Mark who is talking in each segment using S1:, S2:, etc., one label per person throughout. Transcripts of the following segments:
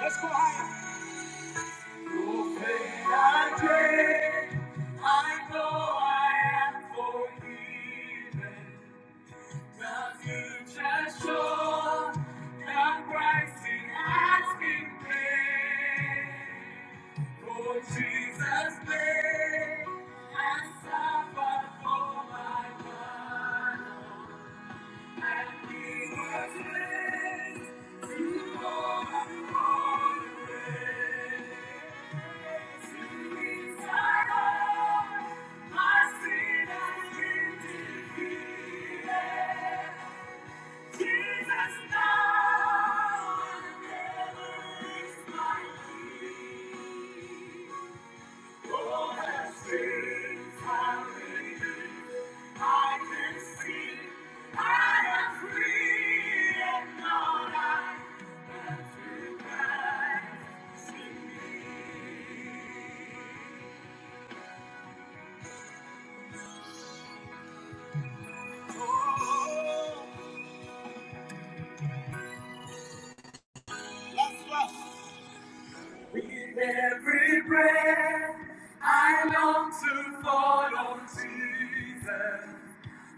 S1: Let's go higher. Oh, faith I take, I know I am forgiven. The future's sure, the price it has been paid. For Jesus' name, I suffer for my life. Jesus now, never is my Oh With every breath, I long to fall on Jesus.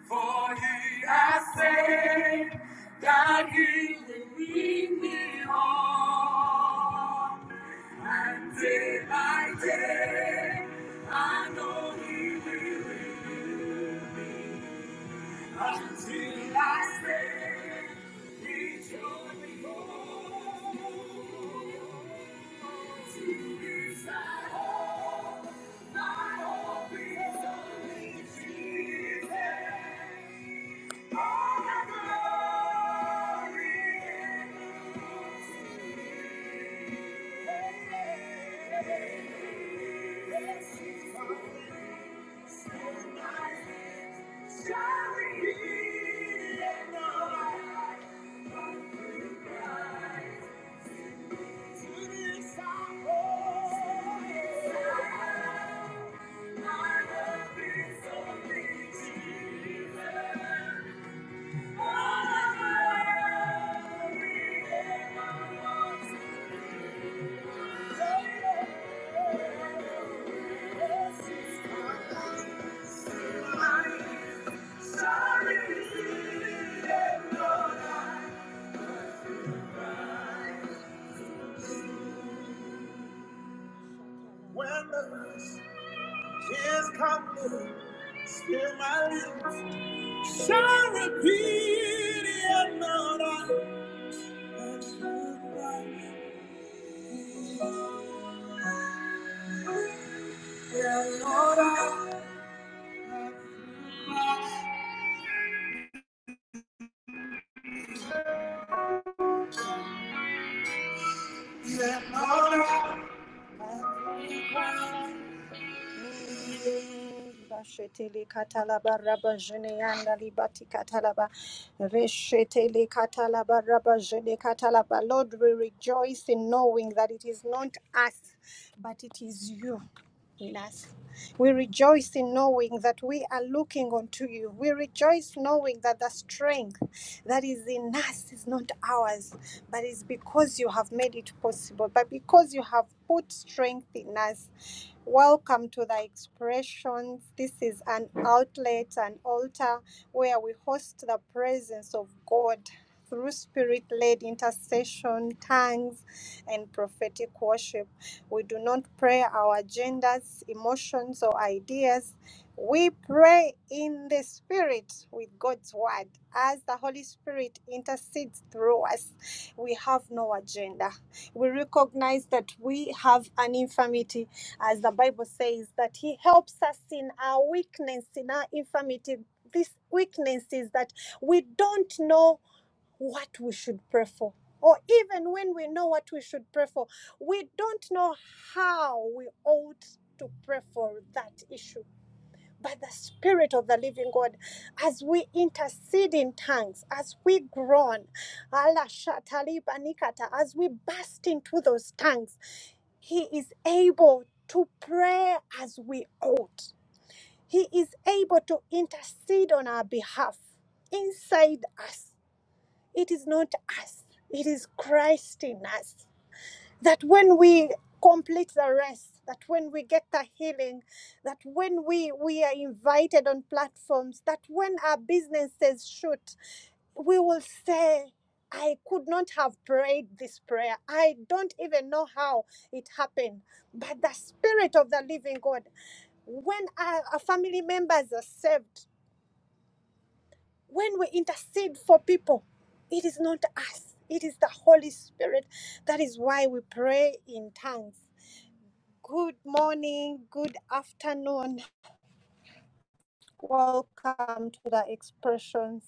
S1: For he has said that he will lead me on. And day by day, I know he will renew me. Until I stand, it's only hope to this I hold. My hope is only Jesus. All the glory belongs to Him. Sorry. shall repeat it, Lord. I- Yeah, yeah, katalaba raba jene yanda libati katalaba reshetele katalaba raba jene katalaba. Lord, we rejoice in knowing that it is not us, but it is you. In us. We rejoice in knowing that we are looking unto you. We rejoice knowing that the strength that is in us is not ours, but is because you have made it possible, but because you have put strength in us. Welcome to the expressions. This is an outlet, an altar where we host the presence of God through spirit led intercession, tongues, and prophetic worship. We do not pray our agendas, emotions, or ideas. We pray in the Spirit with God's Word as the Holy Spirit intercedes through us. We have no agenda. We recognize that we have an infirmity, as the Bible says, that He helps us in our weakness, in our infirmity. This weakness is that we don't know what we should pray for. Or even when we know what we should pray for, we don't know how we ought to pray for that issue. But the Spirit of the Living God, as we intercede in tongues, as we groan, ala shatali banikata, as we burst into those tongues, He is able to pray as we ought. He is able to intercede on our behalf inside us it is not us, it is Christ in us. That when we complete the rest, that when we get the healing, that when we, we are invited on platforms, that when our businesses shoot, we will say, I could not have prayed this prayer. I don't even know how it happened. But the Spirit of the Living God, when our, our family members are saved, when we intercede for people, it is not us, it is the Holy Spirit. That is why we pray in tongues. Good morning, good afternoon. Welcome to the expressions.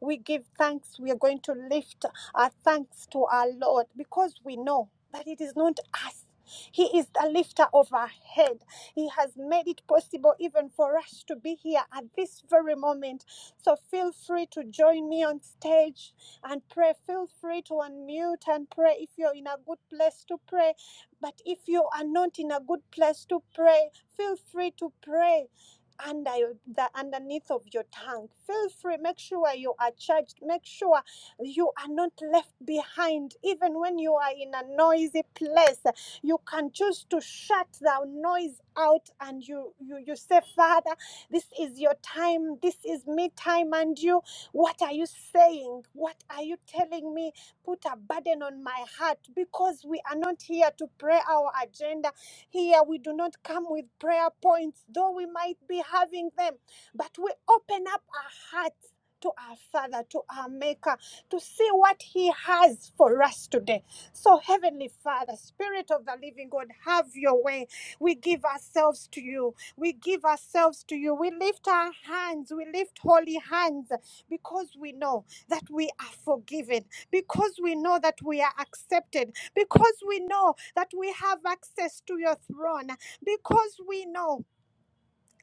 S1: We give thanks. We are going to lift our thanks to our Lord because we know that it is not us. He is the lifter of our head. He has made it possible even for us to be here at this very moment. So feel free to join me on stage and pray. Feel free to unmute and pray if you're in a good place to pray but if you are not in a good place to pray, feel free to pray under the underneath of your tongue. Feel free. Make sure you are charged. Make sure you are not left behind. Even when you are in a noisy place, you can choose to shut the noise out and you you, you say, Father, this is your time. This is me time. And you, what are you saying? What are you telling me? put a burden on my heart because we are not here to pray our agenda. Here we do not come with prayer points, though we might be having them, but we open up our hearts. To our Father, to our Maker, to see what He has for us today. So, Heavenly Father, Spirit of the Living God, have your way. We give ourselves to you. We give ourselves to you. We lift our hands. We lift holy hands because we know that we are forgiven because we know that we are accepted, because we know that we have access to your throne, because we know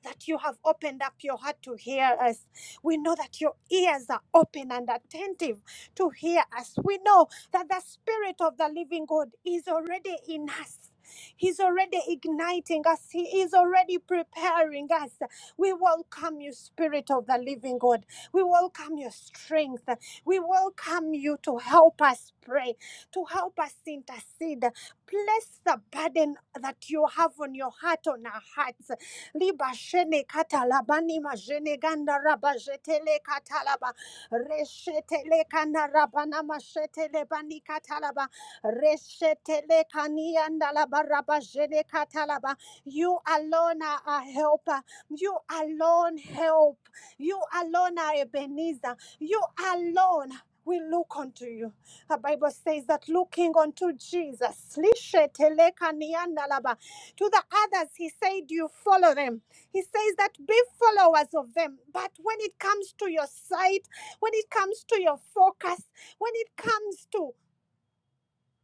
S1: that you have opened up your heart to hear us. We know that your ears are open and attentive to hear us. We know that the Spirit of the living God is already in us. He's already igniting us. He is already preparing us. We welcome you, Spirit of the Living God. We welcome your strength. We welcome you to help us pray, to help us intercede. Place the burden that you have on your heart on our hearts. Liba shene katalabani majene ganda rabajetele katalaba reshetele kana rabana mashetele bani katalaba reshetele kanianda laba rabajene katalaba. You alone are our helper. You alone help. You alone are Ebenezer. You alone. We look unto you. The Bible says that looking unto Jesus, lishe teleka nianda laba. to the others, he said, You follow them. He says that be followers of them. But when it comes to your sight, when it comes to your focus, when it comes to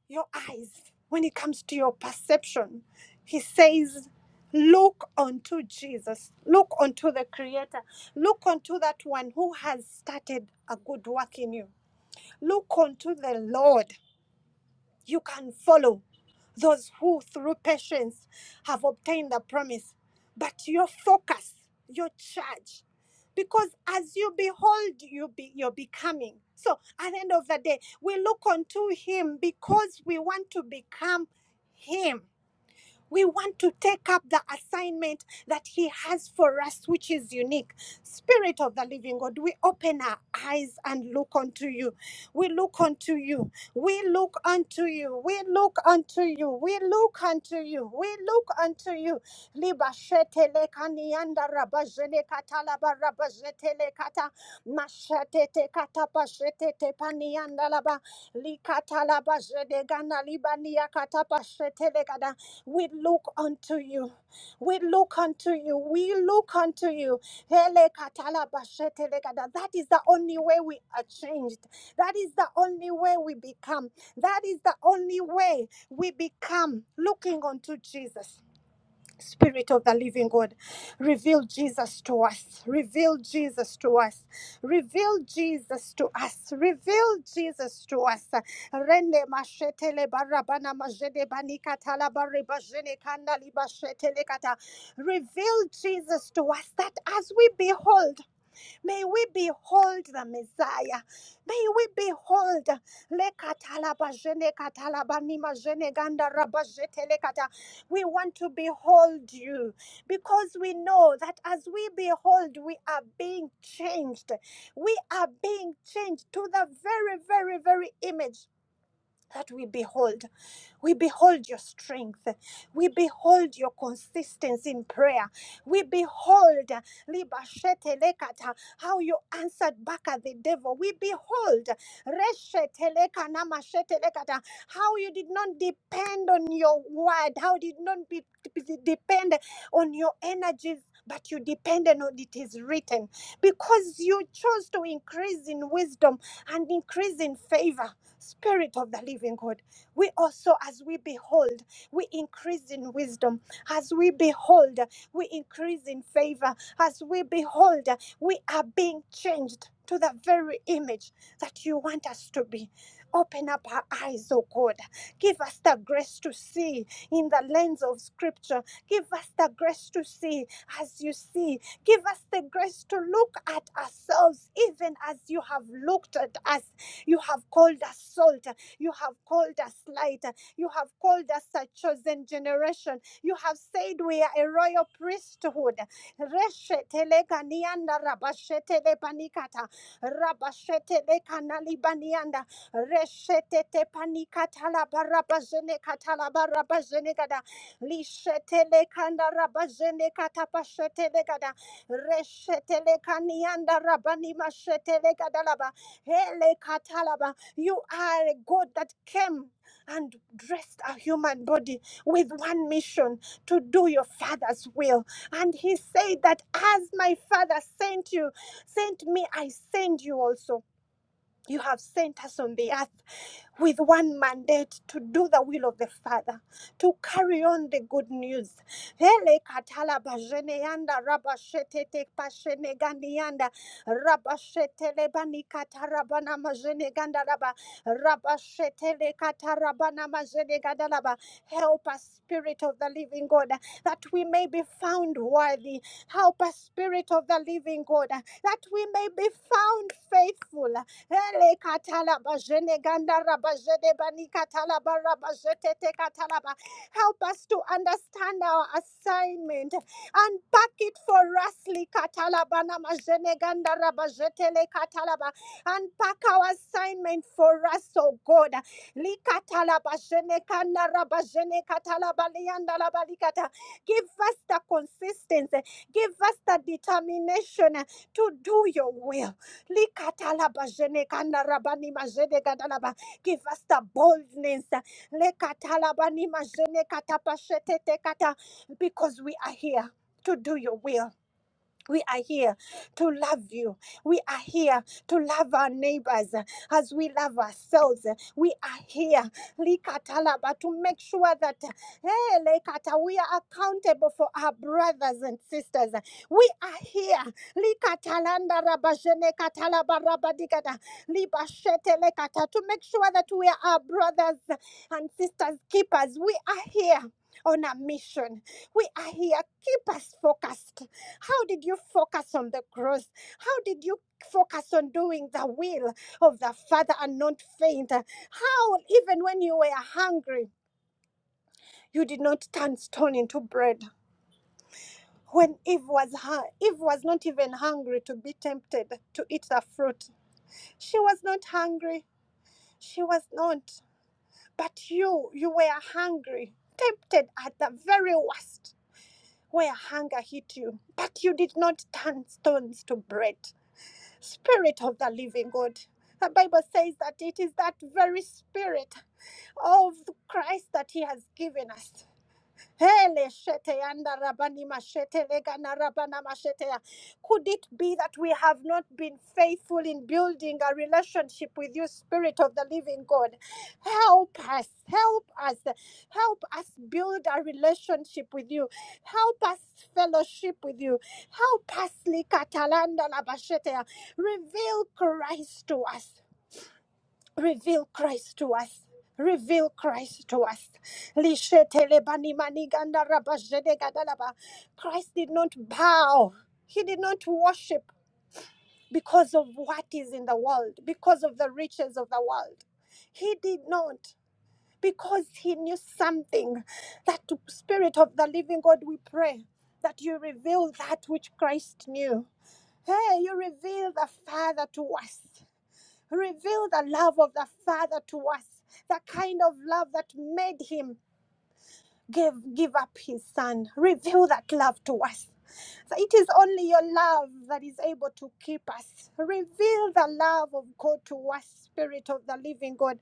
S1: your eyes when it comes to your perception. He says, Look unto Jesus, look unto the Creator, look unto that one who has started a good work in you, look unto the Lord you can follow those who, through patience, have obtained the promise. But your focus, your charge, because as you behold, you be, you're becoming. So at the end of the day, we look unto Him because we want to become Him. We want to take up the assignment that He has for us, which is unique. Spirit of the living God, we open our eyes and look unto you. We look unto you. We look unto you. We look unto you. We look unto you. We look unto you. Liba shete lekanianda rabajene katala barabajete lekata Mashate te katapashete tepaniandalaba likatalaba jedegana libania katapashete legada. We look unto you. We look unto you. We look unto you. Hele katalaba shete legada. That is the only way we are changed. That is the only way we become. That is the only way we become looking unto Jesus. Spirit of the living God, reveal Jesus to us. Reveal Jesus to us. Reveal Jesus to us. Reveal Jesus to us. Rende mashetele barabana majede banika talabare bajene kanda libashetele kata. Reveal Jesus to us that as we behold, may we behold the Messiah. May we behold le katalaba jene katalaba nima jene ganda raba jetele kata. we want to behold you because we know that as we behold, we are being changed. We are being changed to the very, very, very image that we behold. We behold your strength. We behold your consistency in prayer. We behold uh, libashetelekata, how you answered back at the devil. We behold reshetelekanamashetelekata, how you did not depend on your word, how you did not be, be- depend on your energies. But you depended on it is written because you chose to increase in wisdom and increase in favor. Spirit of the living God, we also, as we behold, we increase in wisdom. As we behold, we increase in favor. As we behold, we are being changed to the very image that you want us to be. Open up our eyes, oh God. Give us the grace to see in the lens of Scripture. Give us the grace to see as you see. Give us the grace to look at ourselves, even as you have looked at us. You have called us salt. You have called us light. You have called us a chosen generation. You have said we are a royal priesthood. Reshetelekanianda rabashetelepanikata. Rabashetelekanalibanianda. Reshetetepanikatalabarabazhenekatalabarabazenekada lishetele kanda rabazene katapashetele kada reshetele kanianda rabani mashetele kadalaba hele katalaba you are a god that came and dressed a human body with one mission to do your father's will and he said that as my father sent you sent me i send you also you have sent us on the earth with one mandate to do the will of the Father, to carry on the good news. Hele katala bajene yanda rabashete te pashene gandi yanda rabashete lebani katarabana majene ganda rabashete le katarabana majene ganda Help us, Spirit of the Living God, that we may be found worthy. Help us, Spirit of the Living God, that we may be found faithful. Hele katala bajene ganda rabajene bani katala barabajete te katala ba. Help us to understand our assignment and pack it for us li katala bana majene ganda rabajete le katala ba. and pack our assignment for us, oh God. Li katala bajene kanda rabajene katala balianda la balikata. Give us the consistency, give us the determination to do your will. Likatalabajene kandarabani majene gadalaba. Give us the boldness. Lekatalabani majene katapashete tekata. Because we are here to do your will. We are here to love you. We are here to love our neighbors uh, as we love ourselves. We are here, Likatalaba, to make sure that uh, hey, Lekata, we are accountable for our brothers and sisters. We are here, Likatalanda Rabajene Katalaba Rabadikata, Libashete Lekata, to make sure that we are our brothers and sisters keepers. We are here on a mission. We are here. Keep us focused. How did you focus on the growth? How did you focus on doing the will of the Father and not faint? How, even when you were hungry, you did not turn stone into bread? When Eve was hu- Eve was not even hungry to be tempted to eat the fruit, she was not hungry. She was not. But you, you were hungry, tempted at the very worst, where hunger hit you. But you did not turn stones to bread. Spirit of the living God. The Bible says that it is that very spirit of Christ that He has given us. Hele shete anda rabani mashete legana rabana mashete ya. Could it be that we have not been faithful in building a relationship with you, Spirit of the Living God? Help us, help us, help us build a relationship with you. Help us fellowship with you. Help us, likatalanda labashete ya. reveal Christ to us. Reveal Christ to us. Reveal Christ to us. Lishetelebani maniganda rabajedegandalaba. Christ did not bow. He did not worship because of what is in the world, because of the riches of the world. He did not. Because he knew something. That Spirit of the living God, we pray that you reveal that which Christ knew. Hey, you reveal the Father to us. Reveal the love of the Father to us, the kind of love that made him give, give up his son. Reveal that love to us. So It is only your love that is able to keep us. Reveal the love of God to us, Spirit of the Living God.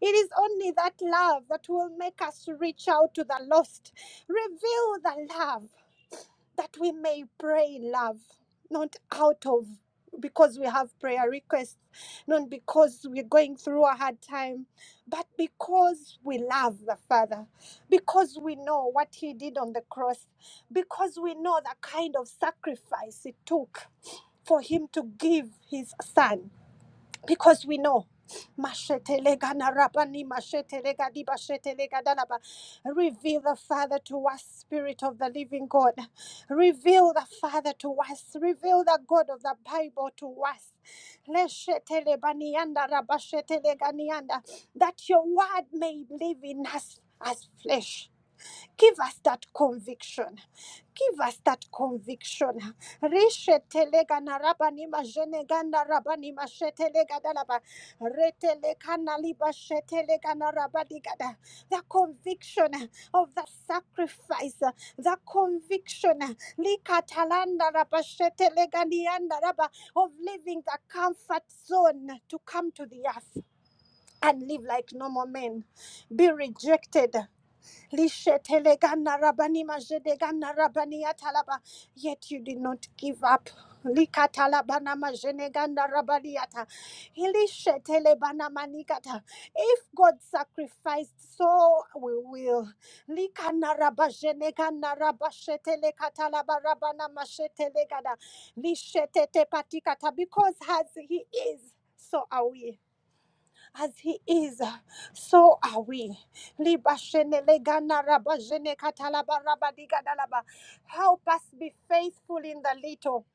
S1: It is only that love that will make us reach out to the lost. Reveal the love that we may pray love, not out of because we have prayer requests, not because we're going through a hard time, but because we love the Father, because we know what He did on the cross, because we know the kind of sacrifice it took for Him to give His Son because we know Mashetelegana rabani, mashetelegadi, bashetelegadalaba. Reveal the Father to us, Spirit of the Living God. Reveal the Father to us. Reveal the God of the Bible to us. Leshetelebanianda, That your word may live in us as flesh. Give us that conviction. Give us that conviction. Rishetelega narabani majenega narabani mashetelega dalaba. Reteleka naliba shetelega narabani gada. The conviction of the sacrifice. The conviction likatalanda raba shetelega nianda raba of leaving the comfort zone to come to the earth and live like normal men. Be rejected. Lishetelegana rabani majedegana rabani atalaba. Yet you did not give up. Likatalabana majeneganda rabaniata. Ilishetelebana manikata. If God sacrificed, so we will. Likana rabajenegana rabashetele katalaba rabana mashetelegada. Lishetete patikata. Because as he is, so are we as he is, so are we. Help us be faithful in the little.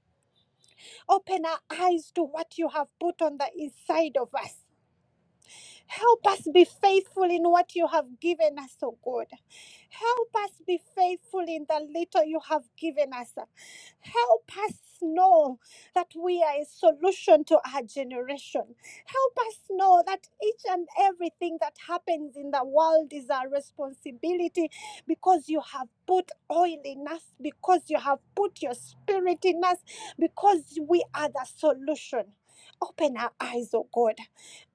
S1: Open our eyes to what you have put on the inside of us. Help us be faithful in what you have given us, oh God. Help us be faithful in the little you have given us. Help us know that we are a solution to our generation. Help us know that each and everything that happens in the world is our responsibility because you have put oil in us, because you have put your spirit in us, because we are the solution. Open our eyes, oh God.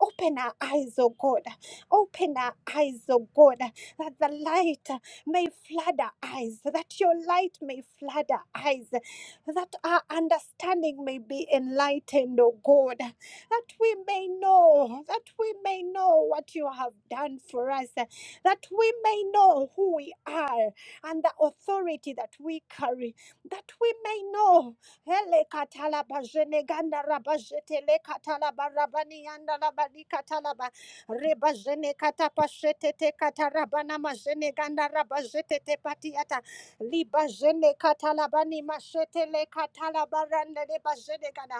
S1: Open our eyes, oh God. Open our eyes, oh God, that the light may flood our eyes, that your light may flood our eyes, that our understanding may be enlightened, oh God, that we may know, that we may know what you have done for us, that we may know who we are and the authority that we carry, that we may know. Hele katala bajene ganda rabajete le katala barabani yanda rabali katala ba rebajene katapashete te katarabana majene ganda rabajete te patiata libajene katalabani mashete le katala baranda le bajene ganda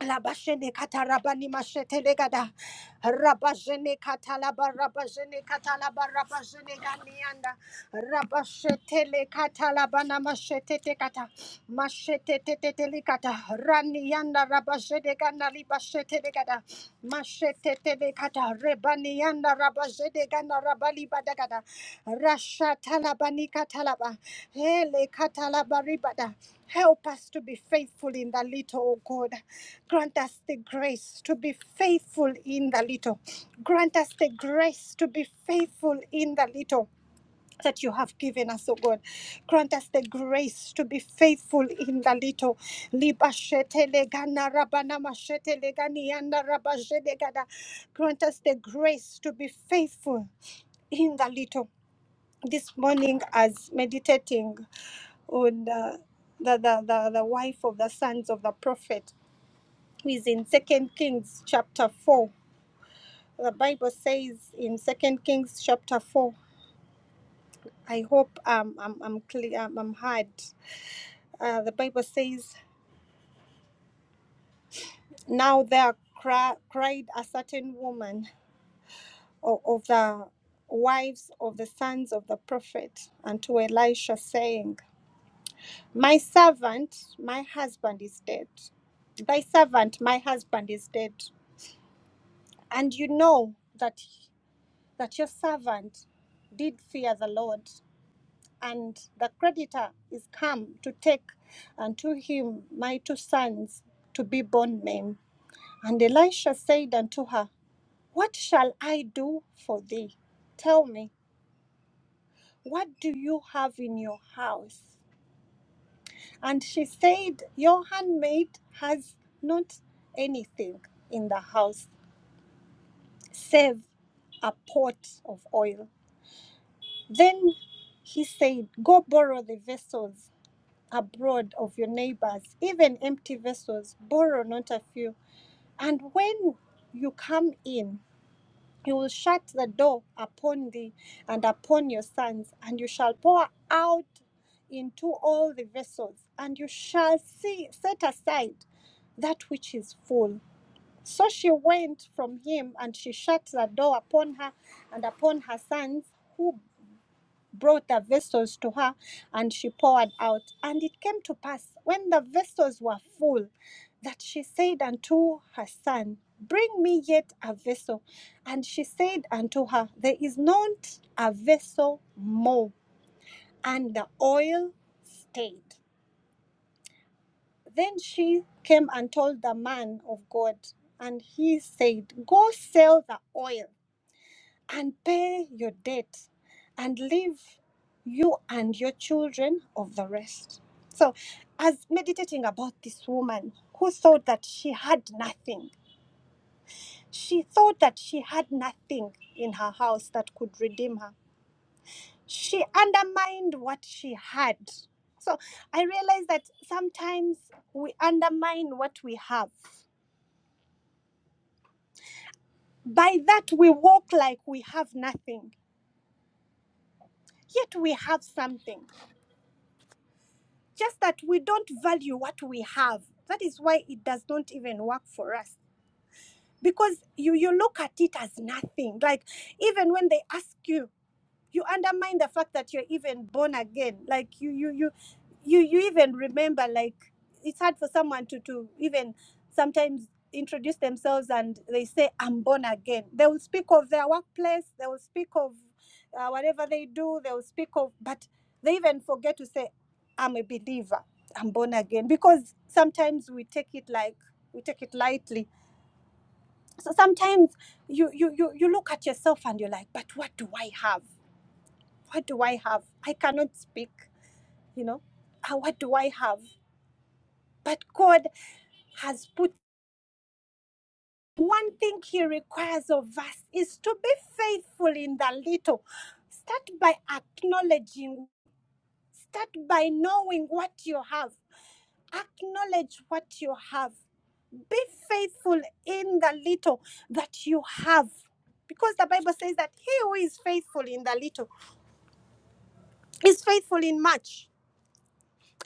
S1: Labashene katarabani mashetele gada. Rabajene katalaba rabajene katalaba rabajene ganianda. Rabashetele katalabana mashetete kata. Mashetete tetele kata. Ranianda rabajene gana libashetele gada. Mashetete kata. Rebanianda rabajene gana rabali badagada. Rashatalabani katalaba. Hele katalaba ribada. Help us to be faithful in the little, oh God. Grant us the grace to be faithful in the little. Grant us the grace to be faithful in the little that you have given us, O God. Grant us the grace to be faithful in the little. Liba shete legana rabana mashete legani yanda raba gada. Grant us the grace to be faithful in the little. This morning, as meditating on uh, the, the, the, the wife of the sons of the prophet, is in Second Kings chapter 4. The Bible says in Second Kings chapter 4, I hope um, I'm, I'm clear, I'm, I'm hard. Uh, the Bible says, Now there cri- cried a certain woman of, of the wives of the sons of the prophet unto Elisha, saying, My servant, my husband is dead. Thy servant, my husband is dead. And you know that, that your servant did fear the Lord and the creditor is come to take unto him my two sons to be born men. And Elisha said unto her, What shall I do for thee? Tell me, what do you have in your house? And she said, Your handmaid has not anything in the house save a pot of oil. Then he said, Go borrow the vessels abroad of your neighbors, even empty vessels, borrow not a few. And when you come in, you will shut the door upon thee and upon your sons, and you shall pour out into all the vessels, and you shall see set aside that which is full. So she went from him, and she shut the door upon her and upon her sons, who brought the vessels to her and she poured out. And it came to pass when the vessels were full that she said unto her son, Bring me yet a vessel. And she said unto her, There is not a vessel more. And the oil stayed. Then she came and told the man of God, and he said, Go sell the oil and pay your debt and leave you and your children of the rest. So, as meditating about this woman who thought that she had nothing, she thought that she had nothing in her house that could redeem her. She undermined what she had. So, I realize that sometimes we undermine what we have. By that, we walk like we have nothing, yet we have something Just that we don't value what we have. That is why it does not even work for us. Because you, you look at it as nothing. Like even when they ask you, you undermine the fact that you're even born again like you you you you, you even remember like it's hard for someone to to even sometimes introduce themselves and they say i'm born again they will speak of their workplace they will speak of uh, whatever they do they will speak of but they even forget to say i'm a believer i'm born again because sometimes we take it like we take it lightly so sometimes you you you, you look at yourself and you're like but what do i have what do I have? I cannot speak, you know. Ah, What do I have? But God has put one thing He requires of us is to be faithful in the little. Start by acknowledging, start by knowing what you have. Acknowledge what you have. Be faithful in the little that you have. Because the Bible says that he who is faithful in the little is faithful in much.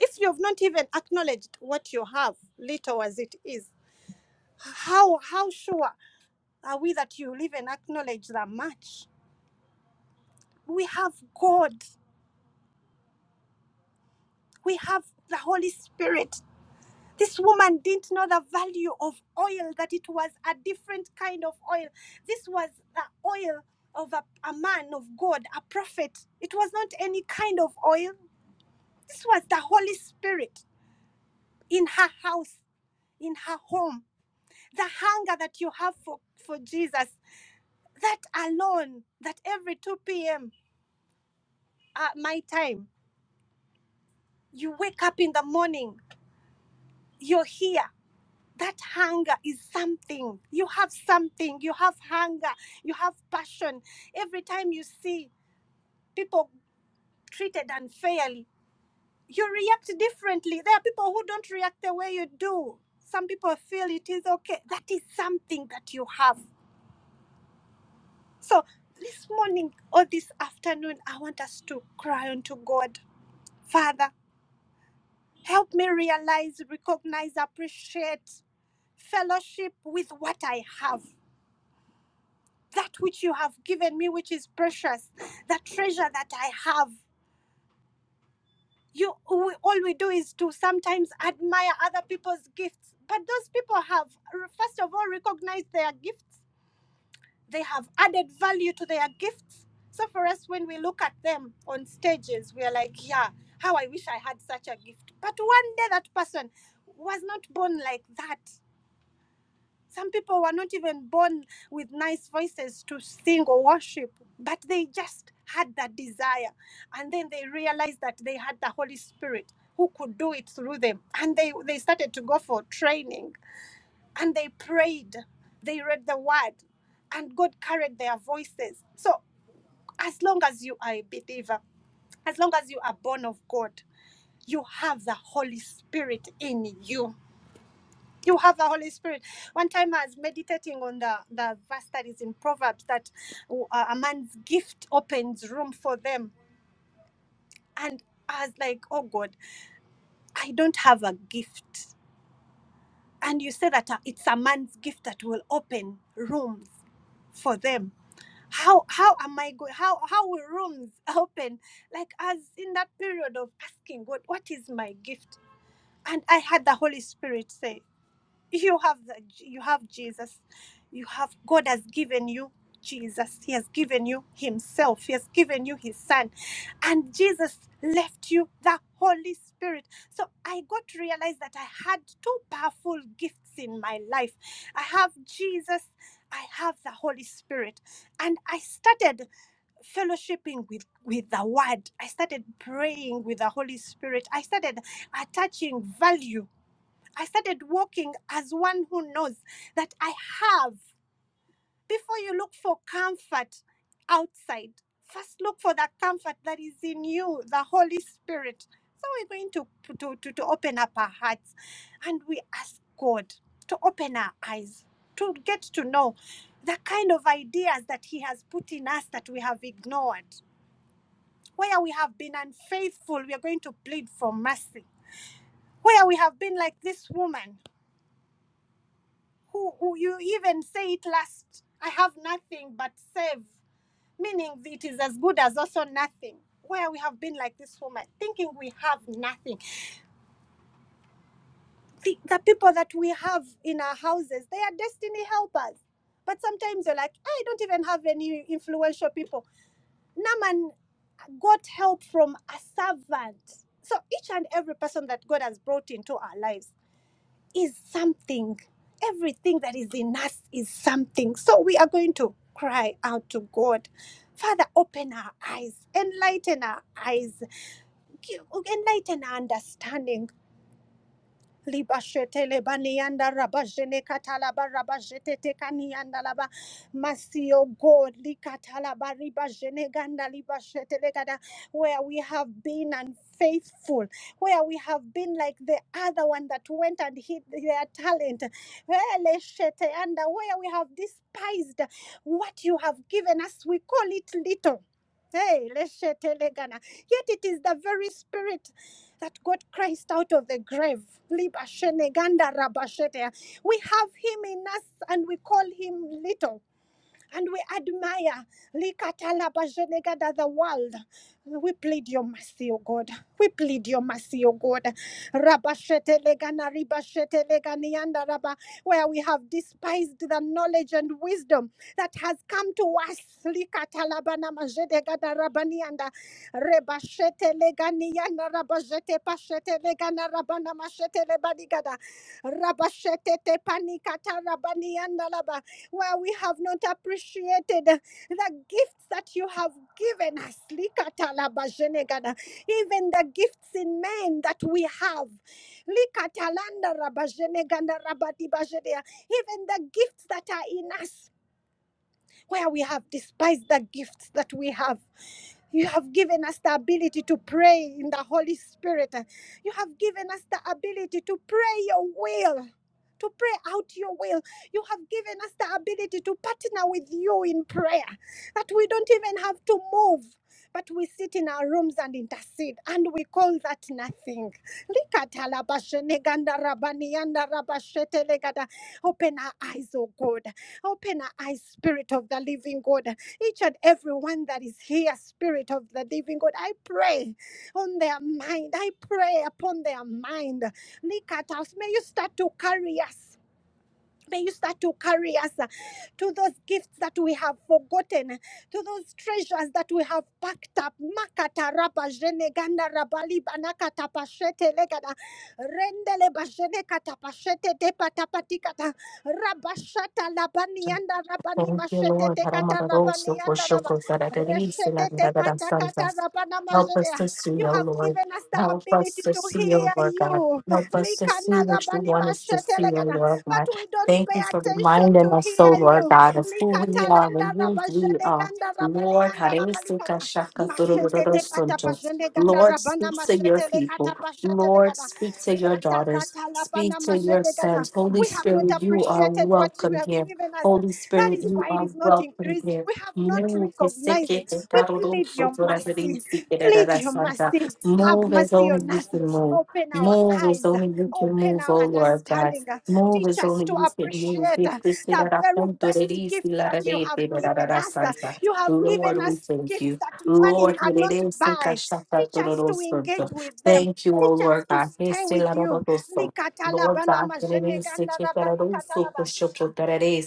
S1: if you've not even acknowledged what you have, little as it is, how how sure are we that you'll even acknowledge that much? We have God, we have the Holy Spirit. This woman didn't know the value of oil, that it was a different kind of oil. This was the oil of a, a man of God, a prophet. It was not any kind of oil. This was the Holy Spirit in her house, in her home the hunger that you have for, for Jesus, that alone, that every 2 p.m. at my time, you wake up in the morning, you're here. That hunger is something. You have something. You have hunger. You have passion. Every time you see people treated unfairly, you react differently. There are people who don't react the way you do. Some people feel it is okay. That is something that you have. So this morning or this afternoon, I want us to cry unto God, Father, help me realize, recognize, appreciate, fellowship with what I have, that which you have given me, which is precious, that treasure that I have. You, we, all we do is to sometimes admire other people's gifts, but those people have, r- first of all, recognized their gifts they have added value to their gifts. So for us, when we look at them on stages, we are like, yeah, how I wish I had such a gift. But one day that person was not born like that. Some people were not even born with nice voices to sing or worship, but they just had that desire. And then they realized that they had the Holy Spirit who could do it through them. And they, they started to go for training and they prayed, they read the word, and God carried their voices. So, as long as you are a believer, as long as you are born of God, you have the Holy Spirit in you. You have the Holy Spirit. One time I was meditating on the, the verse that is in Proverbs that uh, a man's gift opens room for them. And I was like, oh God, I don't have a gift. And you say that uh, it's a man's gift that will open rooms for them how how am i going how how will rooms open like as in that period of asking god what is my gift and i had the holy spirit say you have the, you have jesus you have god has given you jesus he has given you himself he has given you his son and jesus left you the holy spirit so i got to realize that i had two powerful gifts in my life i have jesus i have the holy spirit and i started fellowshipping with with the word i started praying with the holy spirit i started attaching value I started walking as one who knows that I have. Before you look for comfort outside, first look for that comfort that is in you, the Holy Spirit. So we're going to, to, to, to open up our hearts and we ask God to open our eyes, to get to know the kind of ideas that He has put in us that we have ignored. Where we have been unfaithful, we are going to plead for mercy. Where we have been like this woman who, who you even say it last i have nothing but save meaning it is as good as also nothing where we have been like this woman thinking we have nothing the, the people that we have in our houses they are destiny helpers but sometimes you're like i don't even have any influential people naman got help from a servant so each and every person that god has brought into our lives is something. Everything that is in us is something. So we are going to cry out to God. Father, open our eyes, enlighten our eyes, give- enlighten our understanding. Libashete lebanianda rabajene katalaba rabajete tekanianda laba masio god likatalaba ribajene ganda libashete legada where we have been unfaithful where we have been like the other one that went and hid their talent Hele shete anda, where we have despised what you have given us we call it little Hey, leshete legana. Yet it is the very spirit that got Christ out of the grave. We have him in us and we call him little. And we admire Likatalabajenegada, the world. We plead your mercy, O God. We plead your mercy, O God. Rabashetelegana, ribasheteleganianda, rabba, Where we have despised the knowledge and wisdom that has come to us. Likatalabana majedegada rabanianda, rebasheteleganiana, rabajetepashetelegana, rabana mashetelebadikada, rabashetete panikata rabanianda, laba where we have not appreciated the gifts that you have given us. Likatalabazhenegada. Even the gifts in men that we have. Likatalanda rabazheneganda rabadibazhedea. Even the gifts that are in us where we have despised the gifts that we have. You have given us the ability to pray in the Holy Spirit. You have given us the ability to pray your will, to pray out your will. You have given us the ability to partner with you in prayer, that we don't even have to move. But we sit in our rooms and intercede, and we call that nothing. Likatalabasheneganda rabanianda rabashetelegada. Open our eyes, oh God. Open our eyes, Spirit of the Living God. Each and every one that is here, Spirit of the Living God, I pray on their mind. I pray upon their mind. Look at us. May you start to carry us. May you start to carry us uh, to those gifts that we have forgotten, uh, to those treasures that we have packed up. Makata raba jene ganda rabali banaka tapashete legada. Rendele bajene katapashete de patapatikata. Rabashata labani
S2: Thank
S1: yanda rabani
S2: you,
S1: mashete
S2: Lord.
S1: te kata rabani
S2: Haramadaroso for
S1: yanda
S2: Haramararosho
S1: raba.
S2: koshoko zararerisi
S1: Reshete te
S2: landararasanta.
S1: patakata rabana
S2: Help us to
S1: majede.
S2: see,
S1: You
S2: O
S1: have
S2: Lord.
S1: given us the
S2: Help us
S1: ability
S2: to
S1: to
S2: see, O
S1: hear
S2: Lord God.
S1: you.
S2: Help us to see
S1: Likana
S2: what you
S1: rabani
S2: want us to
S1: mashete
S2: see, O
S1: legada
S2: Lord
S1: but
S2: God.
S1: we don't
S2: Thank
S1: pay
S2: you for
S1: attention to
S2: reminding us, O
S1: hear
S2: Lord
S1: you.
S2: God, of who we are
S1: Likatalanda
S2: and who we
S1: rabajede
S2: are.
S1: ganda rabali
S2: Lord,
S1: anda rabali
S2: haresi
S1: kata.
S2: kashaka
S1: te pata
S2: tururururosonto.
S1: pajende ganda
S2: Lord,
S1: rabana
S2: speak to your
S1: mashete le
S2: people.
S1: kata pashete le
S2: Lord,
S1: gada.
S2: speak to your
S1: Rata
S2: daughters.
S1: kata labana
S2: Speak to your
S1: majede gada.
S2: sons. Holy
S1: We have not
S2: Spirit, you are
S1: appreciated what you
S2: welcome
S1: have
S2: here.
S1: given us.
S2: Holy
S1: That
S2: Spirit,
S1: is
S2: you
S1: why it
S2: are
S1: is not
S2: welcome
S1: increasing.
S2: here.
S1: We have not
S2: Move
S1: recognized it. We plead your mercy. Plead your mercy. Have
S2: Move as
S1: mercy
S2: only
S1: on
S2: you
S1: us.
S2: can move.
S1: Open our
S2: Move as
S1: eyes.
S2: only you can
S1: Open
S2: move,
S1: our
S2: oh Lord God.
S1: understanding.
S2: Move
S1: Teach
S2: as
S1: us
S2: only
S1: to
S2: you can move.
S1: appreciate
S2: If
S1: uh,
S2: this is
S1: the
S2: at a
S1: very
S2: punto de
S1: best
S2: risi
S1: gifts
S2: la
S1: that you have
S2: rete da da da
S1: given
S2: da
S1: us. Uh,
S2: santa.
S1: You have
S2: Lord,
S1: given
S2: we
S1: us
S2: thank
S1: gifts
S2: you.
S1: that money
S2: Lord, we
S1: cannot
S2: thank
S1: buy. Teach us to
S2: you.
S1: engage with them.
S2: Thank you, O
S1: Teach us
S2: Lord
S1: to
S2: God.
S1: stay
S2: Este
S1: with
S2: la da da
S1: you.
S2: do so.
S1: Likatala
S2: Lord
S1: bana
S2: God, that it is
S1: majeneganda
S2: such a that
S1: raba
S2: it is so
S1: likatalaba.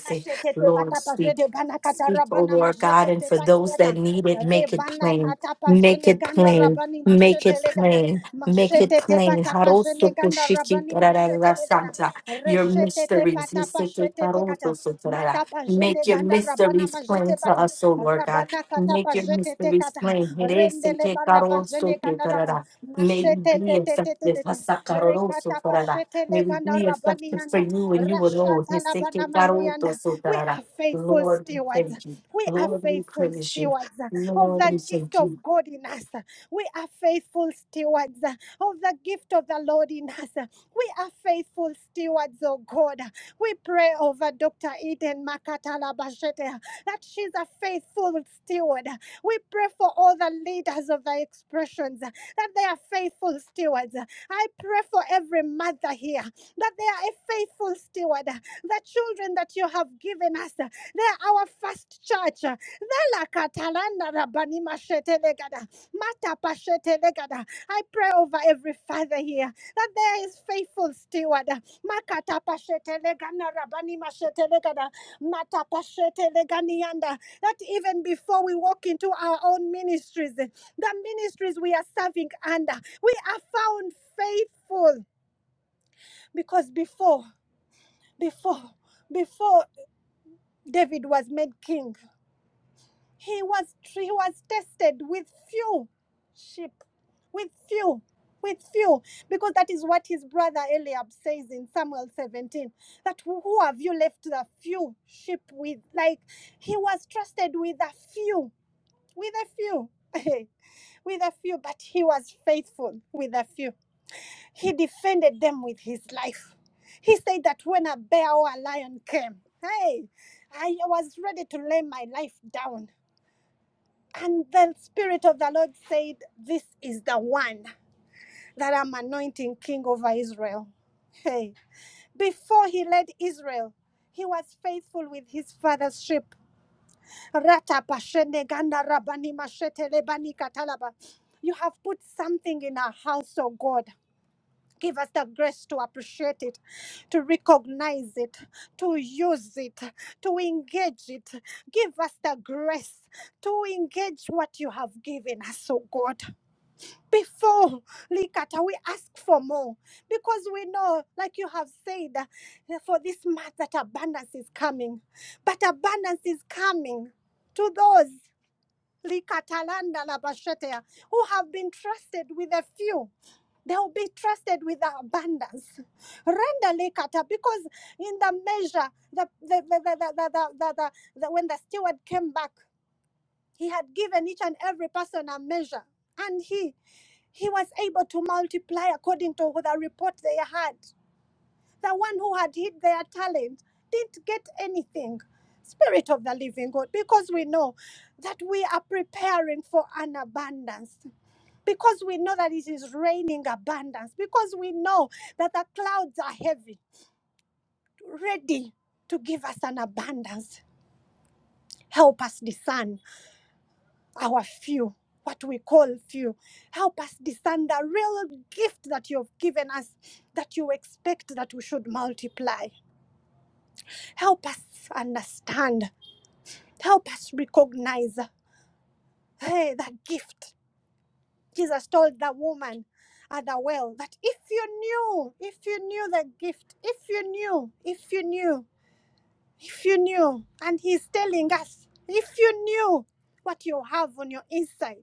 S2: for
S1: Mashetete
S2: Lord,
S1: pata
S2: speak.
S1: jede gana kata
S2: Speak, O
S1: rabana
S2: Lord God, and
S1: mashetete
S2: for those that
S1: patiata
S2: need it, make it
S1: rebana
S2: plain.
S1: kata pa
S2: Make
S1: jene
S2: it
S1: ganda
S2: plain.
S1: rabani
S2: Make it
S1: mashetele gada
S2: plain. Make it
S1: mashetete
S2: plain.
S1: pata
S2: Haroso
S1: jene ganda
S2: kushiki
S1: rabani
S2: tararara
S1: mashetele gada
S2: santa. Your
S1: reshetete
S2: mysteries. he
S1: patapa
S2: said, "Ke
S1: shetete
S2: karoso
S1: kata
S2: so tarara."
S1: mata
S2: Make
S1: jene
S2: your
S1: ganda rabana
S2: mysteries
S1: mashete
S2: plain to
S1: pata
S2: us, O Lord God.
S1: rabana kata pa
S2: Make your
S1: jetete
S2: mysteries
S1: kata
S2: plain. Herese
S1: rendele
S2: ke
S1: baraba jene
S2: karoso te
S1: ganda raba
S2: tarara. May we be
S1: mashetete tete
S2: effective.
S1: tete
S2: Hasa karoso
S1: rekata pa
S2: tarara. May
S1: shetele
S2: we
S1: ganda
S2: be
S1: rabani
S2: effective
S1: anda
S2: for you and you alone.
S1: Rashatalabanamalianda. We
S2: Hisekekarotosotarara.
S1: are faithful
S2: Lord, we
S1: stewards.
S2: thank you.
S1: We are
S2: Lord, we
S1: faithful
S2: praise you.
S1: stewards of
S2: Lord,
S1: the
S2: we
S1: gift
S2: thank
S1: of
S2: you.
S1: God in us. We are faithful stewards of the gift of the Lord in us. We are faithful stewards, oh God. We pray over Dr. Eden Makatala Bashete that she's a faithful steward. We pray for all the leaders of the expressions that they are faithful stewards. I pray for every mother here that they are a faithful steward. The children that you have given us, they are our first church. I pray over every father here that there is faithful steward. Makata pashete legana rabani mashete legada, That even before we walk into our own ministries, the ministries we are serving under, we are found faithful because before before before David was made king, he was he was tested with few sheep, with few, with few, because that is what his brother Eliab says in Samuel 17. That who who have you left the few sheep with? Like he was trusted with a few, with a few, with a few, but he was faithful with a few. He defended them with his life. He said that when a bear or a lion came, hey, I was ready to lay my life down. And the Spirit of the Lord said, This is the one that I'm anointing king over Israel. Hey, before he led Israel, he was faithful with his father's sheep. Rata pashene ganda rabani mashete lebani katalaba. You have put something in our house, oh God. Give us the grace to appreciate it, to recognize it, to use it, to engage it. Give us the grace to engage what you have given us, oh God. Before, Likata, we ask for more because we know, like you have said, uh, for this month that abundance is coming. But abundance is coming to those. Likatalanda labashetea, who have been trusted with a few. They will be trusted with the abundance. Render likata, because in the measure, the, the, the, the, the, the, the, the, the, when the steward came back, he had given each and every person a measure. And he he was able to multiply according to the report they had. The one who had hid their talent didn't get anything. Spirit of the living God, because we know that we are preparing for an abundance, because we know that it is raining abundance, because we know that the clouds are heavy, ready to give us an abundance. Help us discern our few, what we call few. Help us discern the real gift that you have given us, that you expect that we should multiply. Help us understand. Help us recognize hey, that gift. Jesus told the woman at the well that if you knew, if you knew the gift, if you knew, if you knew, if you knew, and he's telling us, if you knew what you have on your inside,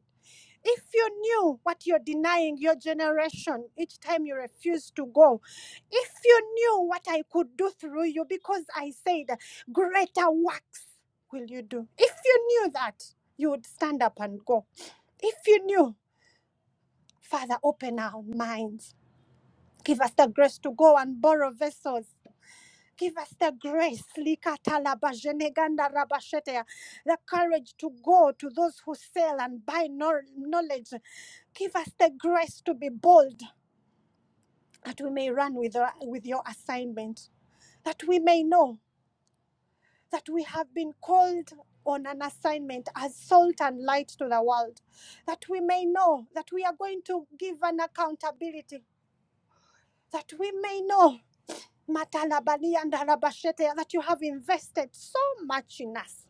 S1: if you knew what you're denying your generation each time you refuse to go, if you knew what I could do through you, because I said, greater works will you do. If you knew that, you would stand up and go. If you knew, Father, open our minds. Give us the grace to go and borrow vessels Give us the grace, likatalabajenegandarabashetea, the courage to go to those who sell and buy no- knowledge. Give us the grace to be bold, that we may run with, your- with your assignment, that we may know that we have been called on an assignment as salt and light to the world, that we may know that we are going to give an accountability, that we may know Matalabali and Arabashete, that you have invested so much in us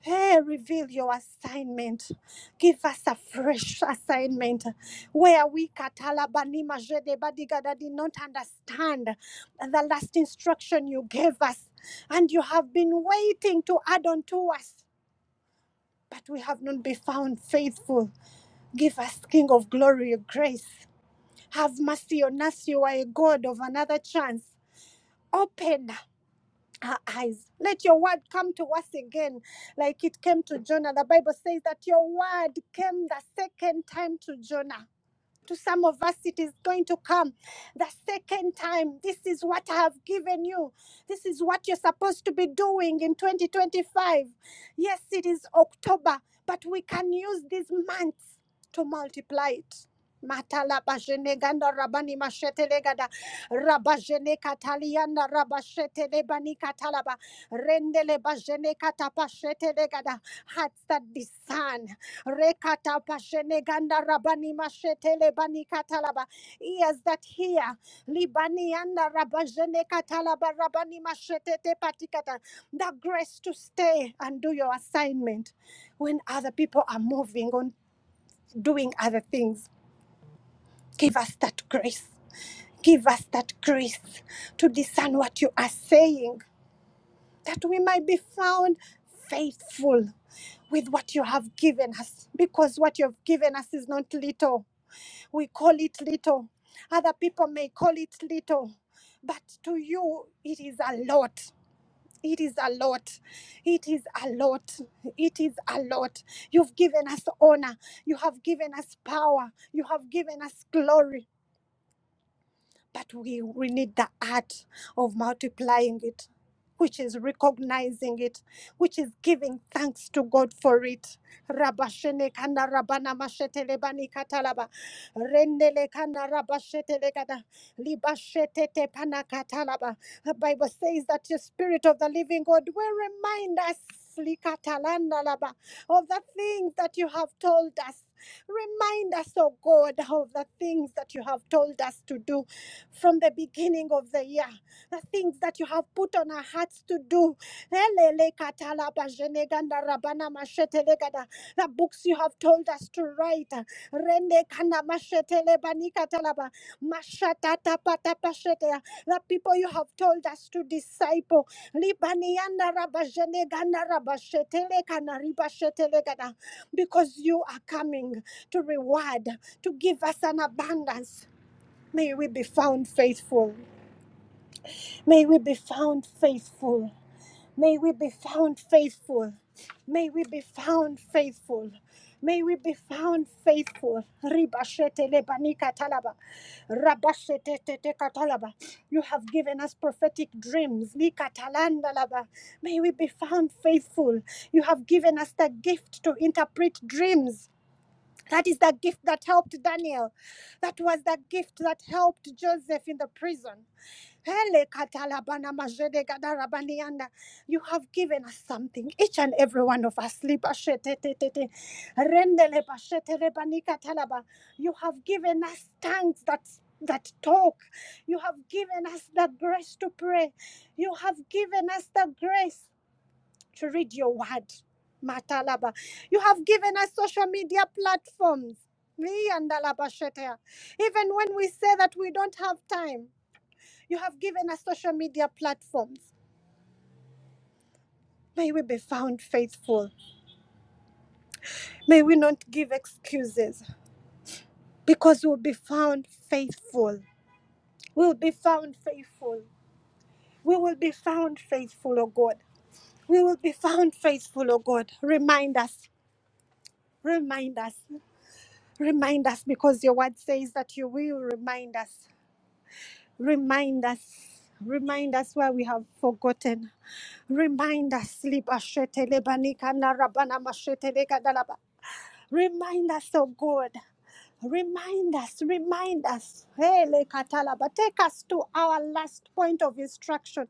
S1: Hey, reveal your assignment. Give us a fresh assignment where we Katalabani Majede Badigada did not understand the last instruction you gave us, and you have been waiting to add on to us, but we have not been found faithful. Give us, King of Glory, your grace. Have mercy on us. You are a God of another chance. Open her eyes. Let your word come to us again, like it came to Jonah. The Bible says that your word came the second time to Jonah. To some of us, it is going to come the second time. This is what I have given you. This is what you're supposed to be doing in 2025. Yes, it is October, but we can use these months to multiply it. Matala basheneganda rabani mashetelegada. Rabajene kataliana rabashete lebani katalaba. Rendele bajene katapashete legada. Hearts that discern. Rekata pashene ganda rabani mashete lebani katalaba. Ears that hear. Libani anda rabajene katalaba rabani mashete patikata. The grace to stay and do your assignment when other people are moving on doing other things Give us that grace. Give us that grace to discern what you are saying, that we might be found faithful with what you have given us, because what you have given us is not little. We call it little. Other people may call it little, but to you, it is a lot. It is a lot. It is a lot. It is a lot. You've given us honor. You have given us power. You have given us glory. But we, we need the art of multiplying it, which is recognizing it, which is giving thanks to God for it. Rabashene kana rabana mashetele bani katalaba. Rendele kana rabashetele kada. Libashetete pana katalaba. The Bible says that the Spirit of the Living God will remind us likatalanda laba, of the things that you have told us. Remind us, O God, of the things that you have told us to do from the beginning of the year. The things that you have put on our hearts to do. The books you have told us to write. The people you have told us to disciple. Because you are coming to reward, to give us an abundance. May we be found faithful. May we be found faithful. May we be found faithful. May we be found faithful. May we be found faithful. Ribashete lebanika talaba. Rabashete tete katalaba. You have given us prophetic dreams. Li Likatalanda laba. May we be found faithful. You have given us the gift to interpret dreams. That is the gift that helped Daniel. That was the gift that helped Joseph in the prison. Hele katalabana majede gadarabanianda. You have given us something, each and every one of us. Lipa Rendele pa katalaba. You have given us tongues that that talk. You have given us the grace to pray. You have given us the grace to read your word. Matalaba. You have given us social media platforms. Me and Alaba Shetea. Even when we say that we don't have time, you have given us social media platforms. May we be found faithful. May we not give excuses because we'll be found faithful. We'll be found faithful. We will be found faithful, O God. We will be found faithful, O God. Remind us. Remind us. Remind us because your word says that you will remind us. Remind us. Remind us where we have forgotten. Remind us. Liba shete leba nika na rabana mashete leka dalaba. Remind us, oh God. Remind us. Remind us. Hey, leka talaba. Take us to our last point of instruction.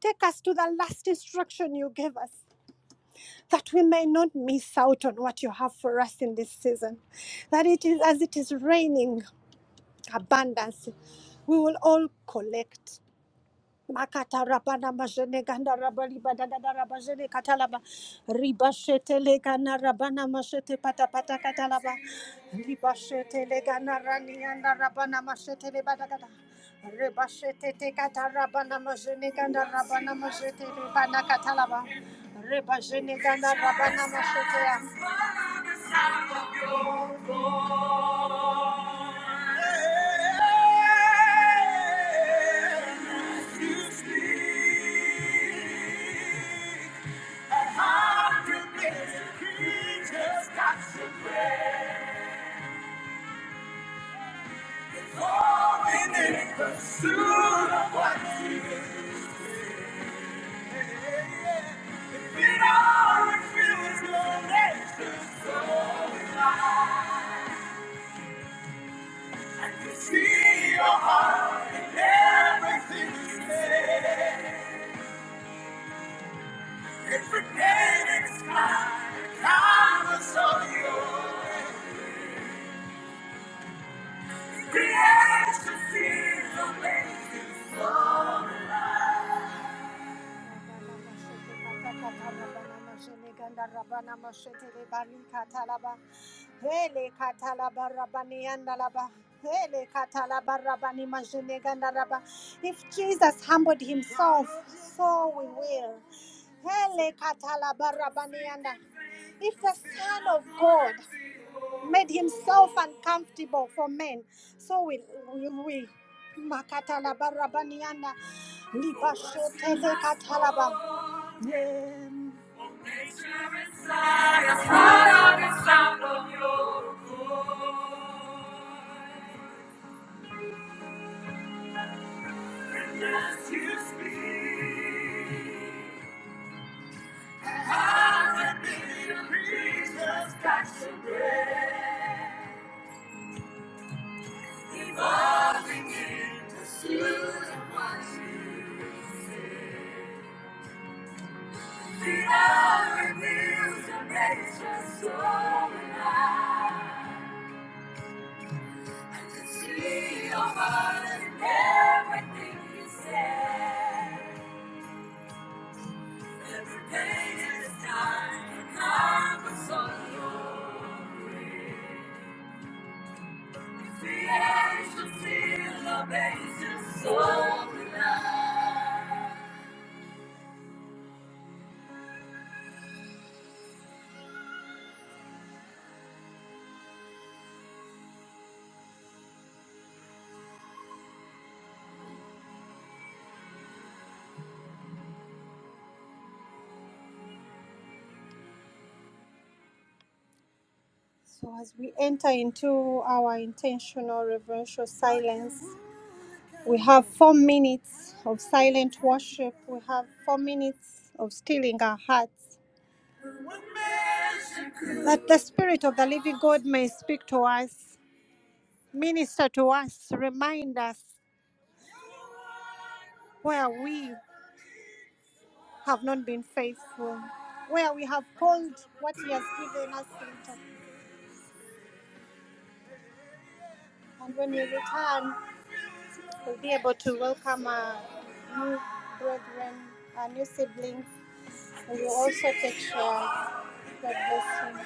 S1: Take us to the last instruction you gave us that we may not miss out on what you have for us in this season. That it is as it is raining. abundance, we will all collect. Makata rabana majene ganda rabali badada rabajene katalaba ribashete legana rabana mashete pata pata katalaba ribashete legana rani anda rabana mashete le badagada ribashete te kata rabana majene ganda rabana mashete le bana katalaba ribajene ganda rabana mashete ya See your heart and everything you say. If Jesus humbled himself, so we will. If the Son of God made himself uncomfortable for men. So will, will we. we. Makatalaba rabaniana, libashotele katalaba. Yeah. Nature inside us, proud of the sound of your voice. And as you speak, I can be the creatures that surrender. Falling into Susan what you say. She now reveals and makes her nature so alive. I can see your heart in everything you say. Every page is time to come with some glory. The angels feel amazing so alive. So, as we enter into our intentional reverential silence, we have four minutes of silent worship. We have four minutes of stilling our hearts. That the Spirit of the Living God may speak to us, minister to us, remind us where we have not been faithful, where we have called what He has given us into. And when we return, we'll be able to welcome our new brethren, our new siblings And You also take care of the blessing.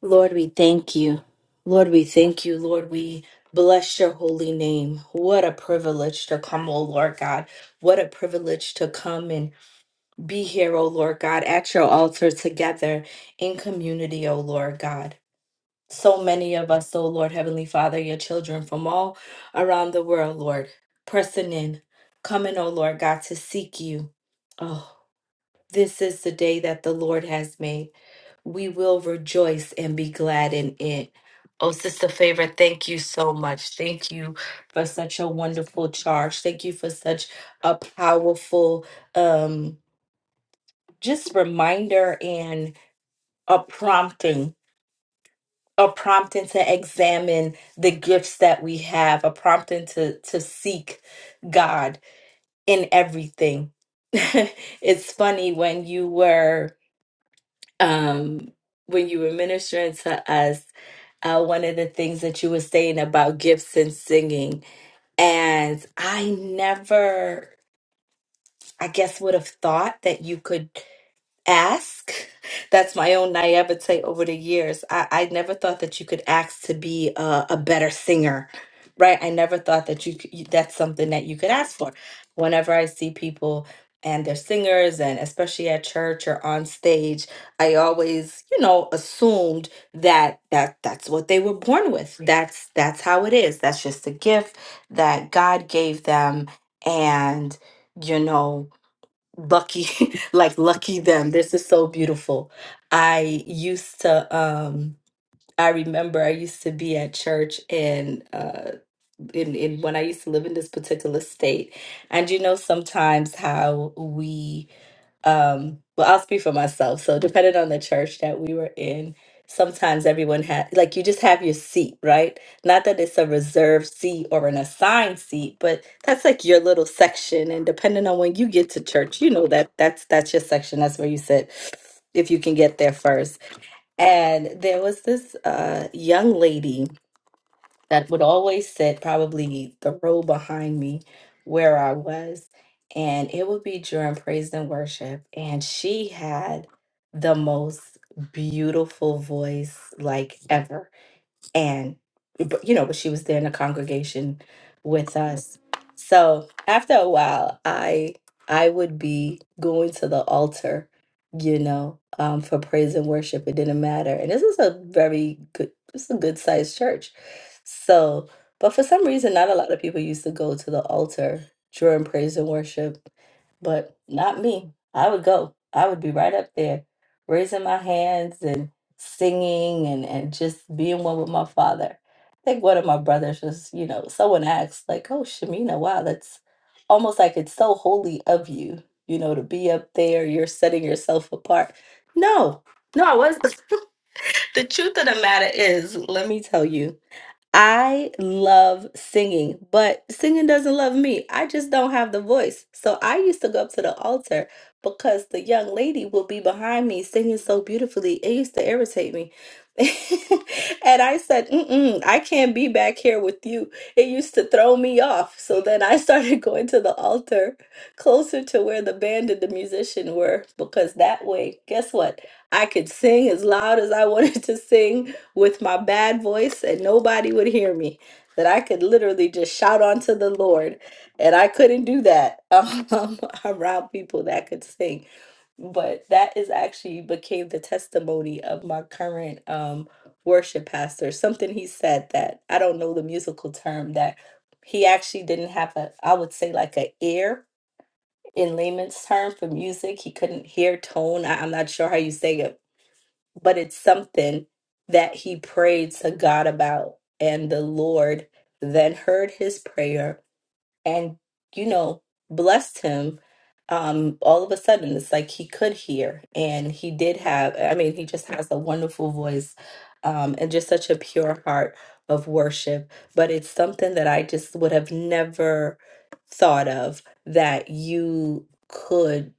S2: Lord, we thank you. Lord, we thank you. Lord, we bless your holy name. What a privilege to come, O Lord God. What a privilege to come and be here, O Lord God, at your altar together in community, O Lord God. so many of us, oh Lord, Heavenly Father, your children from all around the world, Lord, pressing in, coming, oh Lord God, to seek you. Oh, this is the day that the Lord has made. We will rejoice and be glad in it. Oh, Sister Favor, thank you so much. Thank you for such a wonderful charge. Thank you for such a powerful um just reminder and a prompting a prompting to examine the gifts that we have, a prompting to to seek God in everything. it's funny when you were um when you were ministering to us, uh, one of the things that you were saying about gifts and singing, and I never, I guess, would have thought that you could ask. That's my own naivete over the years. I, I never thought that you could ask to be a, a better singer, right? I never thought that you, c- you that's something that you could ask for. Whenever I see people and they're singers, and especially at church or on stage, I always, you know, assumed that that that's what they were born with. Right. That's that's how it is. That's just a gift that God gave them, and you know lucky like lucky them this is so beautiful i used to um i remember i used to be at church and uh in, in when i used to live in this particular state and you know sometimes how we um well i'll speak for myself so depending on the church that we were in sometimes everyone had like you just have your seat right not that it's a reserved seat or an assigned seat but that's like your little section and depending on when you get to church you know that that's that's your section that's where you sit if you can get there first and there was this uh young lady that would always sit probably the row behind me where I was. And it would be during praise and worship. And she had the most beautiful voice like ever and but you know but she was there in the congregation with us so after a while i i would be going to the altar you know um for praise and worship it didn't matter and this is a very good this is a good sized church so but for some reason not a lot of people used to go to the altar during praise and worship but not me i would go i would be right up there raising my hands singing and, and just being one with my father. I think one of my brothers was, you know, someone asked, like, oh, Shamina, wow, that's almost like it's so holy of you, you know, to be up there, you're setting yourself apart. No, no, I wasn't. the truth of the matter is, let me tell you, I love singing, but singing doesn't love me. I just don't have the voice. So I used to go up to the altar because the young lady would be behind me singing so beautifully. It used to irritate me. And I said, Mm-mm, I can't be back here with you. It used to throw me off. So then I started going to the altar closer to where the band and the musician were because that way, guess what? I could sing as loud as I wanted to sing with my bad voice and nobody would hear me that i could literally just shout onto the lord and i couldn't do that um, around people that could sing but that is actually became the testimony of my current um, worship pastor something he said that i don't know the musical term that he actually didn't have a i would say like a ear in layman's term for music he couldn't hear tone I, i'm not sure how you say it but it's something that he prayed to God about. And the Lord then heard his prayer and, you know, blessed him. Um, all of a sudden, it's like he could hear, and he did have, I mean, he just has a wonderful voice um, and just such a pure heart of worship. But it's something that I just would have never thought of that you could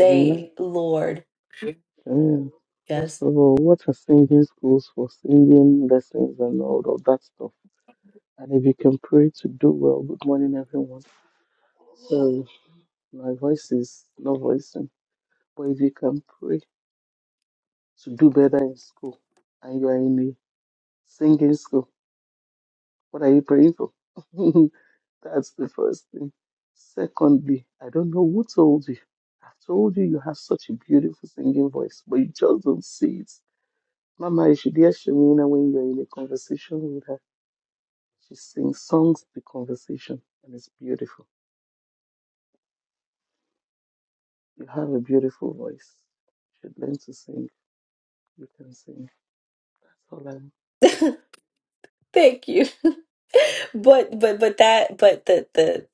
S3: I mean,
S2: Lord,
S3: I mean, first
S2: yes,
S3: of all, what are singing schools for singing lessons and all of that stuff? And if you can pray to do well, good morning, everyone. Sorry, my voice is not voicing. But if you can pray to do better in school and you are in a singing school, what are you praying for? That's the first thing. Secondly, I don't know who told you. I've told you you have such a beautiful singing voice, but you just don't see it. Mama, you should hear Shemina when you're in a conversation with her. She sings songs to conversation, and it's beautiful. You have a beautiful voice. You should learn to sing. You can sing. That's all I'm.
S2: thank you. But but but that but the the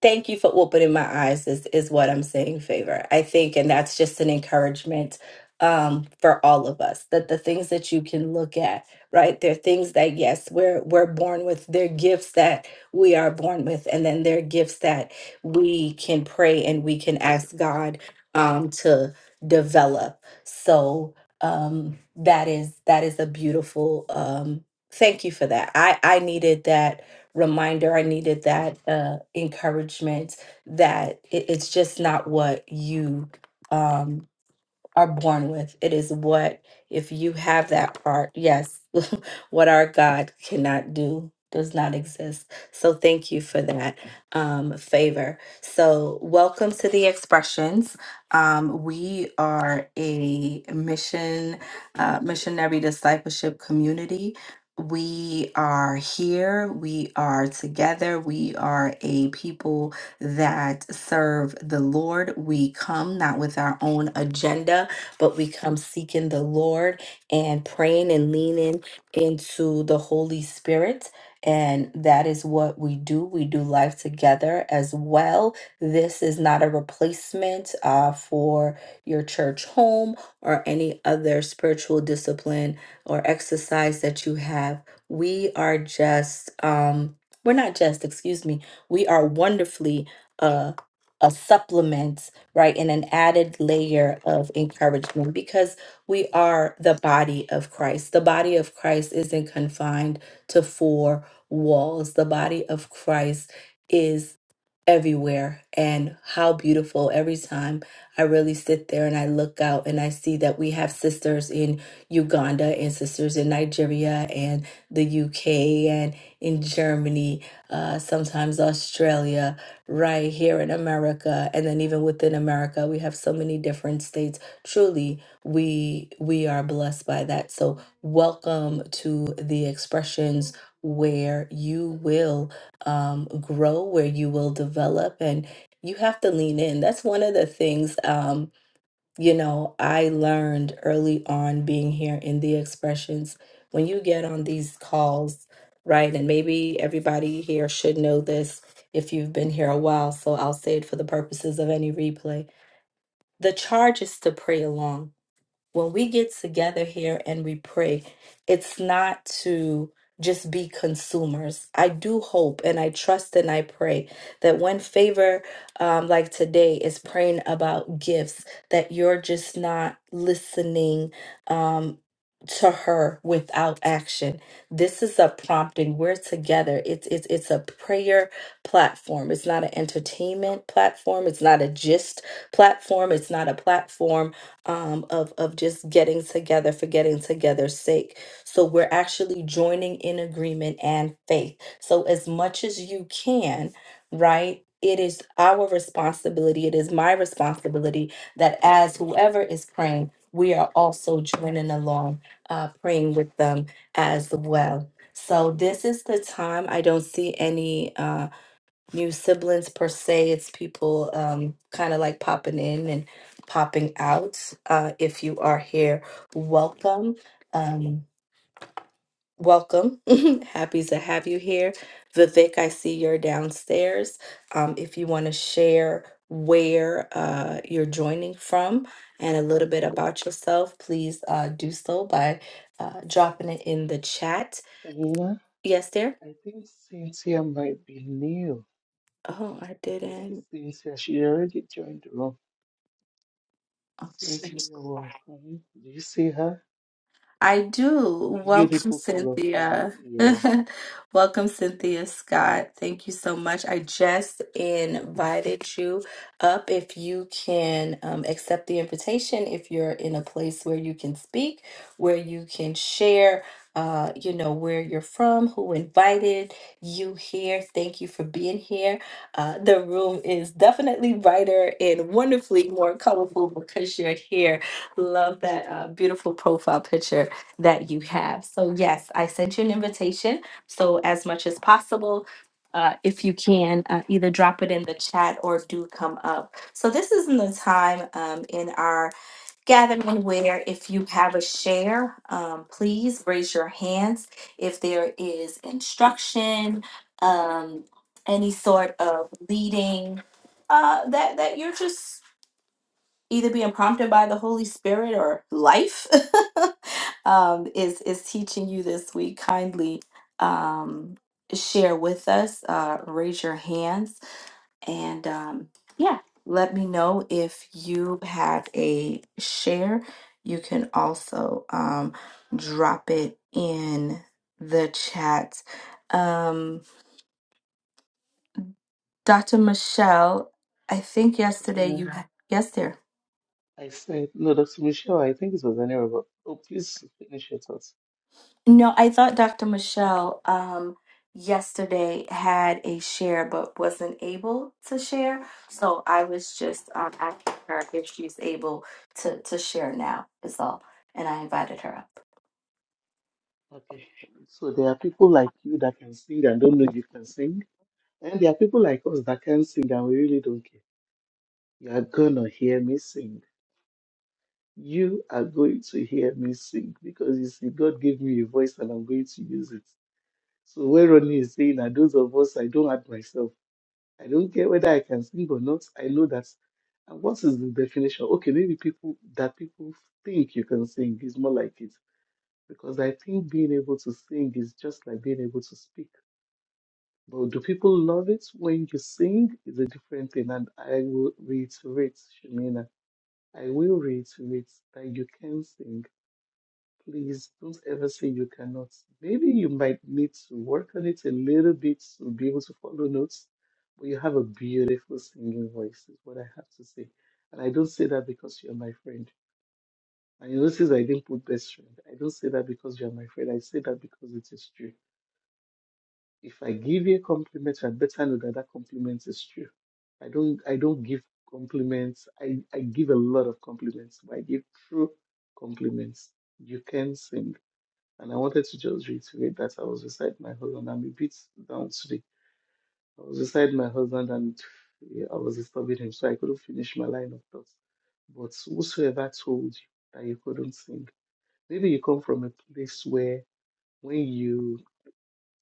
S2: thank you for opening my eyes is is what I'm saying, favor. I think, and that's just an encouragement um for all of us that the things that you can look at, right? There are things that yes, we're we're born with, they're gifts that we are born with, and then there are gifts that we can pray and we can ask God um to develop. So um that is that is a beautiful um thank you for that. I I needed that reminder. I needed that uh, encouragement that it, it's just not what you um, are born with. It is what, if you have that part, yes, what our God cannot do does not exist. So thank you for that um, favor. So, welcome to the expressions. Um, we are a mission, uh, missionary discipleship community. We are here, we are together, we are a people that serve the Lord. We come not with our own agenda, but we come seeking the Lord and praying and leaning into the Holy Spirit. And that is what we do. We do life together as well. This is not a replacement uh, for your church home or any other spiritual discipline or exercise that you have. We are just, um, we're not just, excuse me, we are wonderfully uh, a supplement right? And an added layer of encouragement because we are the body of Christ. The body of Christ isn't confined to four walls, the body of Christ is everywhere. And how beautiful every time I really sit there and I look out and I see that we have sisters in Uganda and sisters in Nigeria and the UK and in Germany, uh, sometimes Australia right here in America and then even within America we have so many different states truly we we are blessed by that so welcome to the expressions where you will um, grow where you will develop and you have to lean in that's one of the things Um, you know, I learned early on being here in the expressions when you get on these calls, right? And maybe everybody here should know this if you've been here a while, so I'll say it for the purposes of any replay. The charge is to pray along when we get together here and we pray, it's not to just be consumers. I do hope and I trust and I pray that when favor, um, like today, is praying about gifts, that you're just not listening um, to her without action. This is a prompting. We're together. It's it's it's a prayer platform. It's not an entertainment platform. It's not a gist platform. It's not a platform um, of of just getting together for getting together's sake. So we're actually joining in agreement and faith. So as much as you can, right? It is our responsibility. It is my responsibility that as whoever is praying, we are also joining along, uh, praying with them as well. So this is the time. I don't see any. um, new siblings per se. It's people um, kind of like popping in and popping out. Uh, if you are here, welcome. Um, welcome. Happy to have you here. Vivek, I see you're downstairs. Um, if you want to share where uh, you're joining from and a little bit about yourself, please uh, do so by uh, dropping it in the chat.
S3: Shamina,
S2: Yes, there.
S3: I think Cynthia might be new.
S2: Oh, I
S3: I see
S2: didn't.
S3: Cynthia. She already joined the room.
S2: Oh.
S3: Cynthia, you're welcome. Do you see her?
S2: I do. Welcome,
S3: Beautiful, colorful.
S2: Cynthia.
S3: Yeah.
S2: Welcome, Cynthia Scott. Thank you so much. I just invited you up. If you can um, accept the invitation, if you're in a place where you can speak, where you can share, uh, you know, where you're from, who invited you here. Thank you for being here. Uh, the room is definitely brighter and wonderfully more colorful because you're here. Love that uh, beautiful profile picture that you have. So, yes, I sent you an invitation. So, as much as possible, uh, if you can, uh, either drop it in the chat or do come up. So, this isn't the time um, in our gathering where if you have a share, um, please raise your hands. If there is instruction, um, any sort of leading, uh, that, that you're just either being prompted by the Holy Spirit or life um, is is teaching you this week. Kindly um, share with us. Uh, raise your hands and um, yeah, let me know if you have a share. You can also um, drop it in the chat. Um, Dr. Michelle, I think yesterday
S3: Shamina,
S2: you ha- yes, there.
S3: I said, no, Dr. Michelle, I think it was anywhere, but oh, please finish your thoughts.
S2: No, I thought Dr. Michelle um, yesterday had a share but wasn't able to share. So I was just um, asking her if she's able to, to share now, is all. And I invited her up.
S3: Okay. So there are people like you that can sing and don't know you can sing. And there are people like us that can sing and we really don't care. You are gonna hear me sing. You are going to hear me sing because you see, God gave me a voice and I'm going to use it. So where Ronnie is saying that those of us I don't add myself. I don't care whether I can sing or not. I know that and what is the definition? Okay, maybe people that people think you can sing is more like it. Because I think being able to sing is just like being able to speak. But do people love it when you sing? Is a different thing. And I will reiterate, Shemina, I will reiterate that you can sing. Please don't ever say you cannot. Maybe you might need to work on it a little bit to be able to follow notes, but you have a beautiful singing voice, is what I have to say. And I don't say that because you're my friend. And you notice I didn't put best friend. I don't say that because you're my friend. I say that because it is true. If I give you a compliment, you had better know that that compliment is true. I don't I don't give compliments. I, I give a lot of compliments, but I give true compliments. You can sing. And I wanted to just reiterate that I was beside my husband. I'm a bit down today. I was beside my husband and eh, I was disturbing him, so I couldn't finish my line of thoughts. But whosoever told you that you couldn't sing, maybe you come from a place where when you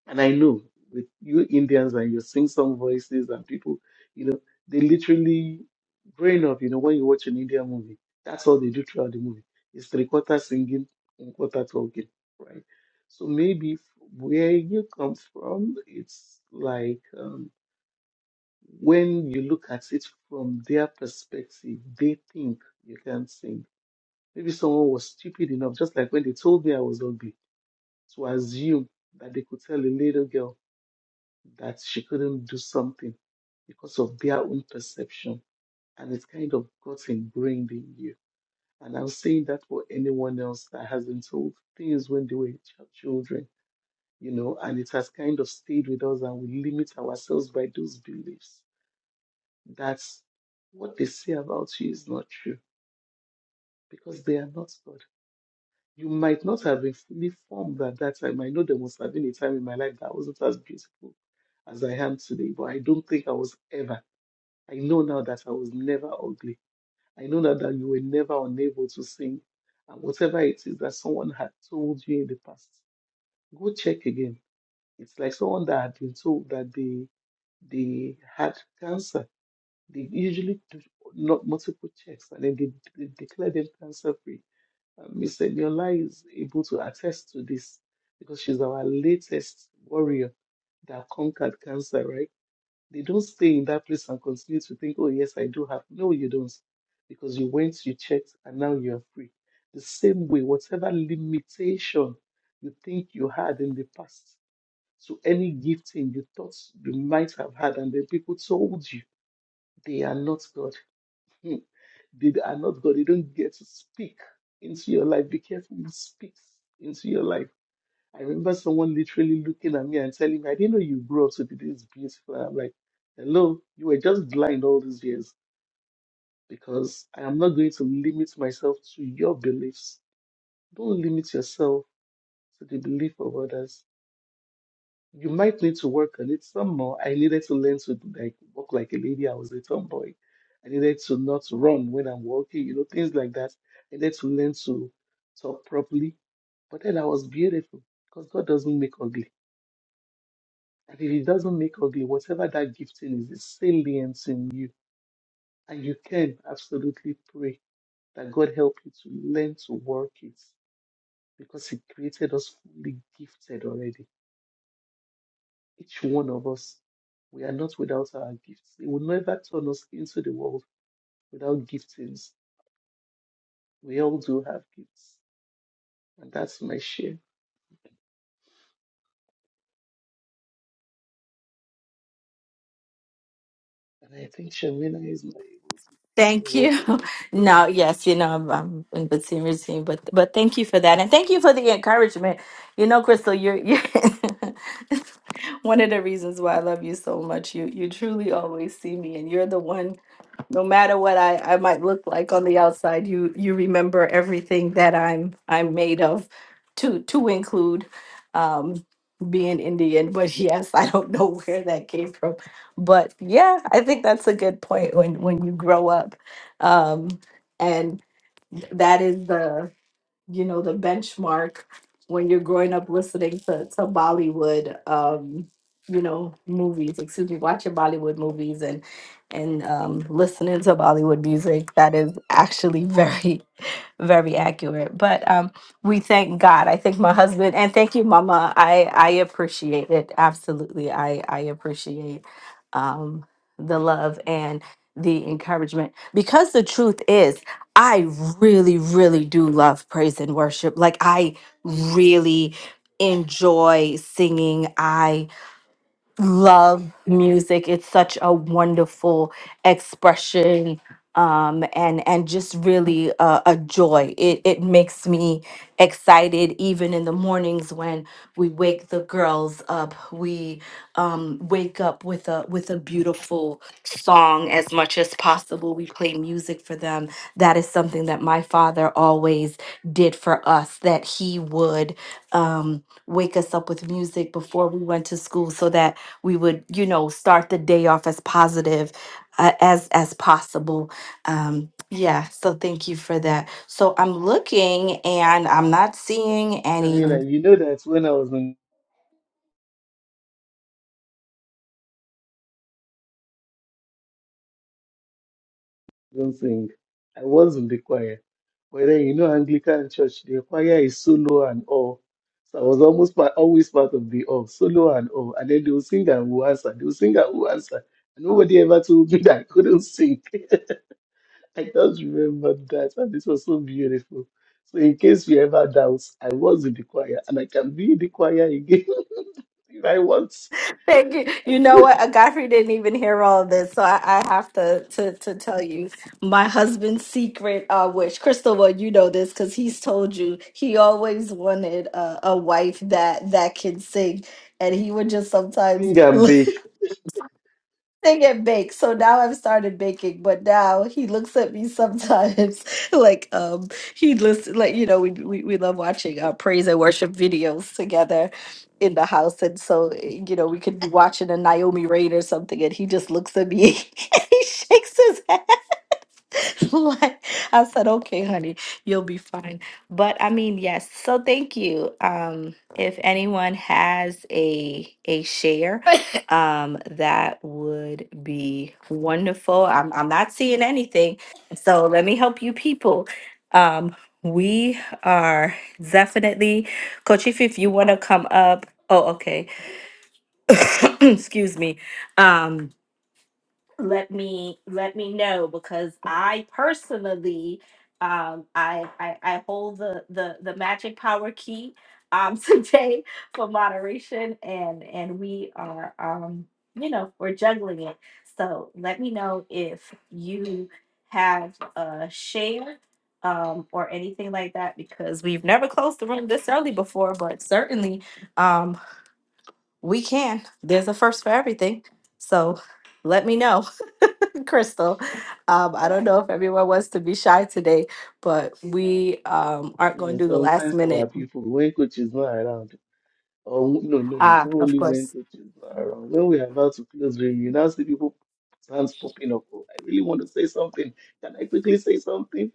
S3: and I know with you Indians and your sing song voices and people, you know, they literally growing up, you know, when you watch an Indian movie, that's all they do throughout the movie. It's three quarter singing, one quarter talking, right? So maybe where you come from, it's like um, when you look at it from their perspective, they think you can't sing. Maybe someone was stupid enough, just like when they told me I was ugly, to assume that they could tell a little girl that she couldn't do something because of their own perception. And it's kind of got ingrained in you. And I'm saying that for anyone else that has been told things when they were ch- children, you know, and it has kind of stayed with us and we limit ourselves by those beliefs. That's what they say about you is not true because they are not God. You might not have been fully formed at that time. I know there must have been a time in my life that I wasn't as beautiful as I am today, but I don't think I was ever I know now that I was never ugly. I know now that you were never unable to sing. And whatever it is that someone had told you in the past, go check again. It's like someone that had been told that they they had cancer. They usually do not multiple checks and then they, they declare them cancer free. And Miss Eniola is able to attest to this because she's our latest warrior that conquered cancer, right? They don't stay in that place and continue to think, oh, yes, I do have. No, you don't. Because you went, you checked, and now you're free. The same way, whatever limitation you think you had in the past to any gifting you thought you might have had, and then people told you they are not God. Hmm. They are not God. They don't get to speak into your life. Be careful who speaks into your life I remember someone literally looking at me and telling me, I didn't know you grew up to be this beautiful. And I'm like, hello, you were just blind all these years because I am not going to limit myself to your beliefs. Don't limit yourself to the belief of others. You might need to work on it some more. I needed to learn to like walk like a lady. I was a tomboy. I needed to not run when I'm walking, you know, things like that. I needed to learn to talk properly. But then I was beautiful because God doesn't make ugly. And if it doesn't make ugly, whatever that gifting is, it's salient in you. And you can absolutely pray that God help you to learn to work it because He created us fully gifted already. Each one of us, we are not without our gifts. He will never turn us into the world without giftings. We all do have gifts. And that's my share. And I think Shamina is not able
S2: Thank
S3: to.
S2: you.
S3: Okay.
S2: No, yes, you know, I'm, I'm in between routine, but but thank you for that, and thank you for the encouragement. You know, Crystal, you're you. One of the reasons why I love you so much, you you truly always see me, and you're the one. No matter what I, I might look like on the outside, you you remember everything that I'm I'm made of, to to include um, being Indian. But yes, I don't know where that came from, but yeah, I think that's a good point when when you grow up, um, and that is the you know, the benchmark when you're growing up listening to, to Bollywood, um, you know, movies, excuse me, watching Bollywood movies and, and, um, listening to Bollywood music. That is actually very very accurate. But um, we thank God. I thank my husband and thank you, Mama. I I appreciate it absolutely. I I appreciate um, the love and the encouragement because the truth is, I really really do love praise and worship. Like I really enjoy singing. I love music. It's such a wonderful expression um, and and just really a, a joy. It it makes me excited even in the mornings when we wake the girls up. We um, wake up with a with a beautiful song as much as possible. We play music for them. That is something that my father always did for us. That he would. Um, wake us up with music before we went to school so that we would you know start the day off as positive uh, as as possible um yeah so thank you for that so i'm looking and i'm not seeing any
S3: Shamina, you know that when I was in don't sing. I was in the choir. But then you know Anglican church, the choir is solo and all. So I was almost part, always part of the all, solo and all. And then they would sing and would answer. They would sing and would answer. And nobody ever told me that I couldn't sing. I just remember that. And this was so beautiful. So in case you ever doubt, I was in the choir and I can be in the choir again if I want.
S2: thank you you know what Uh, godfrey didn't even hear all of this so i, I have to, to to tell you my husband's secret uh which crystal well you know this because he's told you he always wanted a, a wife that that can sing and he would just sometimes
S3: Sing and bake.
S2: They get baked. So now I've started baking, but now he looks at me sometimes like um he listen like you know we we, we love watching uh, praise and worship videos together in the house and so eh, you know we could be watching a Naomi Rain or something and he just looks at me and he shakes his head like I said, okay, honey, you'll be fine. But I mean, yes. So thank you. Um, if anyone has a a share, um, that would be wonderful. I'm I'm not seeing anything, so let me help you people. Um, we are definitely Coach Ify, if you want to come up. Oh, okay. Excuse me. Um, let me let me know because I personally um I I, I hold the, the the magic power key um today for moderation and and we are um you know we're juggling it so let me know if you have a share um or anything like that because we've never closed the room this early before but certainly um we can there's a first for everything so let me know Crystal. Um, I don't know if everyone wants to be shy today, but we um, aren't going
S3: Yeah,
S2: to do the last
S3: Sometimes our
S2: minute.
S3: people, when coach is not around, Or no, no, it's
S2: Ah,
S3: not
S2: of
S3: only when
S2: course.
S3: coaches are around. When we're about to close the you now see people hands popping up. Oh, I really want to say something. Can I quickly say something?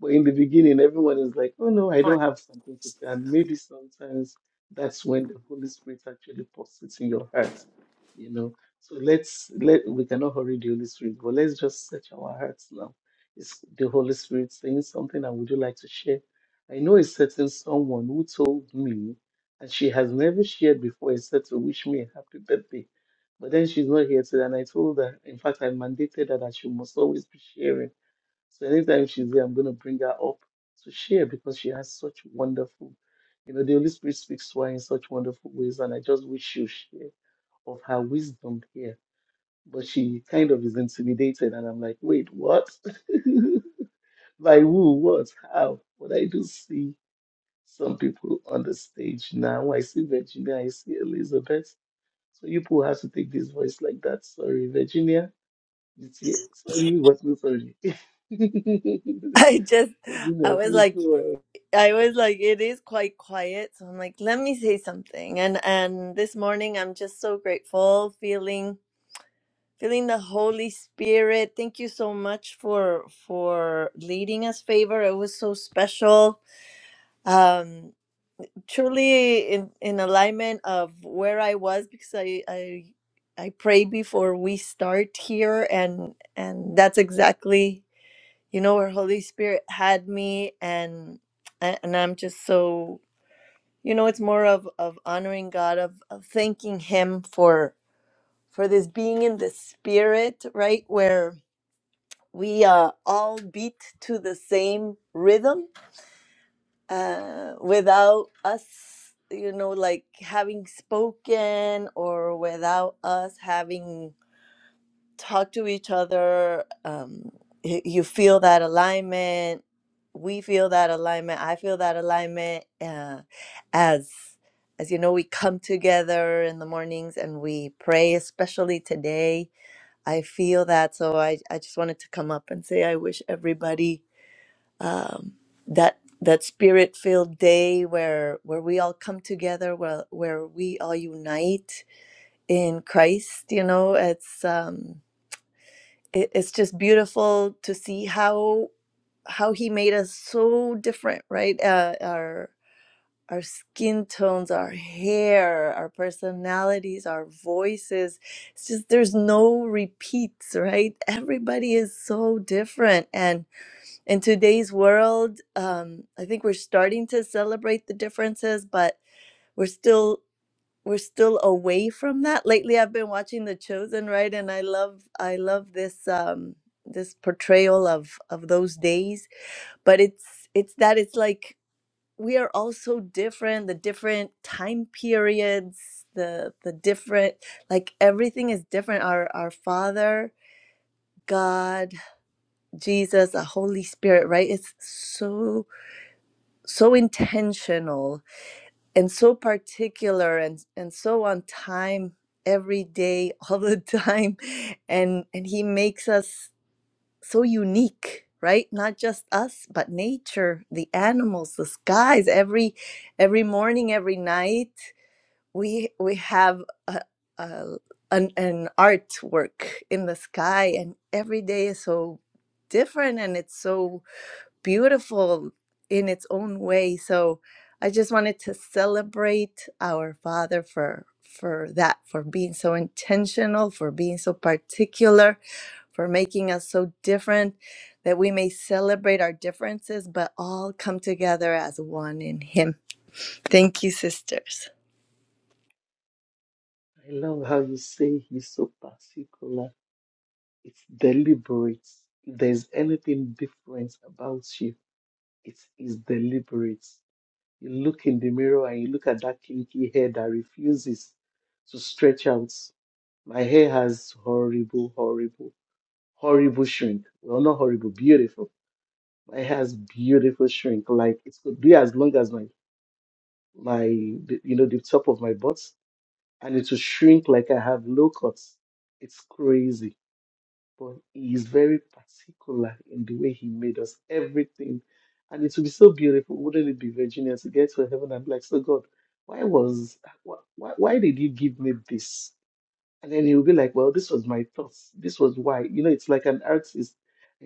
S3: But in the beginning, everyone is like, oh no, I don't have something to say. And maybe sometimes that's when the Holy Spirit actually pops it in your heart. You know. So let's let we cannot hurry the Holy Spirit, but let's just search our hearts now. Is the Holy Spirit saying something and would you like to share? I know a certain someone who told me and she has never shared before except to wish me a happy birthday. But then she's not here today, and I told her, in fact, I mandated her that she must always be sharing. So anytime she's there, I'm going to bring her up to share because she has such wonderful, you know, the Holy Spirit speaks to her in such wonderful ways, and I just wish she'll share of her wisdom here. But she kind of is intimidated, and I'm like, wait, what? By who? What? How? But I do see some people on the stage now. I see Virginia, I see Elizabeth. So you people have to take this voice like that. Sorry, Virginia. You see- Sorry, but no sorry. Virginia,
S4: I just, I was
S3: please
S4: like,
S3: go ahead.
S4: I was like, it is quite quiet. So I'm like, let me say something. And and this morning, I'm just so grateful, feeling feeling the Holy Spirit. Thank you so much for for leading us, favor. It was so special. Um, truly in in alignment of where I was because I I I pray before we start here, and and that's exactly you know where holy spirit had me and and i'm just so you know it's more of of honoring god of, of thanking him for for this being in the spirit right where we uh, all beat to the same rhythm uh, without us you know like having spoken or without us having talk to each other. Um, y- you feel that alignment. We feel that alignment. I feel that alignment. Uh, as as you know, we come together in the mornings and we pray. Especially today, I feel that. So I I just wanted to come up and say I wish everybody um, that that spirit filled day where where we all come together where where we all unite in Christ you know it's um it, it's just beautiful to see how how he made us so different right uh, our our skin tones our hair our personalities our voices it's just there's no repeats right everybody is so different and in today's world um, i think we're starting to celebrate the differences but we're still we're still away from that lately i've been watching the chosen right and i love i love this um this portrayal of of those days but it's it's that it's like we are all so different the different time periods the the different like everything is different our our father god jesus the holy spirit right it's so so intentional and so particular and and so on time every day all the time and and he makes us so unique right not just us but nature the animals the skies every every morning every night we we have a, a an, an artwork in the sky and every day is so different and it's so beautiful in its own way. So I just wanted to celebrate our Father for for that, for being so intentional, for being so particular, for making us so different that we may celebrate our differences, but all come together as one in Him. Thank you, sisters.
S3: I love how you say he's so particular. It's deliberate. If there's anything different about you, it is deliberate. You look in the mirror and you look at that kinky hair that refuses to stretch out. My hair has horrible, horrible, horrible shrink. Well, not horrible, beautiful. My hair has beautiful shrink. Like it could be as long as my my the- you know the top of my butt, and it will shrink like I have low cuts. It's crazy but he is very particular in the way he made us everything. And it would be so beautiful, wouldn't it be, Virginia, to get to heaven and be like, so God, why was, why, why why did you give me this? And then he'll be like, well, this was my thoughts. This was why. You know, it's like an artist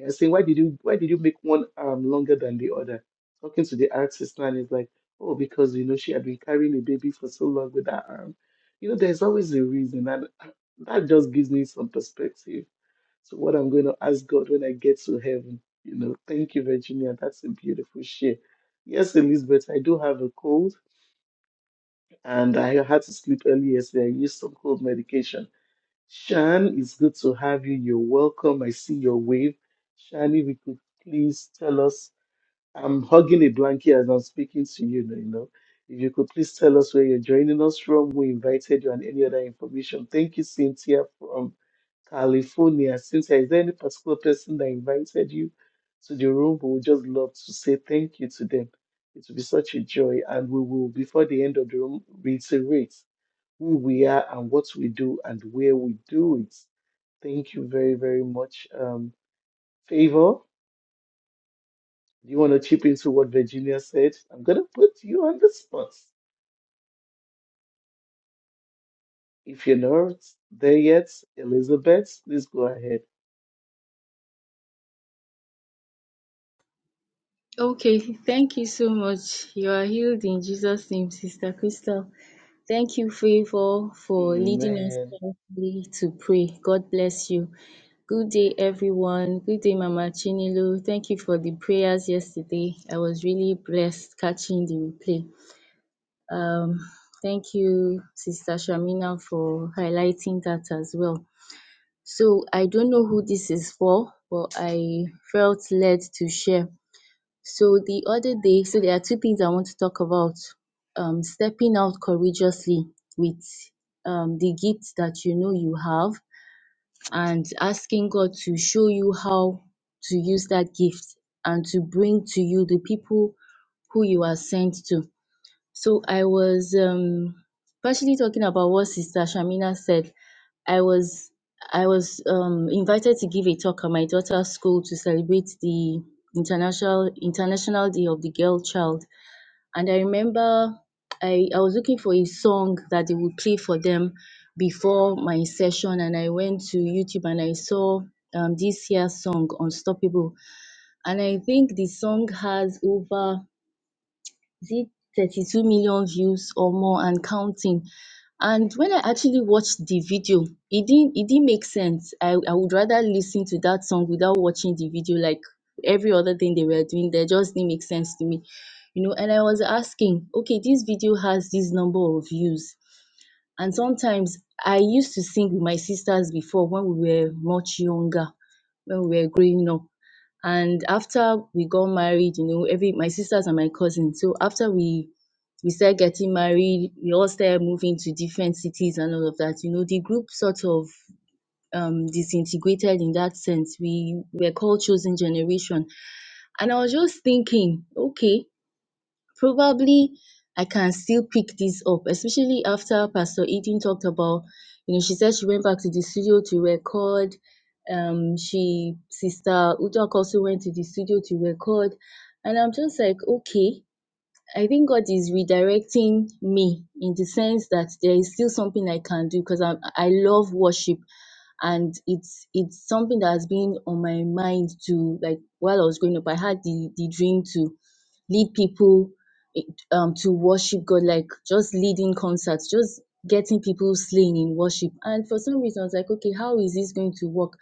S3: uh, saying, why did you, why did you make one arm longer than the other? Talking to the artist and it's like, oh, because you know she had been carrying a baby for so long with that arm. You know, there's always a reason, and uh, that just gives me some perspective so what I'm going to ask God when I get to heaven, you know, thank you, Virginia. That's a beautiful share. Yes, Elizabeth, I do have a cold and I had to sleep early yesterday. I used some cold medication. Shan, it's good to have you. You're welcome. I see your wave. Shan, if you could please tell us, I'm hugging a blanket as I'm speaking to you, you know. If you could please tell us where you're joining us from, who invited you, and any other information. Thank you, Cynthia, from California, since there is any particular person that invited you to the room, we would just love to say thank you to them. It will be such a joy, and we will, before the end of the room, reiterate who we are and what we do and where we do it. Thank you very, very much. Um, Favor, do you want to chip into what Virginia said? I'm going to put you on the spot. If you're not there yet, Elizabeth, please go ahead.
S5: Okay, thank you so much. You are healed in Jesus' name, Sister Crystal. Thank you, Favor, for leading us
S3: Amen.
S5: powerfully to pray. God bless you. Good day, everyone. Good day, Mama Chinilo. Thank you for the prayers yesterday. I was really blessed catching the replay. Um, thank you, Sister Shamina, for highlighting that as well. So I don't know who this is for, but I felt led to share. So the other day, so there are two things I want to talk about. Um, stepping out courageously with um, the gifts that you know you have and asking God to show you how to use that gift and to bring to you the people who you are sent to. So I was um, partially talking about what Sister Shamina said. I was I was um, invited to give a talk at my daughter's school to celebrate the international International Day of the Girl Child, and I remember I I was looking for a song that they would play for them before my session, and I went to YouTube and I saw um, this year's song Unstoppable, and I think the song has over is it 32 million views or more and counting. And when I actually watched the video, it didn't it didn't make sense. I, I would rather listen to that song without watching the video, like every other thing they were doing they just didn't make sense to me. You know, and I was asking, okay, this video has this number of views and sometimes i used to sing with my sisters before when we were much younger when we were growing up and after we got married you know every my sisters and my cousins so after we we started getting married we all started moving to different cities and all of that you know the group sort of um disintegrated in that sense we were called chosen generation and i was just thinking okay probably I can still pick this up, especially after Pastor Eden talked about, you know, she said she went back to the studio to record. Um, she, Sister Udoka also went to the studio to record. And I'm just like, okay, I think God is redirecting me in the sense that there is still something I can do because I I love worship and it's it's something that has been on my mind to like while I was growing up I had the the dream to lead people i- um to worship God like just leading concerts just getting people slain in worship and for some reason I was like okay how is this going to work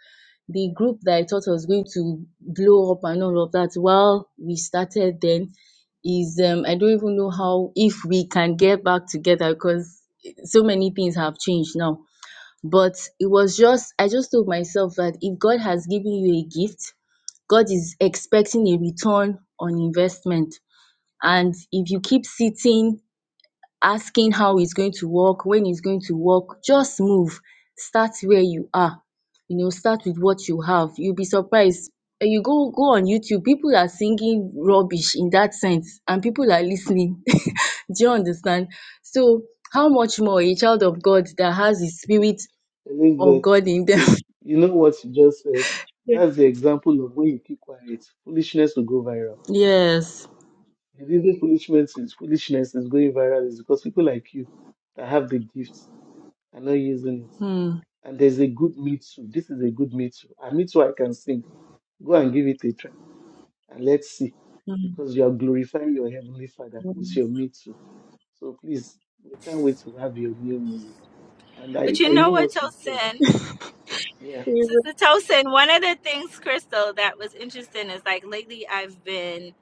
S5: the group that I thought was going to blow up and all of that while we started then is um I don't even know how if we can get back together because so many things have changed now. But it was just I just told myself that if God has given you a gift, God is expecting a return on investment. And if you keep sitting asking how it's going to work, when it's going to work. Just move. Start where you are. You know, start with what you have. You'll be surprised. When you go go on YouTube, people are singing rubbish in that sense, and people are listening. Do you understand? So, how much more a child of God that has the spirit of
S3: Elizabeth.
S5: God in them?
S3: You know what you just said?
S5: Yeah.
S3: That's the example of when you keep quiet, foolishness will go viral.
S5: Yes.
S3: The reason foolishness is foolishness is going viral is because people like you that have the gifts are not using it.
S5: Hmm.
S3: And there's a good me too. This is a good me too. And me too, I can sing. Go and give it a try and let's see.
S5: Hmm.
S3: Because you are glorifying your heavenly father with
S5: Hmm.
S3: your me too. So please, we can't wait to have your new music. And
S2: But
S3: I, I
S2: you know
S3: know
S2: what,
S3: what you said.
S2: Tosin?
S3: Yeah.
S2: Sister Tosin, one of the things, Crystal, that was interesting is like lately I've been,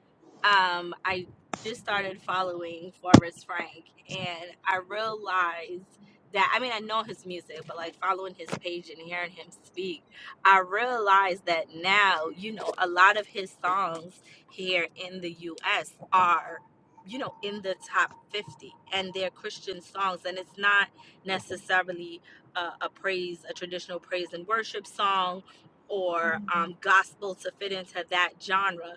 S2: um, I just started following Forrest Frank and I realized that, I mean, I know his music, but like following his page and hearing him speak, I realized that now, you know, a lot of his songs here in the US are, you know, in the top 50 and they're Christian songs and it's not necessarily a, a praise, a traditional praise and worship song, or um, gospel to fit into that genre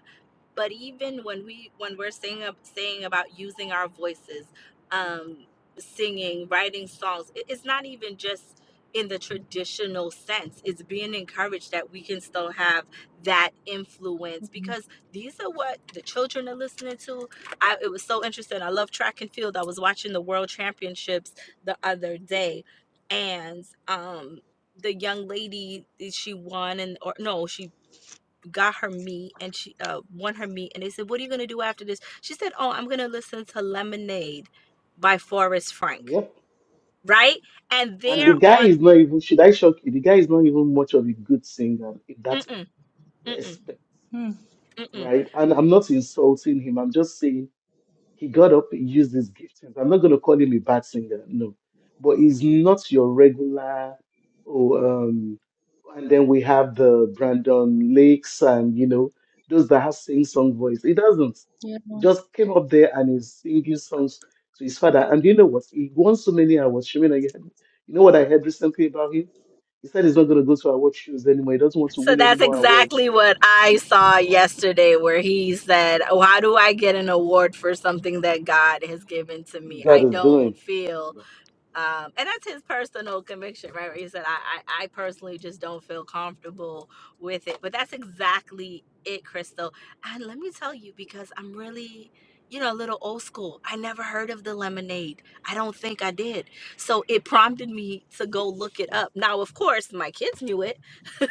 S2: but even when we when we're saying ab- saying about using our voices um singing writing songs it, it's not even just in the traditional sense it's being encouraged that we can still have that influence because these are what the children are listening to i it was so interesting i love track and field i was watching the world championships the other day and um the young lady she won and or no she got her meat and she uh won her meat and they said what are you going to do after this she said oh i'm going to listen to lemonade by forrest frank
S3: Yep.
S2: right and
S3: And the
S2: they're
S3: guy
S2: on
S3: is not even, should I shock you? The guy is not even much of a good singer in that
S2: mm-mm, mm-mm,
S3: respect,
S5: Hmm.
S2: mm-mm.
S3: right? And I'm not insulting him. I'm just saying he got up, he used his giftings. I'm not going to call him a bad singer, no. But he's not your regular, oh, um, and then we have the Brandon Lakes and, you know, those that have sing song voice. He doesn't.
S5: Yeah.
S3: He just came up there and he's singing songs to his father. And you know what? He won so many awards. Shemina, you heard- you know what I heard recently about him? He said he's not going to go to award shows anymore. He doesn't want to
S2: so
S3: win any
S2: that's
S3: more awards.
S2: exactly what i saw yesterday where he said oh how do i get an award for something that god has given to me i
S3: God is
S2: don't
S3: doing.
S2: feel um, and that's his personal conviction, right? Where he said, I, I, I personally just don't feel comfortable with it. But that's exactly it, Crystal. And let me tell you, because I'm really, you know, a little old school. I never heard of the lemonade. I don't think I did. So it prompted me to go look it up. Now, of course, my kids knew it.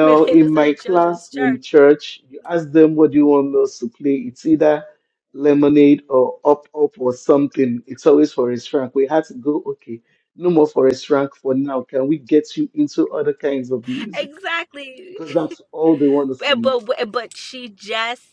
S2: Maybe they
S3: in
S2: listen
S3: my
S2: at children's
S3: class in
S2: church.
S3: church, you ask them what do you want us to play. It's either lemonade or up up or something. It's always Forest Frank. We had to go, okay, no more Forest Frank for now. Can we get you into other kinds of music?
S2: Exactly.
S3: Because that's all they want to
S2: But,
S3: sing.
S2: but, but she just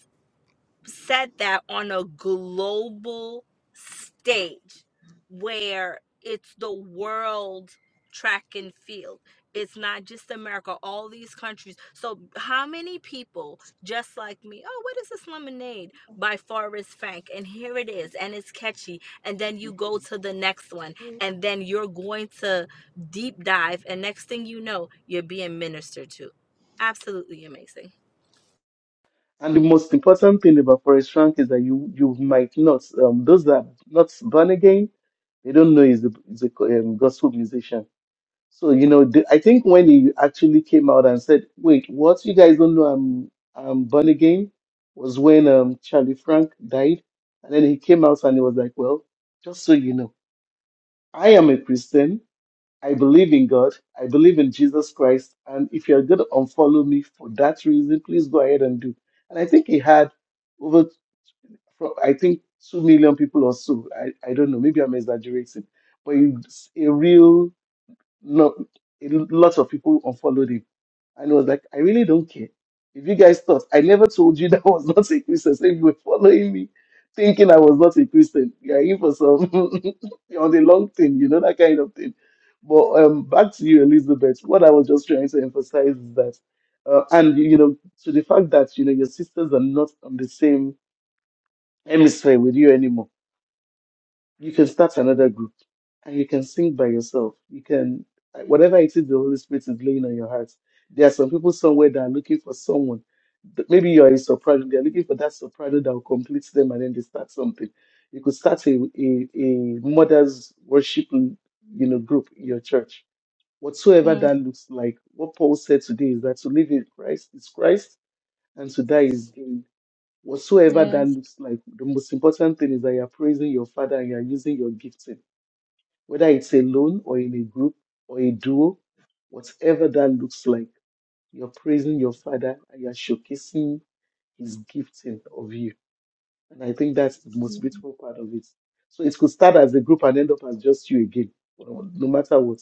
S2: said that on a global stage where it's the world track and field. It's not just America, all these countries. So, how many people just like me? Oh, what is this lemonade by Forrest Frank? And here it is, and it's catchy. And then you go to the next one, and then you're going to deep dive. And next thing you know, you're being ministered to. Absolutely amazing.
S3: And the most important thing about Forest Frank is that you you might not um, those that are not born again, they don't know he's a, he's a um, gospel musician So, you know, the, I think when he actually came out and said, "Wait, what? You guys don't know I'm I'm born again," was when um Charlie Frank died, and then he came out and he was like, "Well, just so you know, I am a Christian. I believe in God. I believe in Jesus Christ. And if you're going to unfollow me for that reason, please go ahead and do." And I think he had over, fro- I think, two million people or so. I I don't know. Maybe I'm exaggerating, but it's a real Lo- lots of people unfollowed him. And he was like, I really don't care. If you guys thought, I never told you that I was not a Christian. So if you were following me thinking I was not a Christian, you're in for some, you're on the long thing, you know, that kind of thing. But um, back to you, Elizabeth. What I was just trying to emphasize is that, uh, and, you know, to the fact that, you know, your sisters are not on the same hemisphere with you anymore you can start another group and you can sing by yourself. You can, like, whatever it is the Holy Spirit is laying on your heart. There are some people somewhere that are looking for someone. that- Maybe you're a soprano, they're looking for that soprano that will complete them and then they start something. You could start a, a, a mother's worship you know, group in your church. Whatsoever
S5: Hmm.
S3: that looks like, what Paul said today is that to live in Christ is Christ and to die is gain whatsoever that
S5: Yes.
S3: looks like, the most important thing is that you're praising your Father and you're using your gifting, whether it's alone or in a group or a duo, whatever that looks like, you're praising your Father and you're showcasing His gifting of you. And I think that's the most beautiful part of it. So it could start as a group and end up as just you again. Well, No matter what,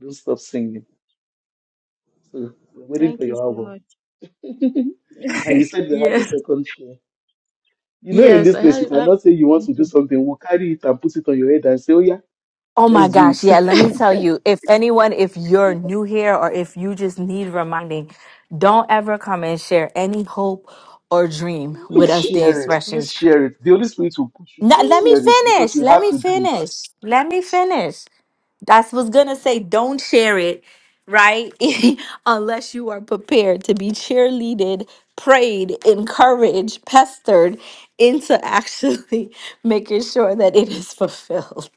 S3: don't stop singing. So we're waiting for
S5: Thank you
S3: your
S5: so
S3: album.
S5: much.
S3: and you said you had a
S5: Yes.
S3: second share. You know, in
S5: Yes,
S3: this
S5: I
S3: case, you
S5: have, have.
S3: cannot say you want to do something. We'll carry it and put it on your head and say, oh, yeah,
S2: Oh my
S3: let's do
S2: gosh, yeah,
S3: it.
S2: let me tell you. If anyone, if you're new here or if you just need reminding, don't ever come and share any hope or dream with
S3: Please
S2: us, the
S3: share it. Please
S2: expressions.
S3: share it. The Holy Spirit will push you
S2: No,
S3: to
S2: let me
S3: share it because
S2: finish.
S3: you
S2: Let
S3: have
S2: me
S3: to do
S2: finish.
S3: it.
S2: Let me finish. That's what's gonna say. Don't share it, right? Unless you are prepared to be cheerleaded, prayed, encouraged, pestered into actually making sure that it is fulfilled.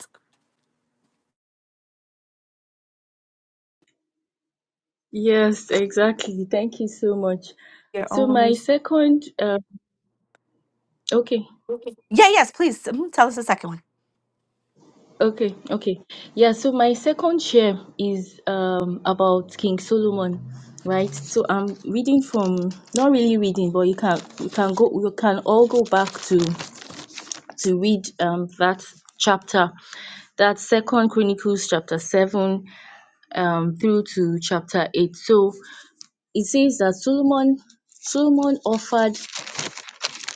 S5: Yes, exactly. Thank you so much.
S2: Your
S5: So my
S2: owners.
S5: second, uh, okay,
S2: Yeah, yes, please mm, tell us the second one.
S5: okay, okay. Yeah, so my second share is um about King Solomon, right? So I'm reading from, not really reading, but you can you can go you can all go back to to read um that chapter, that Second Chronicles chapter seven um through to chapter eight. So it says that Solomon Solomon offered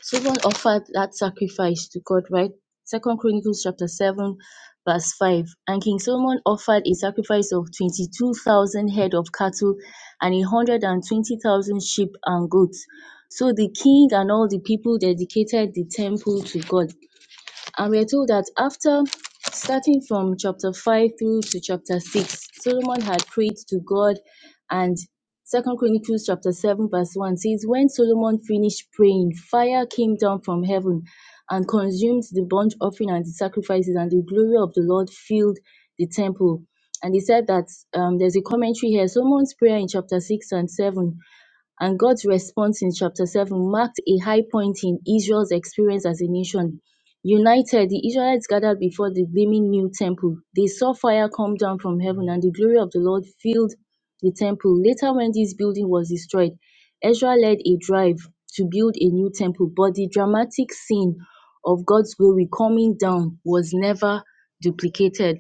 S5: Stephen offered that sacrifice to God, right? Second Chronicles chapter 7, verse 5. And King Solomon offered a sacrifice of 22,000 head of cattle and 120,000 sheep and goats. So the king and all the people dedicated the temple to God. And we're told that after starting from chapter 5 through to chapter 6, Solomon had prayed to God and Second Chronicles chapter 7 verse 1 says when Solomon finished praying fire came down from heaven and consumed the burnt offering and the sacrifices and the glory of the Lord filled the temple and he said that um, there's a commentary here Solomon's prayer in chapter 6 and 7 and God's response in chapter 7 marked a high point in Israel's experience as a nation. United, the Israelites gathered before the gleaming new temple. They saw fire come down from heaven, and the glory of the Lord filled the temple. Later, when this building was destroyed, Ezra led a drive to build a new temple, but the dramatic scene of God's glory coming down was never duplicated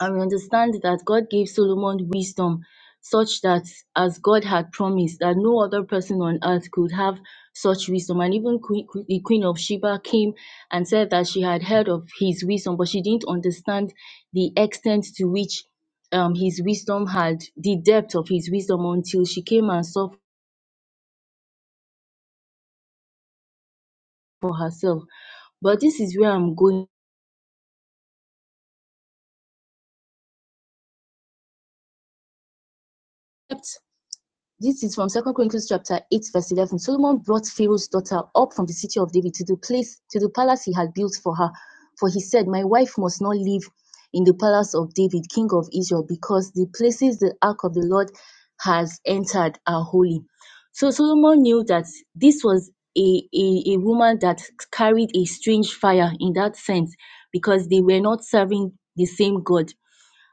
S5: and we understand that God gave Solomon wisdom such that as God had promised that no other person on earth could have such wisdom and even queen, the queen of Sheba came and said that she had heard of his wisdom but she didn't understand the extent to which um his wisdom had the depth of his wisdom until she came and saw for herself but this is where I'm going This is from Second Chronicles chapter 8, verse 11. Solomon brought Pharaoh's daughter up from the city of David to the place, to the palace he had built for her. For he said, My wife must not live in the palace of David, king of Israel, because the places the ark of the Lord has entered are holy. So Solomon knew that this was a, a, a woman that carried a strange fire in that sense, because they were not serving the same God.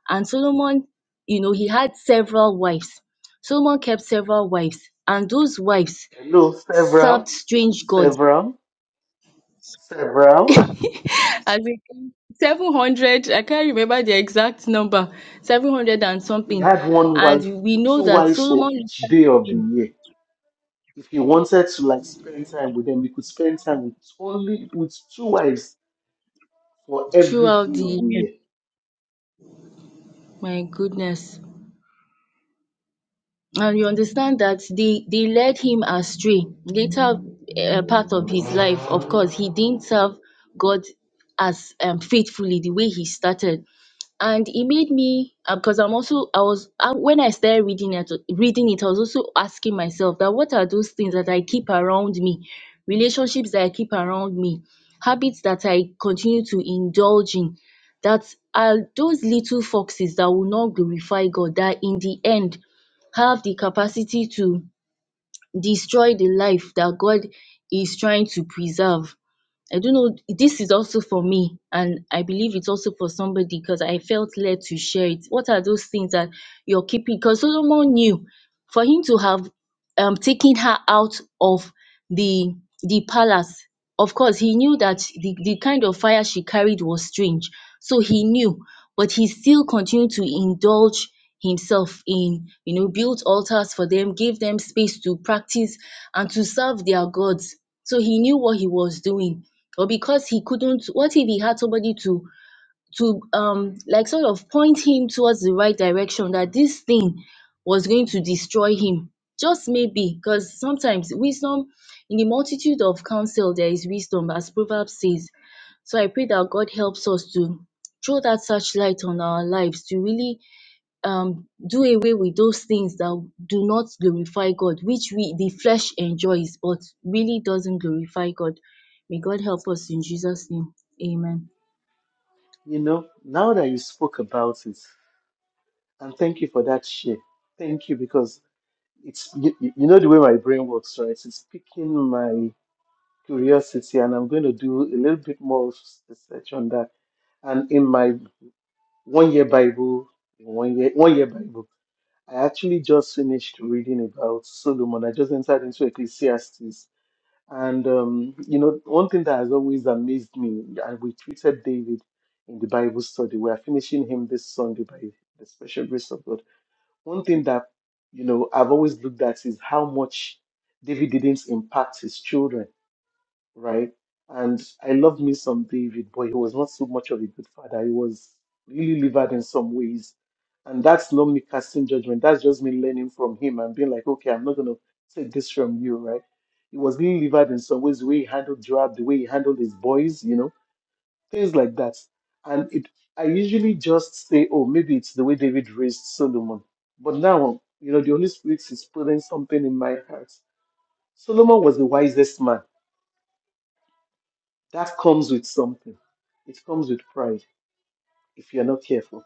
S5: And Solomon, you know, he had several wives. Solomon kept several wives, and those wives
S3: Hello,
S5: served
S3: several,
S5: strange gods.
S3: several, several.
S5: As in 700, I can't remember the exact number, 700 and
S3: He
S5: something.
S3: had one wife,
S5: And we know
S3: two
S5: that
S3: wives for
S5: Solomon
S3: each day of the
S5: lived
S3: year. If he wanted to like spend time with them, he could spend time with only with two wives for every
S5: throughout
S3: day
S5: the
S3: of the
S5: year.
S3: year.
S5: My goodness. and you understand that they they led him astray later uh, part of his life of course he didn't serve god as um, faithfully the way he started and it made me because i'm also i was I, when i started reading it reading it i was also asking myself that what are those things that i keep around me relationships that i keep around me habits that i continue to indulge in that are those little foxes that will not glorify god that in the end have the capacity to destroy the life that God is trying to preserve I don't know. This is also for me, and I believe it's also for somebody because I felt led to share it. What are those things that you're keeping? Because Solomon knew for him to have um, taken her out of the the palace. Of course, he knew that the, the kind of fire she carried was strange. So he knew, but he still continued to indulge himself in, you know, built altars for them, gave them space to practice and to serve their gods. So he knew what he was doing or because he couldn't what if he had somebody to to um like sort of point him towards the right direction that this thing was going to destroy him just maybe because sometimes wisdom in the multitude of counsel there is wisdom as proverbs says so i pray that god helps us to throw that searchlight on our lives to really um do away with those things that do not glorify God, which we the flesh enjoys but really doesn't glorify God. May God help us in Jesus' name. Amen.
S3: You know, now that you spoke about it, And thank you for that share. Thank you because it's you, you you know the way my brain works, right? It's piquing my curiosity, and I'm going to do a little bit more research on that. And in my one year Bible, one year one year Bible, I actually just finished reading about Solomon. I just entered into Ecclesiastes, and um, you know one thing that has always amazed me, and we treated David in the Bible study. We are finishing him this Sunday by the special grace of God one thing that you know I've always looked at is how much David didn't impact his children, right? And I love me some David, but he was not so much of a good father. He was really livered in some ways. And that's not me casting judgment. That's just me learning from him and being like, okay, I'm not gonna take this from you, right? He was really livered in some ways, the way he handled Joab, the way he handled his boys, you know things like that. And it, I usually just say, oh, maybe it's the way David raised Solomon. But now, you know, the Holy Spirit is putting something in my heart. Solomon was the wisest man. That comes with something. It comes with pride if you're not careful.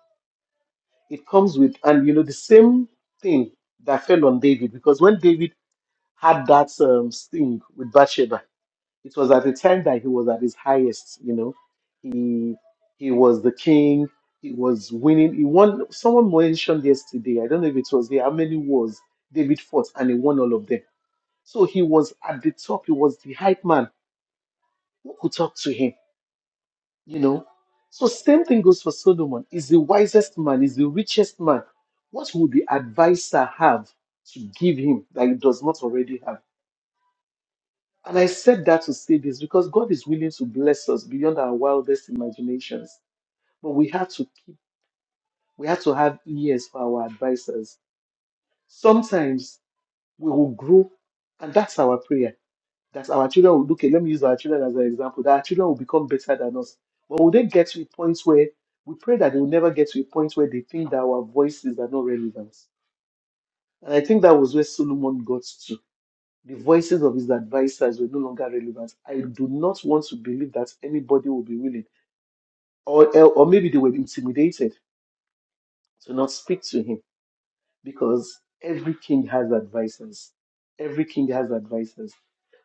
S3: It comes with, and you know, the same thing that fell on David because when David had that um, sting with Bathsheba, It was at the time that he was at his highest, you know. He he was the king, he was winning. He won someone mentioned yesterday, I don't know if it was there, how many wars David fought and he won all of them. So he was at the top, he was the hype man who could talk to him, you know. So same thing goes for Solomon. He's the wisest man, he's the richest man. What would the advisor have to give him that he does not already have? And I said that to say this because God is willing to bless us beyond our wildest imaginations. But we have to keep, we have to have ears for our advisors. Sometimes we will grow, and that's our prayer. That our children will, okay, let me use our children as an example, that our children will become better than us. But will they get to a point where we pray that they will never get to a point where they think that our voices are not relevant? And I think that was where Solomon got to The voices of his advisors were no longer relevant. I do not want to believe that anybody will be willing, or, or maybe they were intimidated to not speak to him because every king has advisors. Every king has advisors.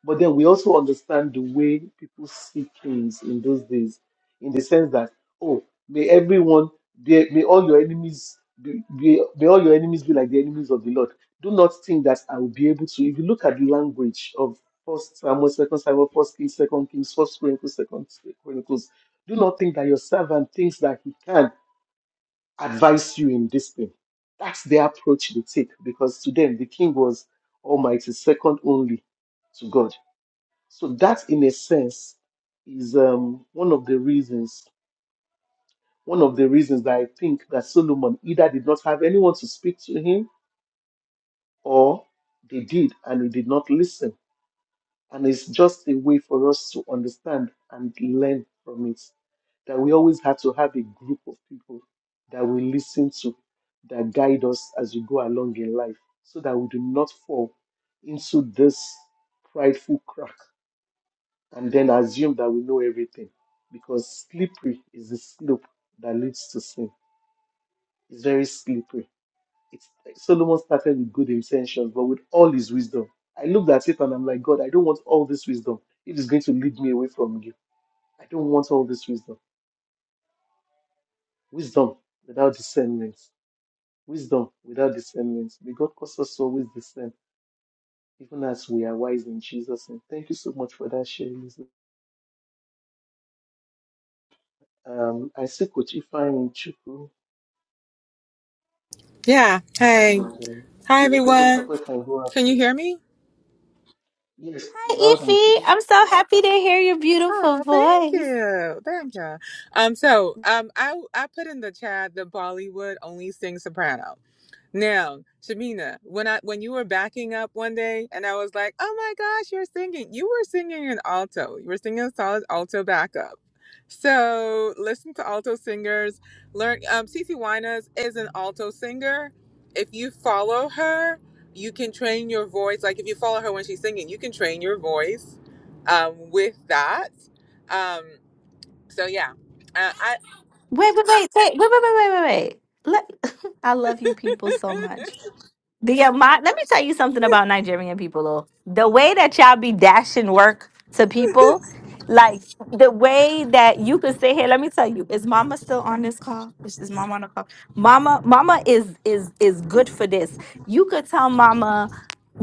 S3: But then we also understand the way people see kings in those days, in the sense that, oh, may everyone, be, may all your enemies be, be, may all your enemies be like the enemies of the Lord. Do not think that I will be able to. If you look at the language of First Samuel, Second Samuel, First Kings, Second Kings, First Chronicles, Second Chronicles, do not think that your servant thinks that he can advise you in this thing. That's the approach they take because to them the king was almighty, second only to God. So that, in a sense, is um, one of the reasons. One of the reasons that I think that Solomon either did not have anyone to speak to him, or they did and he did not listen. And it's just a way for us to understand and learn from it. That we always have to have a group of people that we listen to, that guide us as we go along in life, so that we do not fall into this prideful crack and then assume that we know everything. Because slippery is the slope that leads to sin. It's very slippery it's, Solomon started with good intentions, but with all his wisdom. I looked at it and I'm like, God, I don't want all this wisdom. It is going to lead me away from you. I don't want all this wisdom. Wisdom without discernment. Wisdom without discernment. May God cause us to always discern, even as we are wise in Jesus' name. Thank you so much for that sharing. Elizabeth. Um, I see Coach Ifeanyi Chukwu
S6: Yeah. Hey.
S3: and um,
S6: Hi, everyone.
S3: Temitope can go
S6: Can
S3: after.
S6: you hear me?
S3: Yes, loud and clear.
S6: Oh, thank you. Thank you. Um, so um I I put in the chat the Bollywood only sing soprano. Now, Shamina, when I when you were backing up one day and I was like, "Oh my gosh, you're singing. You were singing in alto. You were singing a solid alto backup." So, listen to alto singers. Learn um CC Winas is an alto singer. If you follow her, you can train your voice. Like if you follow her when she's singing, you can train your voice um with that. Um so yeah. Uh,
S2: Wait, wait, wait, wait, wait, wait, wait, wait, wait. Let, I love you people so much. The amount, let me tell you something about Nigerian people, though. The way that y'all be dashing work to people, like the way that you could say, "Hey, let me tell you, is Mama still on this call? Is, is Mama on the call? Mama, Mama is is is good for this. You could tell Mama,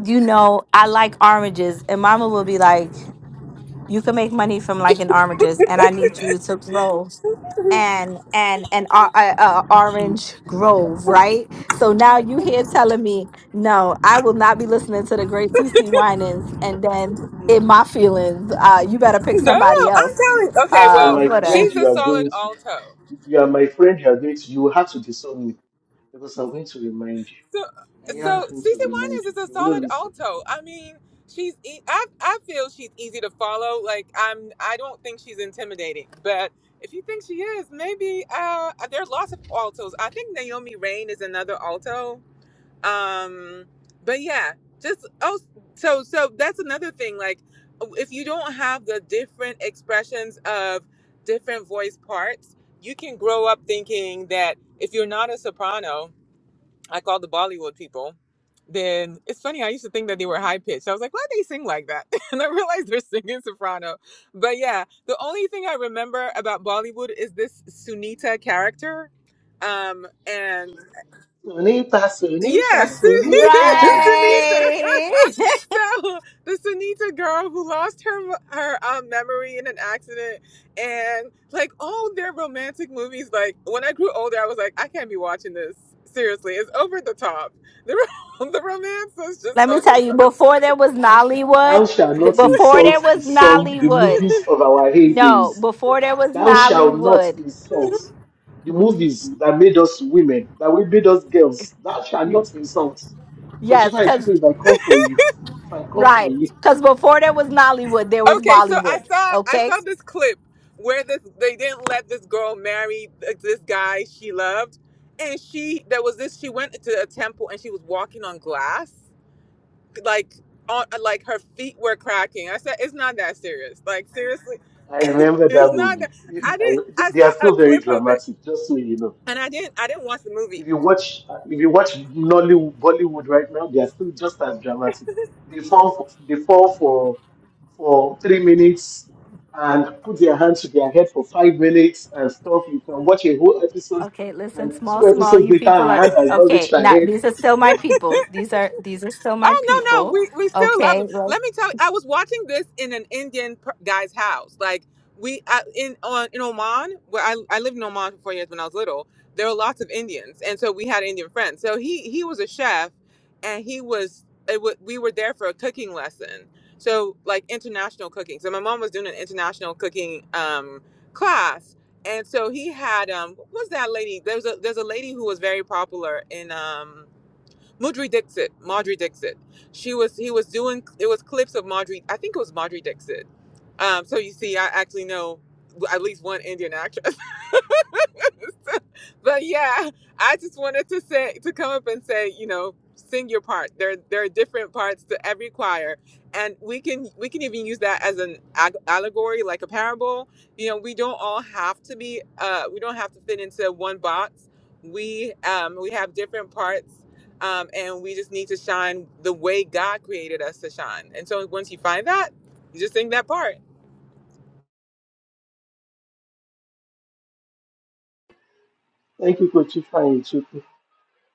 S2: you know, I like oranges, and Mama will be like." You can make money from liking oranges, and I need you to grow and and an uh, uh, Orange Grove, right? So now you here telling me, no, I will not be listening to the great CC Winans, and then in my feelings, uh, you better pick
S6: No,
S2: somebody
S6: I'm
S2: else.
S6: telling. Okay,
S3: If you're
S2: Uh,
S6: well,
S3: my
S2: for that.
S3: friend,
S6: she's a
S3: you are
S6: solid
S3: going to.
S6: alto.
S3: If you are my friend, you are going to. You will have to disown me because I'm going to remind
S6: So,
S3: you. I am
S6: so
S3: going to
S6: season one
S3: remind
S6: Winans
S3: you.
S6: is a
S3: You will
S6: solid
S3: listen.
S6: alto. I mean, she's. E- I I feel she's easy to follow. Like I'm. I don't think she's intimidating. But if you think she is, maybe uh, there are lots of altos. I think Naomi Rain is another alto. um but yeah just oh so so that's another thing like if you don't have the different expressions of different voice parts you can grow up thinking that if you're not a soprano i call the bollywood people then it's funny i used to think that they were high pitched i was like why do they sing like that and i realized they're singing soprano but yeah the only thing i remember about bollywood is this sunita character um and
S3: Sonita, Sonita,
S6: Yes, Sunita.
S3: Sonita.
S2: Right.
S6: so the Sunita girl who lost her her um, memory in an accident, and like all their romantic movies. Like when I grew older, I was like, I can't be watching this. Seriously, it's over the top. The, ro- the romance is
S2: Let
S6: just
S2: me
S6: over
S2: tell
S6: the
S2: you,
S6: top.
S2: before there was Nollywood,
S3: Thou shalt not
S2: before
S3: insult
S2: there was
S3: the song, the
S2: Nollywood,
S3: movies of our
S2: no,
S3: heydays.
S2: before there was
S3: Thou shalt not
S2: Nollywood.
S3: insult the movies that made us women, that we made us girls. Thou shalt not insult. Because if
S2: Yes,
S3: I
S2: because
S3: if I come for you, if I come for
S2: Right.
S3: you,
S2: Because before there was Nollywood, there was
S6: Okay, so I
S2: Bollywood.
S6: saw I
S2: Okay.
S6: saw this clip where this they didn't let this girl marry th- this guy she loved, and she there was this she went to a temple and she was walking on glass like on uh, like her feet were cracking. I said, it's not that serious. Like seriously,
S3: I remember
S6: it's
S3: that
S6: not that.
S3: movie.
S6: I did.
S3: I,
S6: not I
S3: they are
S6: saw a
S3: still very
S6: clip of it,
S3: dramatic, just so you know.
S6: and I didn't. I didn't watch the movie.
S3: If you watch, if you watch Nollywood, Bollywood right now, they are still just as dramatic. They fall, for, they fall for for three minutes and put their hands to their head for five minutes and stuff. You can watch a whole episode,
S2: Okay. Listen,
S3: and
S2: small,
S3: two
S2: small.
S3: episodes
S2: You
S3: later,
S2: people
S3: her
S2: are
S3: hand has not
S2: okay.
S3: reached her
S2: Now
S3: head.
S2: these are still my people. These are these are still my
S6: Oh no, no,
S2: people.
S6: we we still love
S2: Okay.
S6: them.
S2: like-
S6: Let me tell you, I was watching this in an Indian per- guy's house. Like we I, in on in Oman, where I I lived in Oman for four years when I was little. There were lots of Indians, and so we had Indian friends. So he he was a chef, and he was it wa we were there for a cooking lesson. So like international cooking. So my mom was doing an international cooking um class. And so he had um what was that lady? There's a there's a lady who was very popular in um Mudry Dixit, Maudrey Dixit. She was he was doing it was clips of Maudrey. I think it was Maudrey Dixit. Um, so you see, I actually know at least one Indian actor. but yeah, I just wanted to say to come up and say, you know, sing your part. There there are different parts to every choir, and we can we can even use that as an ag- allegory, like a parable. You know, we don't all have to be uh, we don't have to fit into one box. We um, we have different parts. Um, and we just need to shine the way God created us to shine. And so once you find that, you just sing that part.
S3: Thank you, Coach. Fine,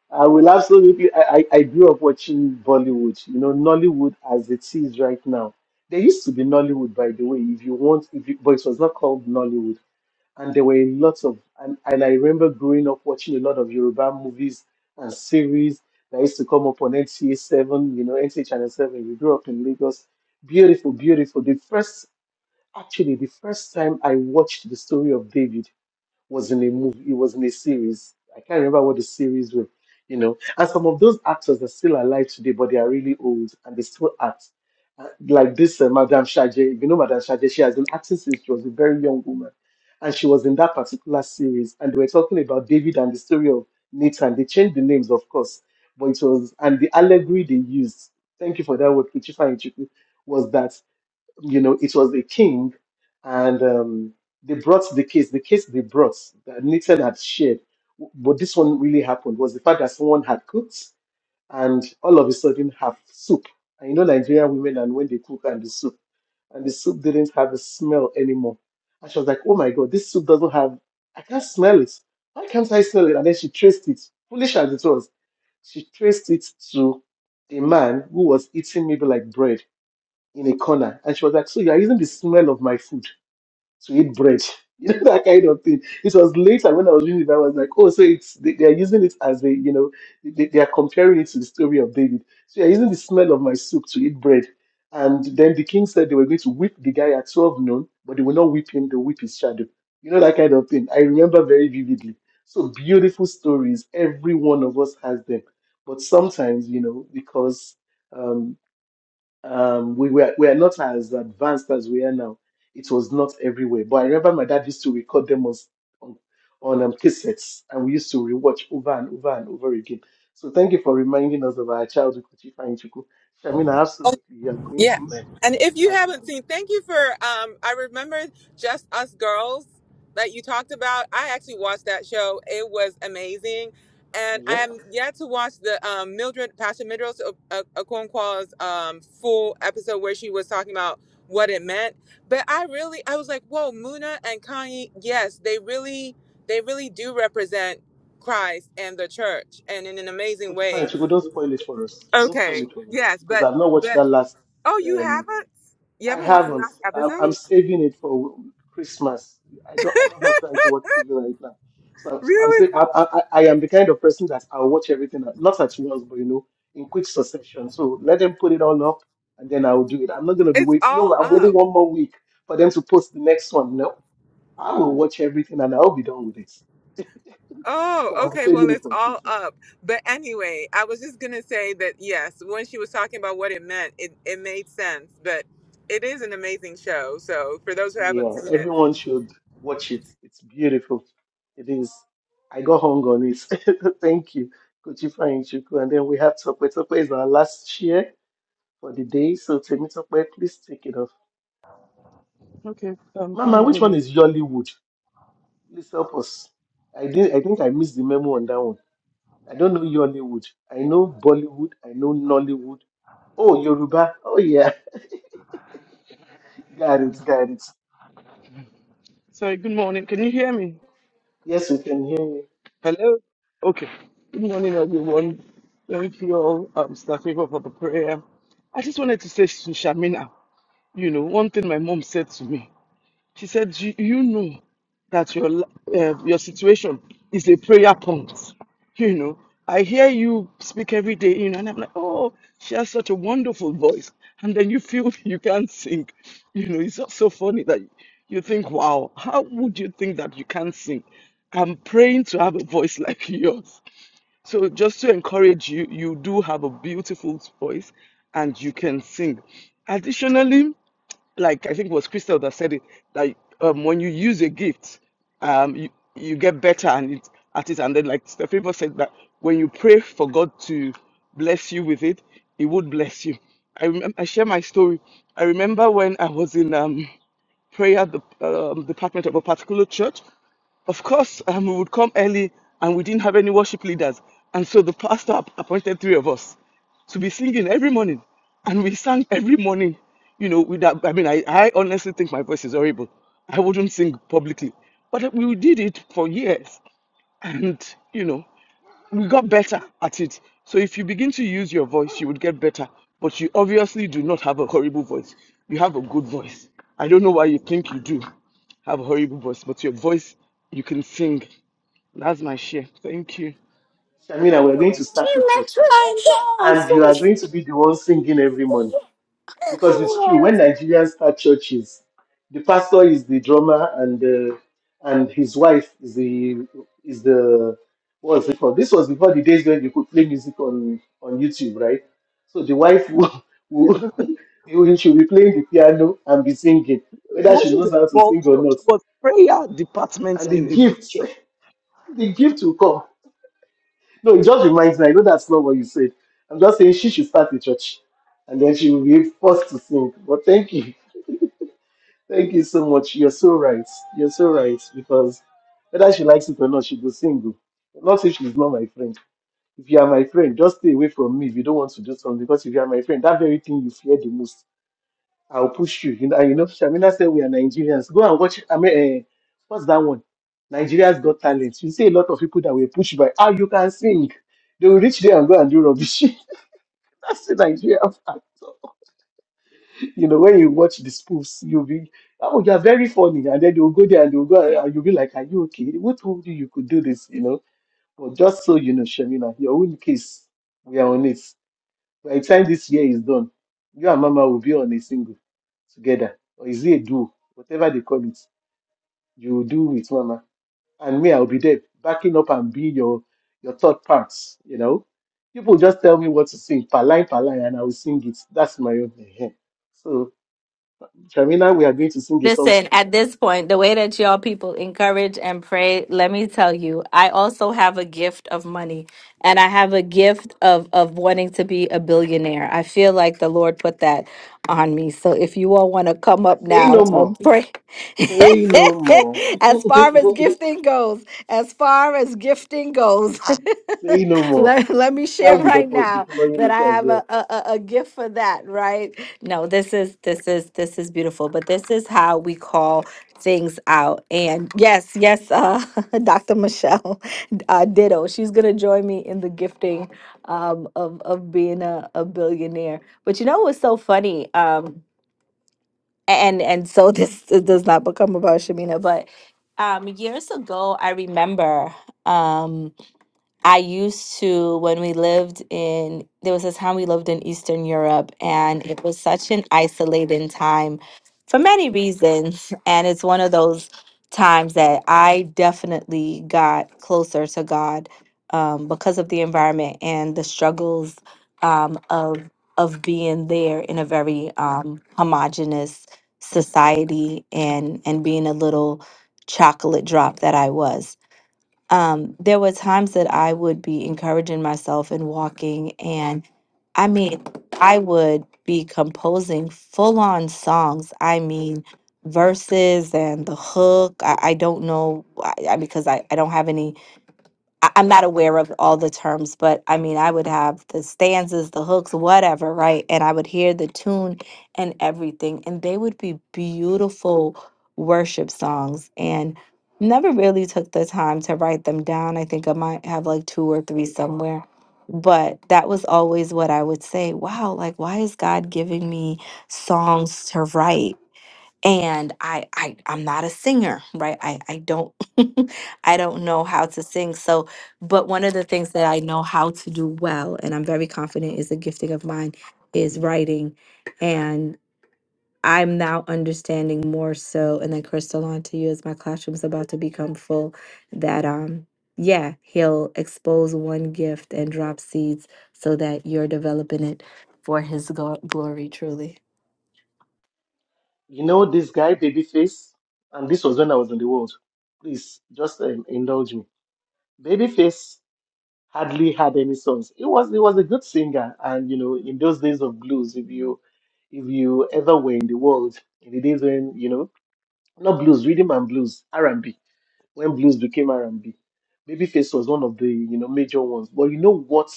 S3: I will absolutely. I, I I grew up watching Bollywood, you know, Nollywood as it is right now. There used to be Nollywood, by the way, if you want, if you, but it was not called Nollywood. And there were lots of, and, and I remember growing up watching a lot of Yoruba movies and series that used to come up on NCA 7, you know, NCA Channel 7. We grew up in Lagos. Beautiful, beautiful. The first, actually, the first time I watched the story of David was in a movie, it was in a series. I can't remember what the series was, you know. And some of those actors are still alive today, but they are really old and they still act. Uh, like this uh, Madame Shaje, if you know Madame Shaje, she has been acting since she was a very young woman. And she was in that particular series. And they were talking about David and the story of Nathan. They changed the names, of course, but it was, and the allegory they used, thank you for that word, Kuchifa Ichiku, was that you know, it was the king, and um, they brought the case. The case they brought that Nixon had shared, but this one really happened was the fact that someone had cooked and all of a sudden have soup. And you know, Nigerian women and when they cook and the soup, and the soup didn't have a smell anymore. And she was like, "Oh my God, this soup doesn't have. I can't smell it. Why can't I smell it?" And then she traced it. Foolish as it was, she traced it to a man who was eating maybe like bread in a corner and she was like, So you're using the smell of my food to eat bread. You know, that kind of thing. It was later when I was reading it, I was like, Oh, so it's they, they are using it as a you know, they, they are comparing it to the story of David. So you're using the smell of my soup to eat bread. And then the king said they were going to whip the guy at 12 noon, but they will not whip him, they'll whip his shadow. You know, that kind of thing. I remember very vividly. So beautiful stories. Every one of us has them. But sometimes, you know, because Um, um, we were we are not as advanced as we are now. It was not everywhere, but I remember my dad used to record them on on, on um, cassettes, and we used to rewatch over and over and over again. So thank you for reminding us of our childhood, Kuchifa and Chuku. Shamina, absolutely, you are going
S6: Yeah.
S3: to learn
S6: And if you
S3: how to
S6: haven't
S3: cook.
S6: seen, thank you for um I remember Just Us Girls that you talked about. I actually watched that show. It was amazing. And I
S3: Yep,
S6: am yet to watch the um Mildred Pastor Mildred uh, Okonkwa's um full episode where she was talking about what it meant. But I really I was like, "Whoa, Muna and Kanye, yes, they really they really do represent Christ and the church and in an amazing
S3: Kuchifa and
S6: way."
S3: Chuku, don't spoil it for us. Don't spoil
S6: Okay.
S3: it for us
S6: Yes,
S3: because
S6: but
S3: I've not watched
S6: but
S3: that last.
S6: Oh, you
S3: um,
S6: haven't? You
S3: I
S6: haven't watched the
S3: haven't.
S6: last
S3: I'm, I'm
S6: episode?
S3: saving it for Christmas. I don't. I don't have time to watch TV right now. So I'm
S6: Really?
S3: saying I, I, I am the kind of person that I'll watch everything, at- not at once, but you know, in quick succession. So let them put it all up, and then I'll do it. I'm not going to be
S6: It's
S3: waiting.
S6: all
S3: No, I'm waiting
S6: up.
S3: one more week for them to post the next one. No, I will watch everything, and I'll be done with it.
S6: Oh,
S3: So I'm
S6: okay. Well,
S3: saving it
S6: it's
S3: for
S6: all
S3: Christmas.
S6: up. But anyway, I was just gonna say that yes, when she was talking about what it meant, it, it made sense. But it is an amazing show. So for those who haven't
S3: Yeah,
S6: seen it,
S3: everyone should watch it. It's beautiful. It is. I got hung on it. Thank you, Kochi Chuku. And then we have Tope. Tope is our last share for the day. So, Temi Tope, please take it off.
S7: Okay. Um. Good
S3: Mama, which
S7: morning.
S3: one
S7: ev-
S3: is Yollywood? Please help us. I did. I think I missed the memo on that one. I don't know Yollywood. I know Bollywood. I know Nollywood. Oh, Yoruba. Oh, yeah. Got it. Got it.
S7: Sorry. Good morning. Can you hear me?
S3: Yes, we can hear you.
S7: Hello. Okay. Good morning, everyone. Thank you all, um, staff member for the prayer. I just wanted to say to Shamina, you know, one thing my mom said to me. She said, Do you know that your li- uh, your situation is a prayer point? You know, I hear you speak every day, you know, and I'm like, oh, she has such a wonderful voice. And then you feel you can't sing. You know, it's just so funny that you think, wow, how would you think that you can't sing? I'm praying to have a voice like yours. So just to encourage you, you do have a beautiful voice and you can sing. Additionally, like I think it was Crystal that said it that um, when you use a gift, um, you, you get better and it, at it. And then like the people said that when you pray for God to bless you with it, He would bless you. I remember I share my story. I remember when I was in um prayer the, um, department of a particular church, of course, um, we would come early and we didn't have any worship leaders. And so the pastor app- appointed three of us to be singing every morning. And we sang every morning, you know, with that. I mean, I, I honestly think my voice is horrible. I wouldn't sing publicly. But we did it for years. And, you know, we got better at it. So if you begin to use your voice, you would get better. But you obviously do not have a horrible voice. You have a good voice. I don't know why you think you do have a horrible voice, but your voice, you can sing. That's my share. Thank you.
S3: Shamina, we're going to start the
S2: Yes,
S3: church.
S2: I know. It's
S3: and you are going to be the one singing every morning Because it's true,
S2: so-
S3: when Nigerians start churches, the pastor is the drummer and uh, and his wife is the is the what was it called? This was before the days when you could play music on on YouTube, right? So the wife will,
S7: Yeah.
S3: will will- she'll be playing the piano and be singing,
S7: It
S3: whether she
S7: wasn't
S3: knows
S7: a
S3: how to
S7: small
S3: sing or
S7: church.
S3: not.
S7: It was prayer department
S3: And the
S7: in a big
S3: gift,
S7: church.
S3: the gift will come No, it just reminds me. I know that's not what you said. I'm just saying she should start a church, and then she will be forced to sing. But thank you, thank you so much. You're so right. You're so right because whether she likes it or not, she will sing. oh. Not if she's not my friend. If you are my friend, just stay away from me. If you don't want to do something, because if you are my friend, that very thing you fear the most. I'll push you. You know, and you know, Shamina said we are Nigerians. Go and watch. I mean, uh, what's that one? Nigeria's Got Talent. You see a lot of people that were pushed by, ah, you can sing. They will reach there and go and do rubbish. That's the Nigeria factor. You know, when you watch the spoofs, you'll be, oh, you're very funny. And then they'll go there and they'll go and and you'll be like, are you okay? Who told you you could do this? You know, but just so you know, Shamina, your own case, we are on it. By the time this year is done, you and Mama will be on a single together, or is it a duo, whatever they call it, you will do with Mama, and me, I'll be there backing up and be your your third parts. You know, people just tell me what to sing, per line, per line, and I will sing it. That's my own. Ehen. So, Shamina, we are going to sing a song
S2: Listen, at
S3: together.
S2: this point, the way that y'all people encourage and pray, let me tell you, I also have a gift of money and I have a gift of of wanting to be a billionaire. I feel like the Lord put that on me. So if you all want to come up
S3: Say
S2: now
S3: no
S2: and
S3: more.
S2: pray
S3: Say no more.
S2: as far as gifting goes, as far as gifting goes,
S3: Say no more.
S2: let, let me
S3: Shall
S2: share
S3: be
S2: right now that
S3: deploying
S2: I
S3: it as
S2: have
S3: well.
S2: a, a, a a gift for that, right? No, this is this is this is beautiful, but this is how we call things out. And yes, yes, uh, Dr. Michelle, uh, ditto. She's gonna join me in the gifting um, of of being a, a billionaire. But you know what's so funny? Um, and and so this does not become about Shamina, but um, years ago, I remember. Um, I used to, when we lived in, there was a time we lived in Eastern Europe, and it was such an isolating time for many reasons. And it's one of those times that I definitely got closer to God um, because of the environment and the struggles um, of of being there in a very um, homogenous society and and being a little chocolate drop that I was um, there were times that I would be encouraging myself and walking, and I mean, I would be composing full on songs. I mean, verses and the hook. I, I don't know I, I, because I, I don't have any I- I'm not aware of all the terms, but I mean, I would have the stanzas, the hooks, whatever, right? And I would hear the tune and everything, and they would be beautiful worship songs. And never really took the time to write them down. I think I might have like two or three somewhere. But that was always what I would say. Wow, like, why is God giving me songs to write? and I, I i'm not a singer right i i don't i don't know how to sing so but one of the things that i know how to do well and i'm very confident is a gifting of mine is writing I'm now understanding more so, and then Crystal on to you as my classroom's about to become full, that um yeah, he'll expose one gift and drop seeds so that you're developing it for his go- glory truly.
S3: You know this guy, Babyface, and this was when I was in the world. Please just um, indulge me. Babyface hardly had any songs. He was he was a good singer, and you know in those days of blues, if you if you ever were in the world in the days when you know not blues, rhythm and blues, R and B, when blues became R and B, Babyface was one of the you know major ones. But you know what?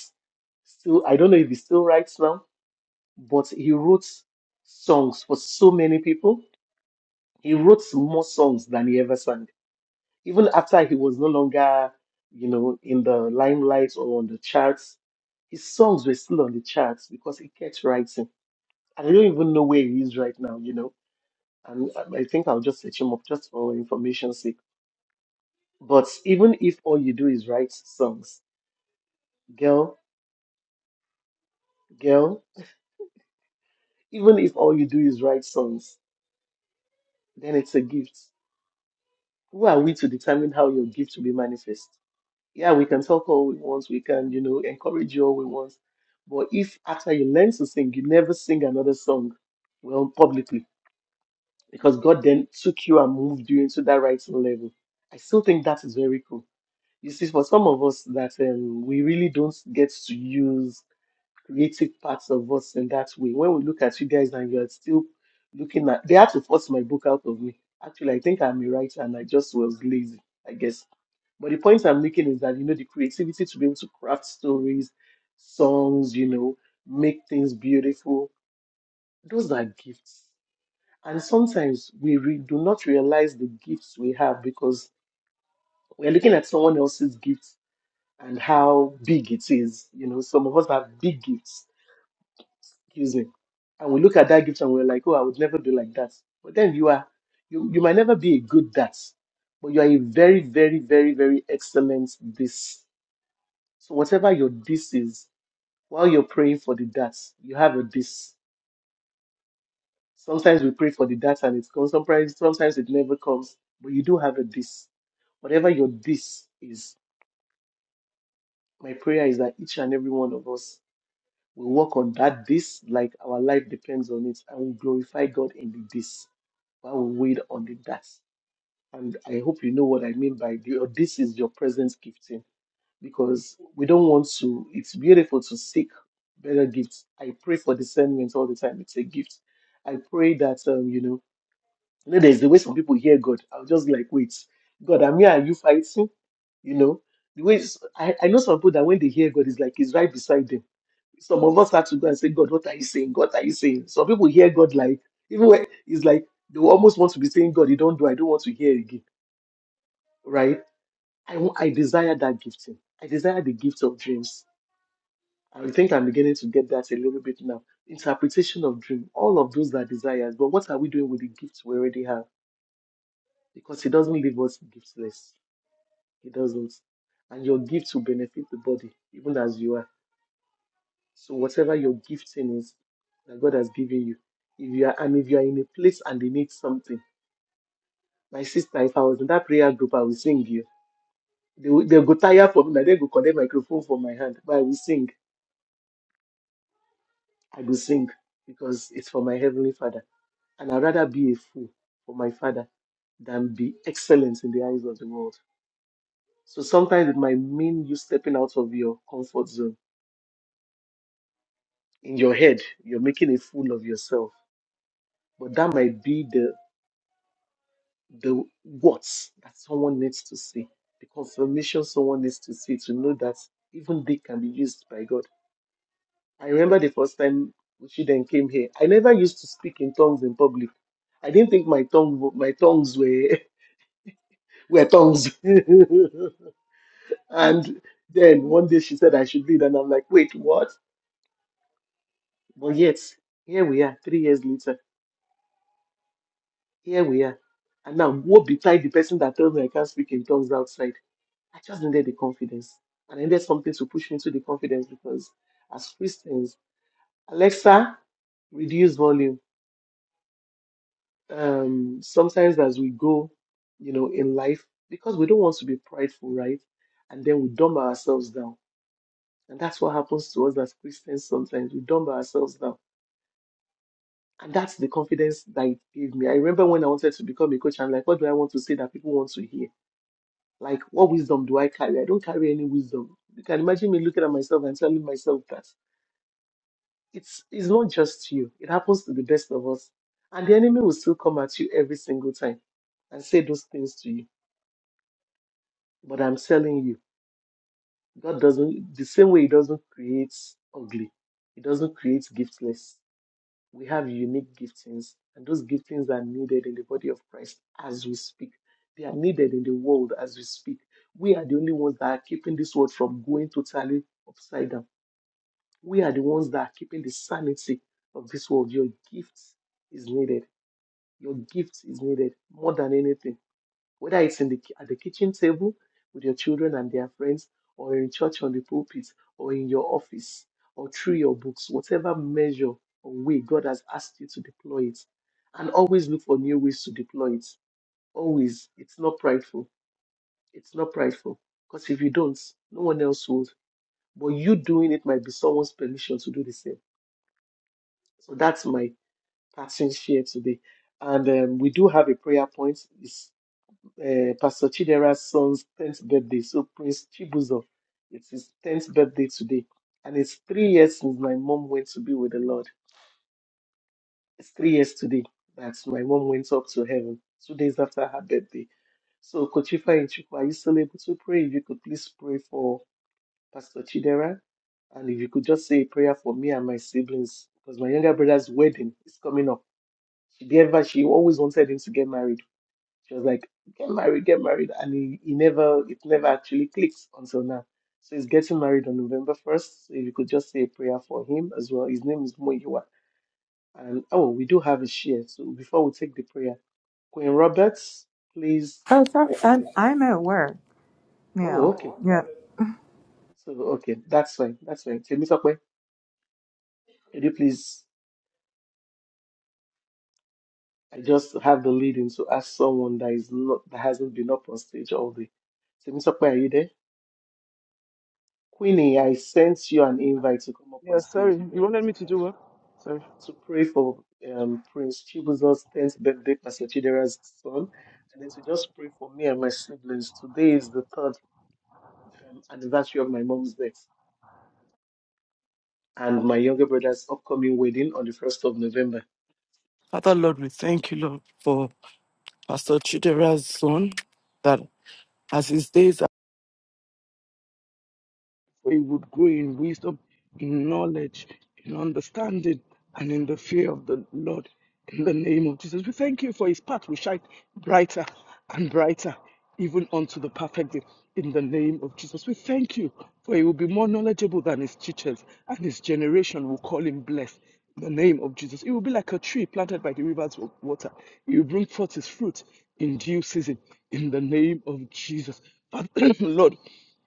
S3: Still, I don't know if he still writes now, but he wrote songs for so many people he wrote more songs than he ever sang. Even after he was no longer, you know, in the limelight or on the charts, his songs were still on the charts because he kept writing. I don't even know where he is right now, you know. And I I think I'll just search him up just for information's sake. But even if all you do is write songs, girl, girl, even if all you do is write songs, then it's a gift. Who are we to determine how your gift will be manifest? yeah, we can talk all we want, we can, you know, encourage you all we want. But if after you learn to sing, you never sing another song, well, publicly, because God then took you and moved you into that writing level. I still think that is very cool. You see, for some of us that um, we really don't get to use creative parts of us in that way. When we look at you guys and you're still looking at, they had to force my book out of me. Actually, I think I'm a writer and I just was lazy, I guess but the point I'm making is that you know the creativity to be able to craft stories, songs, you know, make things beautiful. Those are gifts, and sometimes we re- do not realize the gifts we have because we're looking at someone else's gifts and how big it is. You know, some of us have big gifts. Excuse me, and we look at that gift and we're like, oh, I would never be like that. But then you are, you you might never be a good that, but you are a very, very, very, very excellent this So whatever your this is, while you're praying for the that, you have a this. Sometimes we pray for the that and it comes. Sometimes, sometimes it never comes, but you do have a this. Whatever your this is, my prayer is that each and every one of us will work on that this, like our life depends on it, and will glorify God in the this while we wait on the that. And I hope you know what I mean by the, or this is your present gifting because we don't want to. It's beautiful to seek better gifts. I pray for discernment all the time. It's a gift. I pray that um, you know, you know, there's the way some people hear God. I'm just like, wait, God, I'm here. Are you fighting? You know, the way s- I, I know some people that when they hear God, it's like He's right beside them. Some of us have to go and say, God, what are you saying? God, are you saying? Some people hear God like even when it's like they will almost want to be saying, God, you don't do. I don't want to hear again. Right? I want. I desire that gifting. I desire the gift of dreams. I think I'm beginning to get that a little bit now. Interpretation of dream, all of those are desires, but what are we doing with the gifts we already have? Because he doesn't leave us giftless. He doesn't. And your gift will benefit the body, even as you are. So whatever your gifting is that God has given you, if you are and if you are in a place and they need something, my sister, if I was in that prayer group, I will sing you. They will, they'll go tired for me, na they go connect microphone for my hand, but I will sing. I will sing because it's for my heavenly Father. And I'd rather be a fool for my father than be excellent in the eyes of the world. So sometimes it might mean you stepping out of your comfort zone. In your head, you're making a fool of yourself. But that might be the the what that someone needs to see, the confirmation someone needs to see to know that even they can be used by God. I remember the first time she then came here. I never used to speak in tongues in public. I didn't think my tongue my tongues were were tongues. And then one day she said I should lead, and I'm like, wait, what? But yet, here we are, three years later, here we are. And now woe betide the person that tells me I can't speak in tongues outside. I just needed the confidence. And I needed something to push me to the confidence because as Christians, Alexa, reduce volume. Um, sometimes as we go, you know, in life, because we don't want to be prideful, right? And then we dumb ourselves down. And that's what happens to us as Christians sometimes. We dumb ourselves down And that's the confidence that it gave me. I remember when I wanted to become a coach, I'm like, what do I want to say that people want to hear? Like, what wisdom do I carry? I don't carry any wisdom. You can imagine me looking at myself and telling myself that it's it's not just you. It happens to the best of us. And the enemy will still come at you every single time and say those things to you. But I'm telling you, God doesn't the same way he doesn't create ugly, he doesn't create giftless. We have unique giftings, and those giftings are needed in the body of Christ as we speak. They are needed in the world as we speak. We are the only ones that are keeping this world from going totally upside down. We are the ones that are keeping the sanity of this world. Your gift is needed. Your gift is needed more than anything whether it's in the, ki- at the kitchen table with your children and their friends, or in church on the pulpit, or in your office, or through your books, whatever measure or way God has asked you to deploy it. And always look for new ways to deploy it. Always. It's not prideful. It's not prideful. Because if you don't, no one else would. But you doing it might be someone's permission to do the same. So that's my passing share today. And um, we do have a prayer point. It's uh, Pastor Chidera's son's 10th birthday. So Prince Chibuzo, it's his 10th birthday today. And it's three years since my mom went to be with the Lord. It's three years today that my mom went up to heaven, two days after her birthday. So Kochifa and Chukwu, are you still able to pray? If you could please pray for Pastor Chidera. And if you could just say a prayer for me and my siblings, because my younger brother's wedding is coming up. She, ever, she always wanted him to get married She was like, get married, get married. And he, he never, it never actually clicks until now. So he's getting married on November 1st. So if you could just say a prayer for him as well. His name is Moyiwa. And oh, we do have a share. So before we take the prayer, Queen Roberts, please. uh, oh, okay. So, okay, that's fine. That's fine. So, Mr. Kwe, could you please? I just have the lead in to ask someone that is not that hasn't been up on stage all day. So, Mr. Kwe, are you there? Queenie, I sent you an invite to come up on
S7: Yeah,
S3: stage.
S7: sorry.
S3: You were
S7: You
S3: able
S7: wanted
S3: to
S7: me to
S3: find
S7: do
S3: it.
S7: what? Sorry.
S3: To pray for um, Prince Chibuzo's 10th birthday, Pastor Chidera's son, and then to just pray for me and my siblings. Today is the third um, anniversary of my mom's death and my younger brother's upcoming wedding on the 1st of November.
S7: Father Lord, we thank you, Lord, for Pastor Chidera's son, that as his days for he would grow in wisdom, in knowledge, in understanding, and in the fear of the Lord. In the name of Jesus, we thank you for his path will shine brighter and brighter, even unto the perfect day. In the name of Jesus, we thank you for he will be more knowledgeable than his teachers, and his generation will call him blessed. In the name of Jesus, it will be like a tree planted by the rivers of water. It will bring forth its fruit in due season. In the name of Jesus, Father, Lord.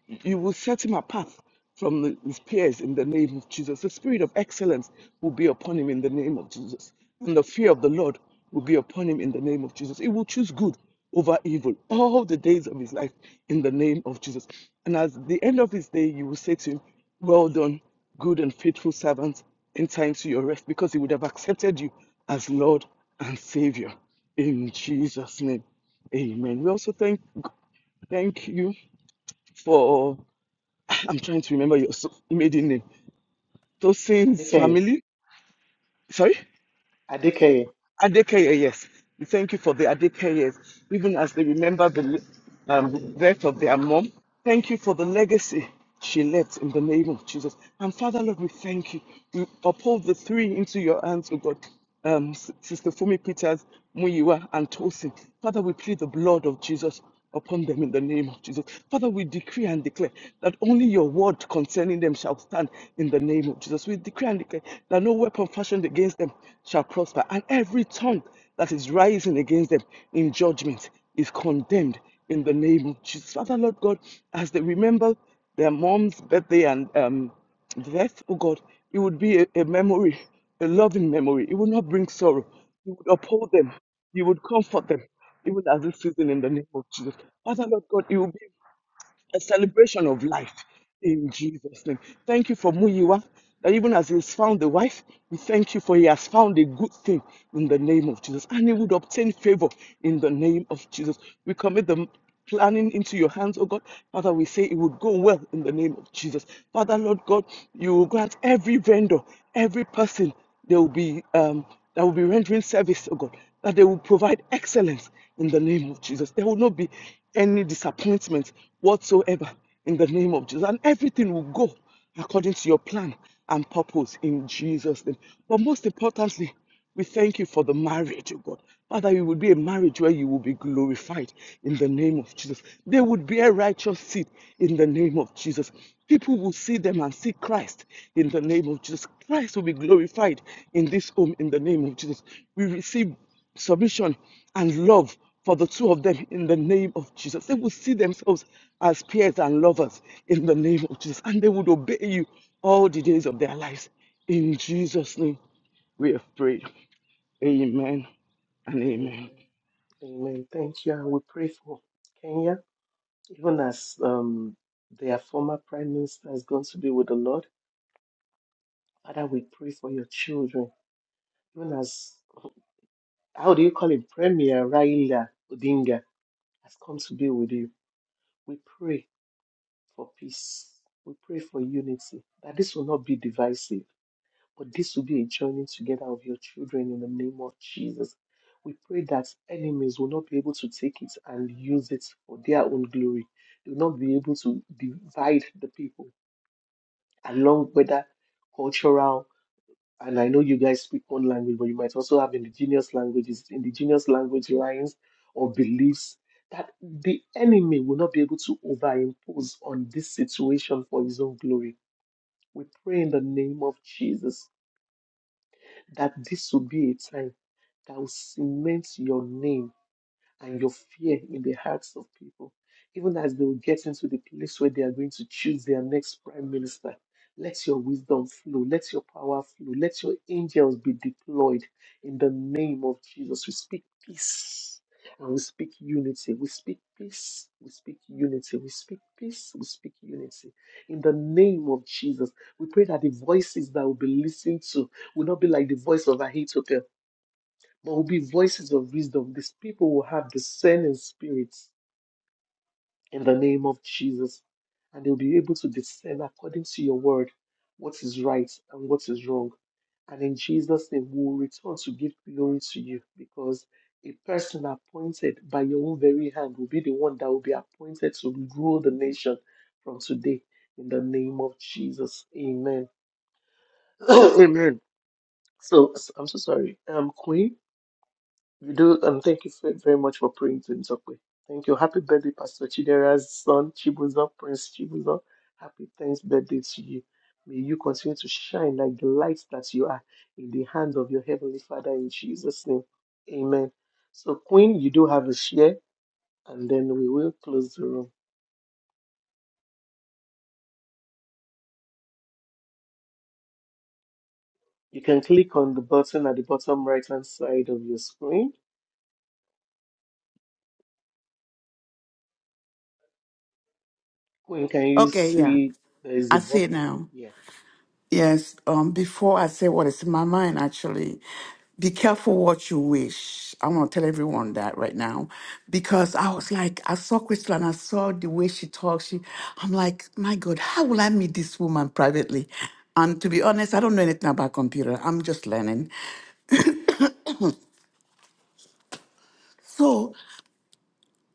S7: You will set him apart from the- his peers in the name of Jesus. The spirit of excellence will be upon him in the name of Jesus. And the fear of the Lord will be upon him in the name of Jesus. He will choose good over evil all the days of his life in the name of Jesus. And at the end of his day, you will say to him, Well done, good and faithful servant, in time to your rest, because he would have accepted you as Lord and Savior. In Jesus' name. Amen. We also thank thank you for I'm trying to remember your so- maiden name. Tosin's
S3: Adekeye.
S7: family. Sorry?
S3: Adekeye.
S7: Adekeye, yes. We Thank you for the Adekeyes, even as they remember the um, death of their mom. Thank you for the legacy she left in the name of Jesus. And Father, Lord, we thank you. We uphold the three into your hands, O God. Um, S- Sister Fumi Peters, Muyiwa, and Tosin. Father, we plead the blood of Jesus upon them in the name of Jesus. Father, we decree and declare that only your word concerning them shall stand in the name of Jesus. We decree and declare that no weapon fashioned against them shall prosper, and every tongue that is rising against them in judgment is condemned in the name of Jesus. Father, Lord God, as they remember their mom's birthday and um, death, oh God, it would be a, a memory, a loving memory. It would not bring sorrow. You would uphold them you would comfort them, even as this season in the name of Jesus. Father Lord God, it will be a celebration of life in Jesus' name. Thank you for who you are. That even as he has found the wife, we thank you for he has found a good thing in the name of Jesus. And he would obtain favor in the name of Jesus. We commit the planning into your hands, oh God. Father, we say it would go well in the name of Jesus. Father, Lord God, you will grant every vendor, every person they will be um, that will be rendering service, oh God, that they will provide excellence in the name of Jesus. There will not be any disappointment whatsoever in the name of Jesus. And everything will go according to your plan and purpose in Jesus' name. But most importantly, we thank you for the marriage, oh God. Father, it will be a marriage where you will be glorified in the name of Jesus. They would bear righteous seed in the name of Jesus. People will see them and see Christ in the name of Jesus. Christ will be glorified in this home in the name of Jesus. We receive submission and love for the two of them in the name of Jesus. They will see themselves as peers and lovers in the name of Jesus. And they would obey you all the days of their lives. In Jesus' name, we have prayed. Amen and
S3: Amen.
S7: amen.
S3: Amen. Thank you. And we pray for Kenya, even as um, their former prime minister is going to be with the Lord. Father, we pray for your children. known as, how do you call him, Premier Raila Odinga, has come to be with you. We pray for peace. We pray for unity, that this will not be divisive, but this will be a joining together of your children in the name of Jesus. We pray that enemies will not be able to take it and use it for their own glory. They will not be able to divide the people along whether cultural and I know you guys speak one language, but you might also have indigenous languages, indigenous language lines or beliefs that the enemy will not be able to overimpose on this situation for his own glory. We pray in the name of Jesus that this will be a time that will cement your name and your fear in the hearts of people, even as they will get into the place where they are going to choose their next prime minister. Let your wisdom flow, let your power flow, let your angels be deployed in the name of Jesus. We speak peace and we speak unity. We speak peace, we speak unity, we speak peace, we speak unity. In the name of Jesus, we pray that the voices that will be listened to will not be like the voice of Ahithophel there will be voices of wisdom. These people will have discerning spirits in the name of Jesus. And they'll be able to discern according to your word what is right and what is wrong. And in Jesus' name, we will return to give glory to you because a person appointed by your own very hand will be the one that will be appointed to rule the nation from today in the name of Jesus. Amen. Amen. So I'm so sorry. Um, Queen. You do, and thank you fe- very much for praying to Nzokwe. Thank you. Happy birthday, Pastor Chidera's son, Chibuzo, Prince Chibuzo. Happy 10th birthday to you. May you continue to shine like the light that you are in the hands of your Heavenly Father in Jesus' name. Amen. So, Queen, you do have a share, and then we will close the room. You can click on the button at the bottom right hand side of your screen. Queen, can you
S8: Okay, yeah.
S3: see there is a
S8: I see it
S3: button?
S8: now.
S3: Yeah.
S8: Yes. Um, before I say what is in my mind, actually, be careful what you wish. I'm gonna tell everyone that right now, because I was like, I saw Crystal and I saw the way she talks. She, I'm like, my God, how will I meet this woman privately? And to be honest, I don't know anything about computer. I'm just learning. So.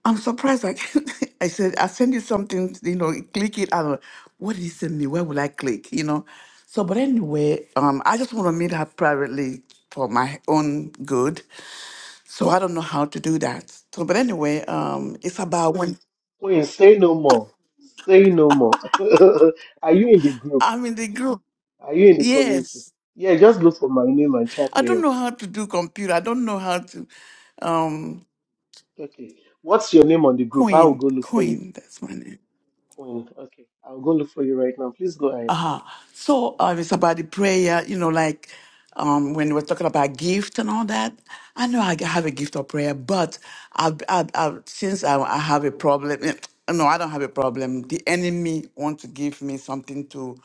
S8: I'm surprised. Like I said, I send you something, you know, click it. I don't know. What did he send me? Where will I click? You know. So, but anyway, um, I just want to meet her privately for my own good. So I don't know how to do that. So, but anyway, um, it's about when
S3: Queen, say no more. Say no more. Are you in the group?
S8: I'm in the group.
S3: Are you in the community?
S8: Yes,
S3: Yeah, just look for my name and chat
S8: I
S3: me
S8: don't
S3: up.
S8: know how to do computer. I don't know how to um
S3: Okay. What's your name on the group? I will
S8: Queen.
S3: go look for you.
S8: coin. That's my name.
S3: Queen. Okay. I'll go look for you right now. Please go ahead.
S8: Uh-huh. So uh, it's about the prayer, you know, like um, when we're talking about gift and all that. I know I have a gift of prayer, but I've, I've, I've, since I, I have a problem, eh, no, I don't have a problem. The enemy wants to give me something to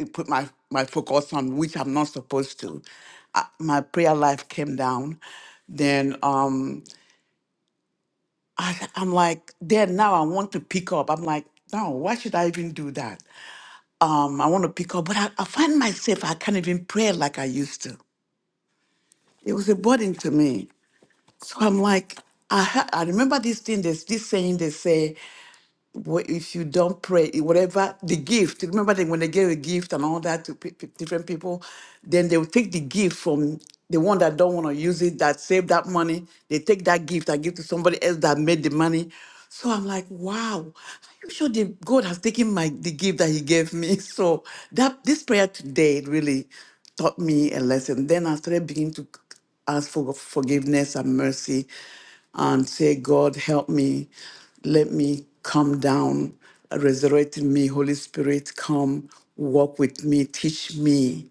S8: eh, put my, my focus on, which I'm not supposed to. I, my prayer life came down. Then um, I, I'm like, then now I want to pick up. I'm like, no, why should I even do that? um, I want to pick up, but I, I find myself, I can't even pray like I used to. It was a burden to me. So I'm like, I, ha- I remember this thing, there's this saying they say, wh- if you don't pray, i- whatever the gift, remember that when they gave a gift and all that to pe- pe- different people, then they will take the gift from the one that don't want to use it, that saved that money. They take that gift and give to somebody else that made the money. So I'm like, wow, are you sure the God has taken my the gift that He gave me? So that this prayer today really taught me a lesson. Then I started beginning to ask for forgiveness and mercy and say, God, help me. Let me come down. Resurrect in me. Holy Spirit, come walk with me. Teach me.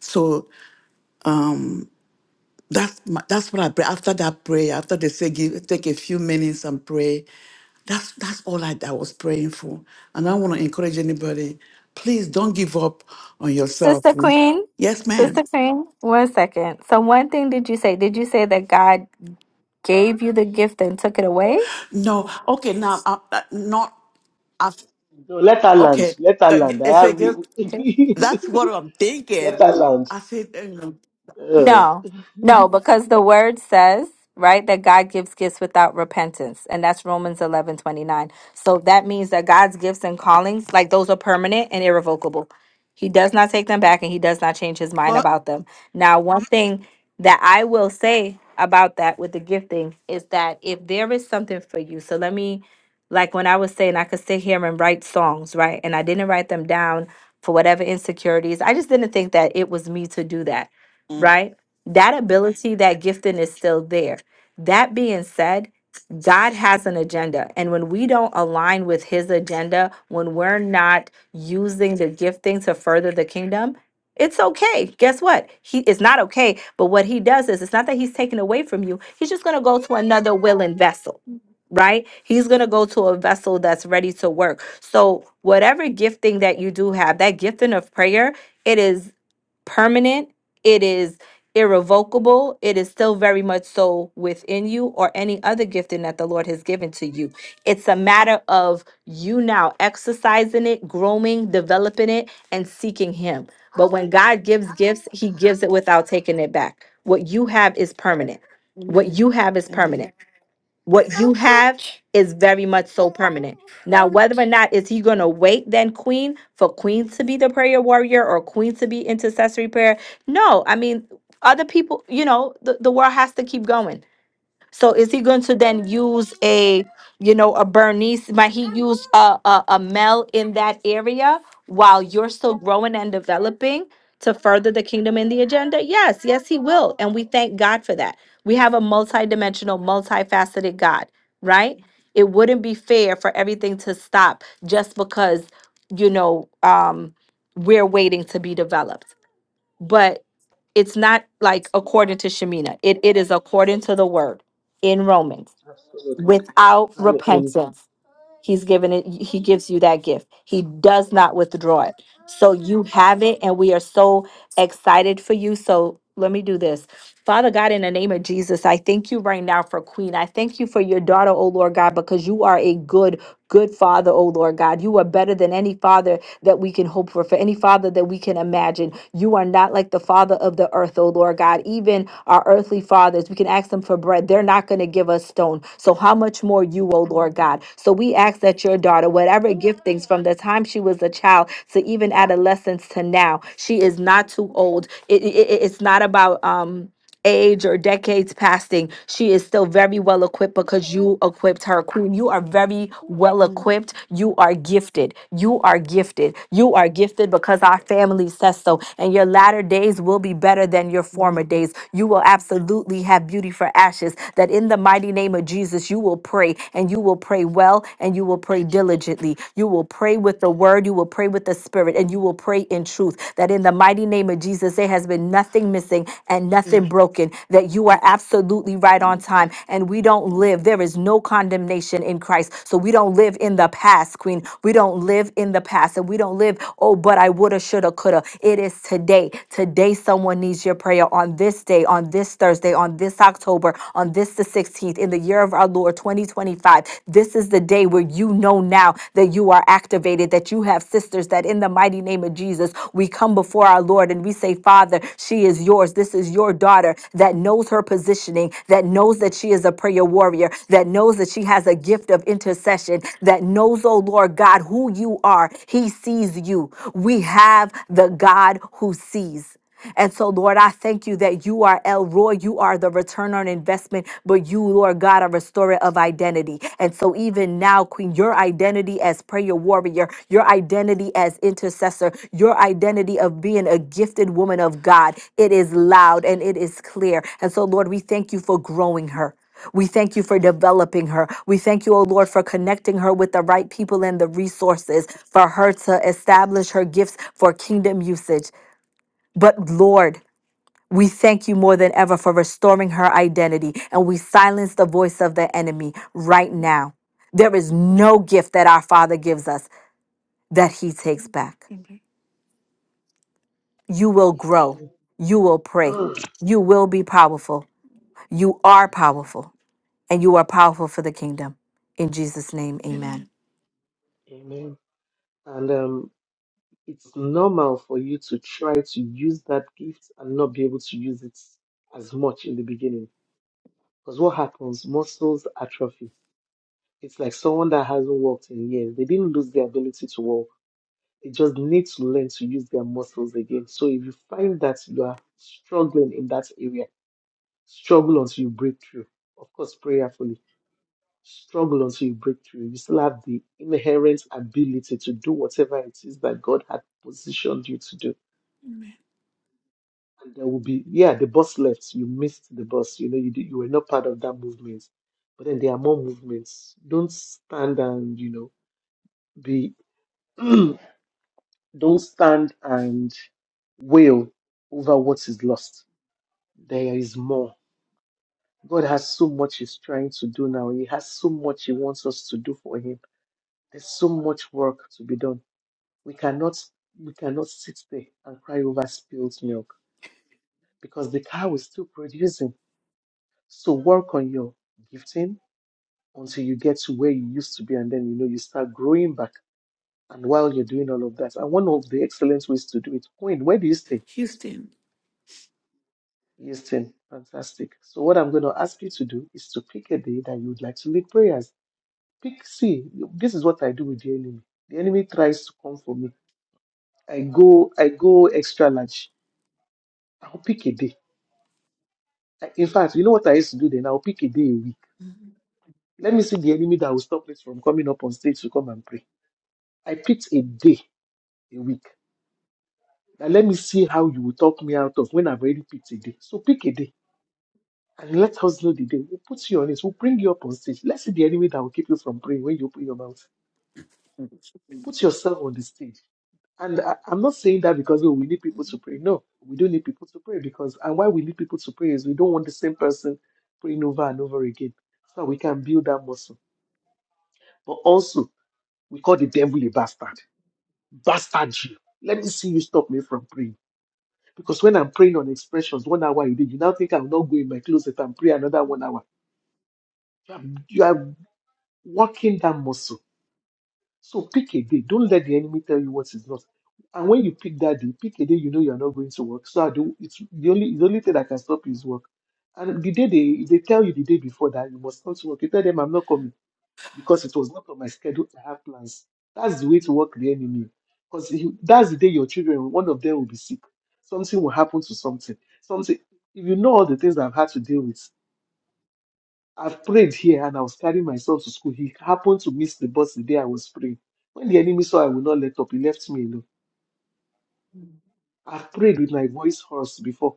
S8: So that's my, that's what I pray. After that prayer, after they say, give, take a few minutes and pray, that's that's all I, I was praying for. And I want to encourage anybody, please don't give up on yourself.
S2: Sister Queen,
S8: Yes, ma'am.
S2: Sister Queen, one second. So one thing did you say? Did you say that God gave you the gift and took it away?
S8: No, okay, now, uh, uh, not
S3: No, let her land.
S8: Okay.
S3: Let her
S8: That-
S3: land. I
S8: It's like,
S3: have
S8: that- that's what I'm
S3: let
S8: thinking.
S3: her land.
S8: I said, um,
S3: Uh,
S2: No, no, because the word says, right, that God gives gifts without repentance. And that's Romans eleven twenty nine. So that means that God's gifts and callings, like those are permanent and irrevocable. He does not take them back and he does not change his mind
S8: but.
S2: about them. Now, one thing that I will say about that with the gifting is that if there is something for you, so let me, like when I was saying, I could sit here and write songs, right? And I didn't write them down for whatever insecurities. I just didn't think that it was me to do that
S8: Mm.
S2: right? That ability, that gifting is still there. That being said, God has an agenda. And when we don't align with his agenda, when we're not using the gifting to further the kingdom, it's okay. Guess what? He it's not okay. But what he does is it's not that he's taken away from you. He's just gonna go to another willing vessel, right? He's gonna go to a vessel that's ready to work. So whatever gifting that you do have, that gifting of prayer, it is permanent, it is irrevocable, it is still very much so within you or any other gifting that the Lord has given to you. It's a matter of you now exercising it, growing, developing it, and seeking Him. But when God gives gifts, He gives it without taking it back. What you have is permanent. What
S8: Amen.
S2: you have is
S8: Amen.
S2: permanent what you have is very much so permanent. Now, whether or not is he gonna wait then queen for queen to be the prayer warrior or queen to be intercessory prayer? No, I mean other people, you know, the, the world has to keep going. So is he going to then use a, you know, a Bernice? Might he use a, a, a Mel in that area while you're still growing and developing to further the kingdom and the agenda? Yes, yes, he will. And we thank God for that. We have a multidimensional, multifaceted God, right? It wouldn't be fair for everything to stop just because, you know, um, we're waiting to be developed. But it's not like according to Shemina. It it is according to the word in Romans.
S3: absolutely.
S2: Without
S3: And in
S2: repentance, he's given it he gives you that gift. He does not withdraw it. So you have it and we are so excited for you. So let me do this. Father God, in the name of Jesus, I thank you right now for Queen. I thank you for your daughter, oh Lord God, because you are a good, good father, oh Lord God. You are better than any father that we can hope for, for any father that we can imagine. You are not like the father of the earth, oh Lord God. Even our earthly fathers, we can ask them for bread. They're not going to give us stone. So, how much more you, oh Lord God? So, we ask that your daughter, whatever giftings from the time she was a child to even adolescence to now, she is not too old. It, it, it- it's not about, um, age or decades passing, she is still very well equipped because you equipped her. Queen, you are very well
S8: Mm,
S2: equipped. You are gifted. You are gifted. You are gifted because our family says so. And your latter days will be better than your
S8: Amen.
S2: former days. You will absolutely have beauty for ashes. That in the mighty name of Jesus, you will pray and you will pray well and you will pray diligently. You will pray with the word. You will pray with the Spirit, and you will pray in truth. That in the mighty name of Jesus, there has been nothing missing and nothing
S8: Amen.
S2: broken. That you are absolutely right on time, and we don't live. There is no condemnation in Christ. So we don't live in the past, Queen. We don't live in the past, and we don't live, oh, but I woulda, shoulda, coulda. It is today. Today, someone needs your prayer on this day, on this Thursday, on this October, on this the 16th, in the year year of our Lord 2025. This is the day where you know now that you are activated, that you have sisters, that in the mighty name of Jesus, we come before our Lord and we say, Father, she is yours. This is your daughter that knows her positioning, that knows that she is a prayer warrior, that knows that she has a gift of intercession, that knows, oh Lord God, who you are. He sees you. We have the God who sees. And so, Lord, I thank you that you are El Roy. You are the return on investment, but you, Lord God, are restorer of identity. And so, even now, Queen, your identity as prayer warrior, your identity as intercessor, your identity of being a gifted woman of God, it is loud and it is clear. And so, Lord, we thank you for growing her. We thank you for developing her. We thank you, O Lord, for connecting her with the right people and the resources for her to establish her gifts for kingdom usage. But Lord, we thank you more than ever for restoring her identity, and we silence the voice of the enemy right now. There is no gift that our Father gives us that he takes back.
S8: Amen.
S2: You will grow,
S3: Amen.
S2: you will pray,
S3: Amen.
S2: you will be powerful. You are powerful, and you are powerful for the kingdom. In Jesus' name, amen.
S8: Amen.
S3: Amen. And um it's normal for you to try to use that gift and not be able to use it as much in the beginning. Because what happens? Muscles atrophy. It's like someone that hasn't walked in years. They didn't lose their ability to walk. They just need to learn to use their muscles again. So if you find that you are struggling in that area, struggle until you break through. Of course, prayerfully. Struggle until you break through. You still have the inherent ability to do whatever it is that God had positioned you to do there will be yeah the bus left you missed the bus you know you did, you were not part of that movement but then there are more movements don't stand and you know be don't stand and wail over what is lost there is more god has so much he's trying to do now he has so much he wants us to do for him there's so much work to be done we cannot we cannot sit there and cry over spilled milk because the cow is still producing so work on your gifting until you get to where you used to be and then you know you start growing back and while you're doing all of that and one of the excellent ways to do it Queen, where do you stay
S8: Houston.
S3: houston fantastic so what i'm going to ask you to do is to pick a day that you would like to lead prayers pick see this is what i do with the enemy the enemy tries to come for me i go i go extra large i'll pick a day I- in fact you know what i used to do then i'll pick a day a week let me see the enemy that will stop me from coming up on stage to come and pray i picked a day a week Now let me see how you will talk me out of when I've already picked a day. So pick a day and let us know the day. We'll put you on it. We'll bring you up on stage. Let's see the enemy that will keep you from praying when you open your mouth. Put yourself on the stage. And I, I'm not saying that because oh, we need people to pray. No, we don't need people to pray because and why we need people to pray is we don't want the same person praying over and over again. So we can build that muscle. But also we call the devil a bastard. Bastard you. Let me see you stop me from praying. Because when I'm praying on expressions, one hour you did, you now think I'll not go in my closet and pray another one hour. You are, you are working that muscle. So pick a day. Don't let the enemy tell you what is not. And when you pick that day, pick a day you know you are not going to work. So I do. It's the only the only thing that can stop you is work. And the day they they tell you the day before that you must not work. You tell them I'm not coming because it was not on my schedule to have plans. That's the way to work the enemy. Because that's the day your children, one of them will be sick. Something will happen to something. Something. If you know all the things I've had to deal with, I've prayed here and I was carrying myself to school. He happened to miss the bus the day I was praying. When the enemy saw I would not let up, he left me alone. I've prayed with my voice hoarse before.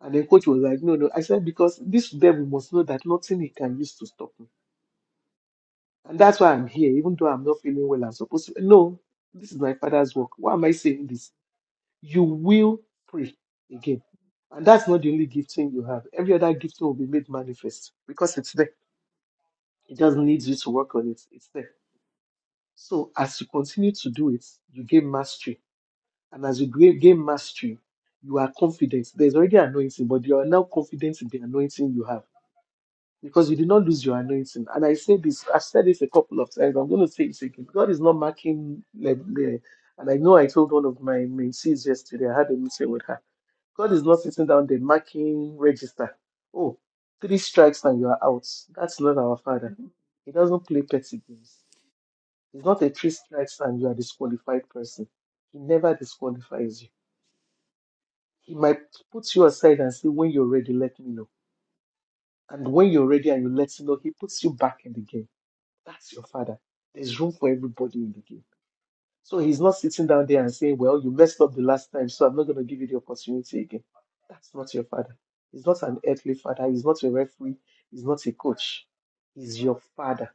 S3: And then coach was like, no, no. I said, because this devil must know that nothing he can use to stop me. And that's why I'm here, even though I'm not feeling well, I'm supposed to. No, this is my father's work. Why am I saying this? You will pray again. And that's not the only gifting you have. Every other gifting will be made manifest because it's there. It just needs you to work on it. It's there. So as you continue to do it, you gain mastery. And as you gra- gain mastery, you are confident. There's already anointing, but you are now confident in the anointing you have because you did not lose your anointing. And I say this, I've said this a couple of times. I'm going to say it again. God is not marking like the, and I know I told one of my mentees yesterday. I had a meeting with her. God is not sitting down there marking register. Oh, three strikes and you are out. That's not our Father.
S8: Mhm.
S3: He doesn't play petty games. He's not a three strikes and you are disqualified person. He never disqualifies you. He might put you aside and say, when you're ready, let me know. And when you're ready and you let him know, he puts you back in the game That's your father. There's room for everybody in the game. So he's not sitting down there and saying, Well, you messed up the last time, so I'm not going to give you the opportunity again. That's not your father. He's not an earthly father. He's not a referee. He's not a coach. He's your father.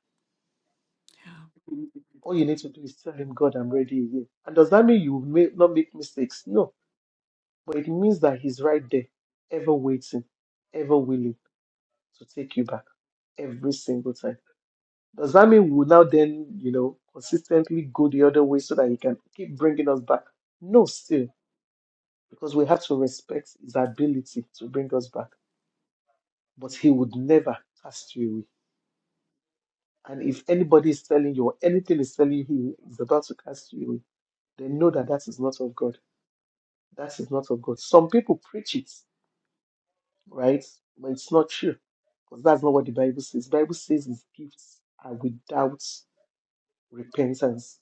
S8: Yeah.
S3: All you need to do is tell him, God, I'm ready again. And does that mean you may not make mistakes? No. But it means that he's right there, ever waiting, ever willing to take you back every single time. Does that mean we'll now then, you know, consistently go the other way so that he can keep bringing us back? No, still, because we have to respect his ability to bring us back. But he would never cast you away. And if anybody is telling you or anything is telling you he is about to cast you away, then know that that is not of God. That is not of God. Some people preach it, right? But it's not true. Because that's not what the Bible says. The Bible says his gifts are without repentance.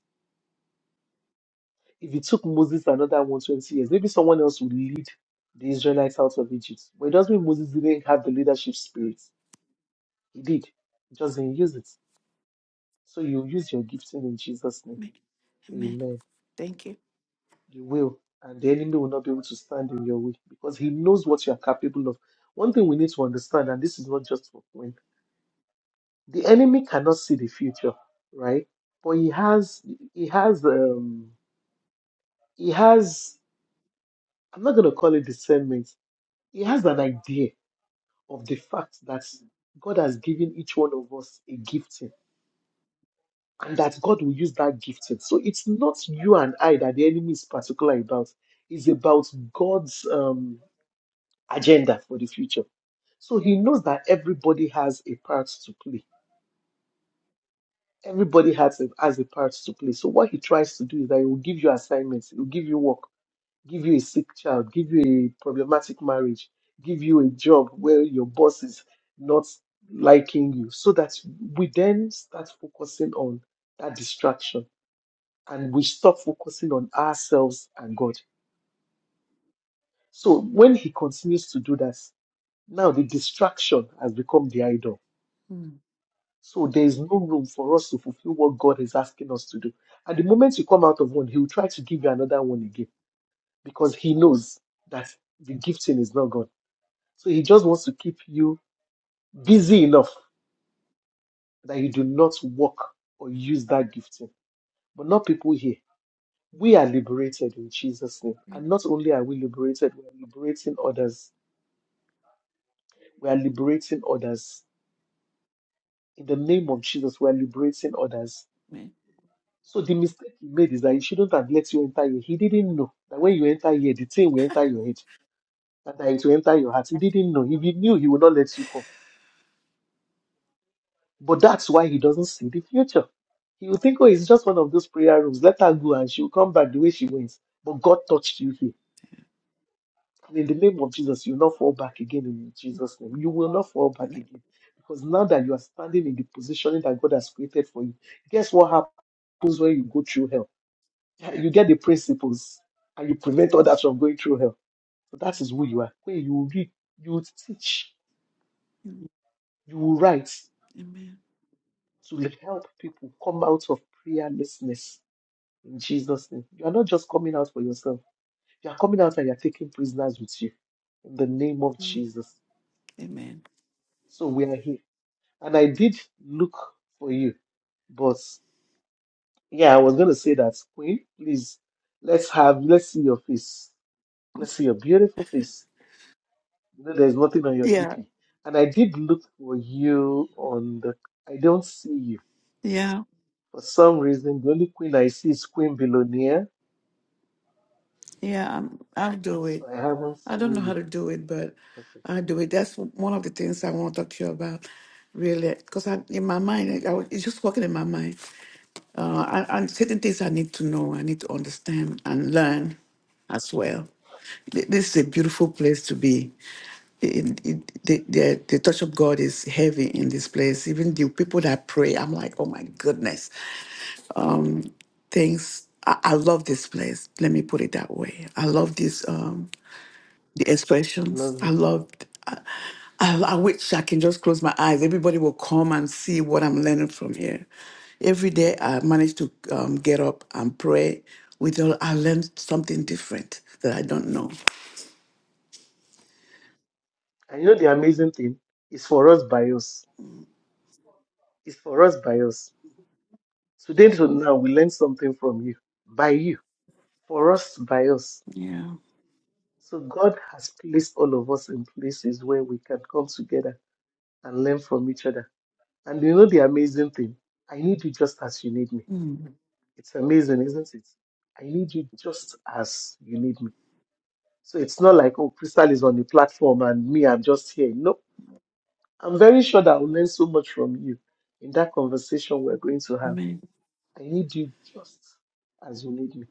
S3: If it took Moses another 120 years, maybe someone else would lead the Israelites out of Egypt. But it doesn't mean Moses didn't have the leadership spirit. He did. He just didn't use it. So you use your gifting in Jesus' name.
S8: Amen. Amen.
S3: Amen.
S8: Thank you.
S3: You will. And the enemy will not be able to stand in your way because he knows what you are capable of. One thing we need to understand, and this is not just for when the enemy cannot see the future, right? But he has he has um he has I'm not gonna call it discernment. He has an idea of the fact that God has given each one of us a gifting and that God will use that gifting. So it's not you and I that the enemy is particular about, it's about God's um, agenda for the future. So he knows that everybody has a part to play. Everybody has a, has a part to play. So what he tries to do is that he will give you assignments, he will give you work, give you a sick child, give you a problematic marriage, give you a job where your boss is not liking you, so that we then start focusing on that distraction and we stop focusing on ourselves and God. So when He continues to do that, now the distraction has become the idol.
S8: Mm.
S3: So there is no room for us to fulfill what God is asking us to do. And the moment you come out of one, He will try to give you another one again because He knows that the gifting is not God So he just wants to keep you busy enough that you do not work or use that gifting. But not people here. We are liberated in Jesus' name. And not only are we liberated, we are liberating others. We are liberating others. In the name of Jesus, we are liberating others.
S8: Amen.
S3: So the mistake he made is that he shouldn't have let you enter here. He didn't know that when you enter here, the thing will enter your head and that it will enter your heart. He didn't know. If he knew, he would not let you come. But that's why he doesn't see the future. He will think, oh, it's just one of those prayer rooms. Let her go and she'll come back the way she went. But God touched you here. And in the name of Jesus, you'll not fall back again in Jesus' name. You will not fall back
S8: Amen.
S3: again. Because now that you are standing in the positioning that God has created for you, guess what happens when you go through hell? You get the principles and you prevent others from going through hell. But that is who you are. When you read, you teach,
S8: Mm.
S3: you write
S8: Amen.
S3: to help people come out of prayerlessness in Jesus' name. You are not just coming out for yourself. You are coming out and you are taking prisoners with you in the name of
S8: Amen.
S3: Jesus.
S8: Amen.
S3: So we are here. And I did look for you, but yeah, I was going to say that, Queen, please, let's have, let's see your face. Let's see your beautiful face. You know, there's nothing on your
S8: Yeah.
S3: DP. And I did look for you on the, I don't see you.
S8: Yeah.
S3: For some reason, the only queen I see is Queen Belonia.
S8: Yeah, I'm, I'll do it.
S3: So I haven't
S8: I don't
S3: seen
S8: know how
S3: you.
S8: to do it, but
S3: Okay.
S8: I do it. That's one of the things I want to talk to you about, really, because I, in my mind, I,
S3: okay.
S8: was- it's just working in my mind. Uh, I, and certain things I need to know, I need to understand and learn as well. Th- This is a beautiful place to be. It- it- the, the, the touch of God is heavy in this place. Even the people that pray, I'm like, oh my goodness, things. I, I love this place. Let me put it that way. I love this. Um, the
S3: We
S8: expressions.
S3: love
S8: I
S3: you too.
S8: loved. I, I, I wish I can just close my eyes. Everybody will come and see what I'm learning from here. Every day I manage to um, get up and pray. With all, I learned something different that I don't know.
S3: And you know the amazing thing is for us by us. It's for us by us. Today to now we learn something from you. By you. For us by us.
S8: Yeah.
S3: So God has placed all of us in places where we can come together and learn from each other. And you know the amazing thing? I need you just as you need me.
S8: Mm.
S3: It's amazing, isn't it? I need you just as you need me. So it's not like, oh, Crystal is on the platform and me, I'm just here. No, I'm very sure that I'll learn so much from you in that conversation we're going to have
S8: Amen.
S3: I need you just as you need me.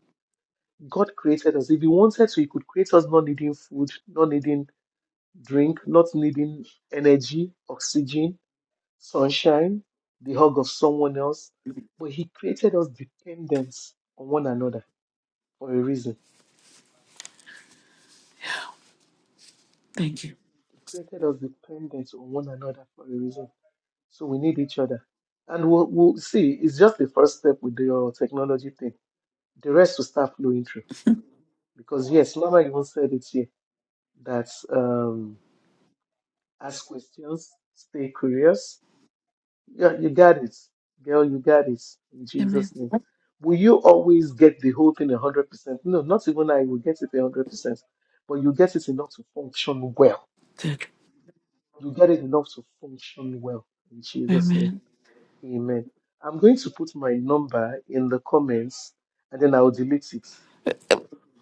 S3: God created us. If He wanted to, He could create us not needing food, not needing drink, not needing energy, oxygen, sunshine, the hug of someone else. But He created us dependent on one another for a reason.
S8: Thank you.
S3: He created us dependent on one another for a reason. So we need each other. And we'll, we'll see, it's just the first step with the uh, technology thing. The rest will start flowing through. Because, yes, Mama even said it here that um, ask questions, stay curious. Yeah, you got it. Girl, you got it. In
S8: Amen.
S3: Jesus' name. Will you always get the whole thing 100%? No, not even I will get it 100%. But you get it enough to function well.
S8: Thank
S3: You get it enough to function well. In
S8: you.
S3: Jesus' name.
S8: Amen.
S3: Amen. I'm going to put my number in the comments and then I'll delete it
S8: Uh,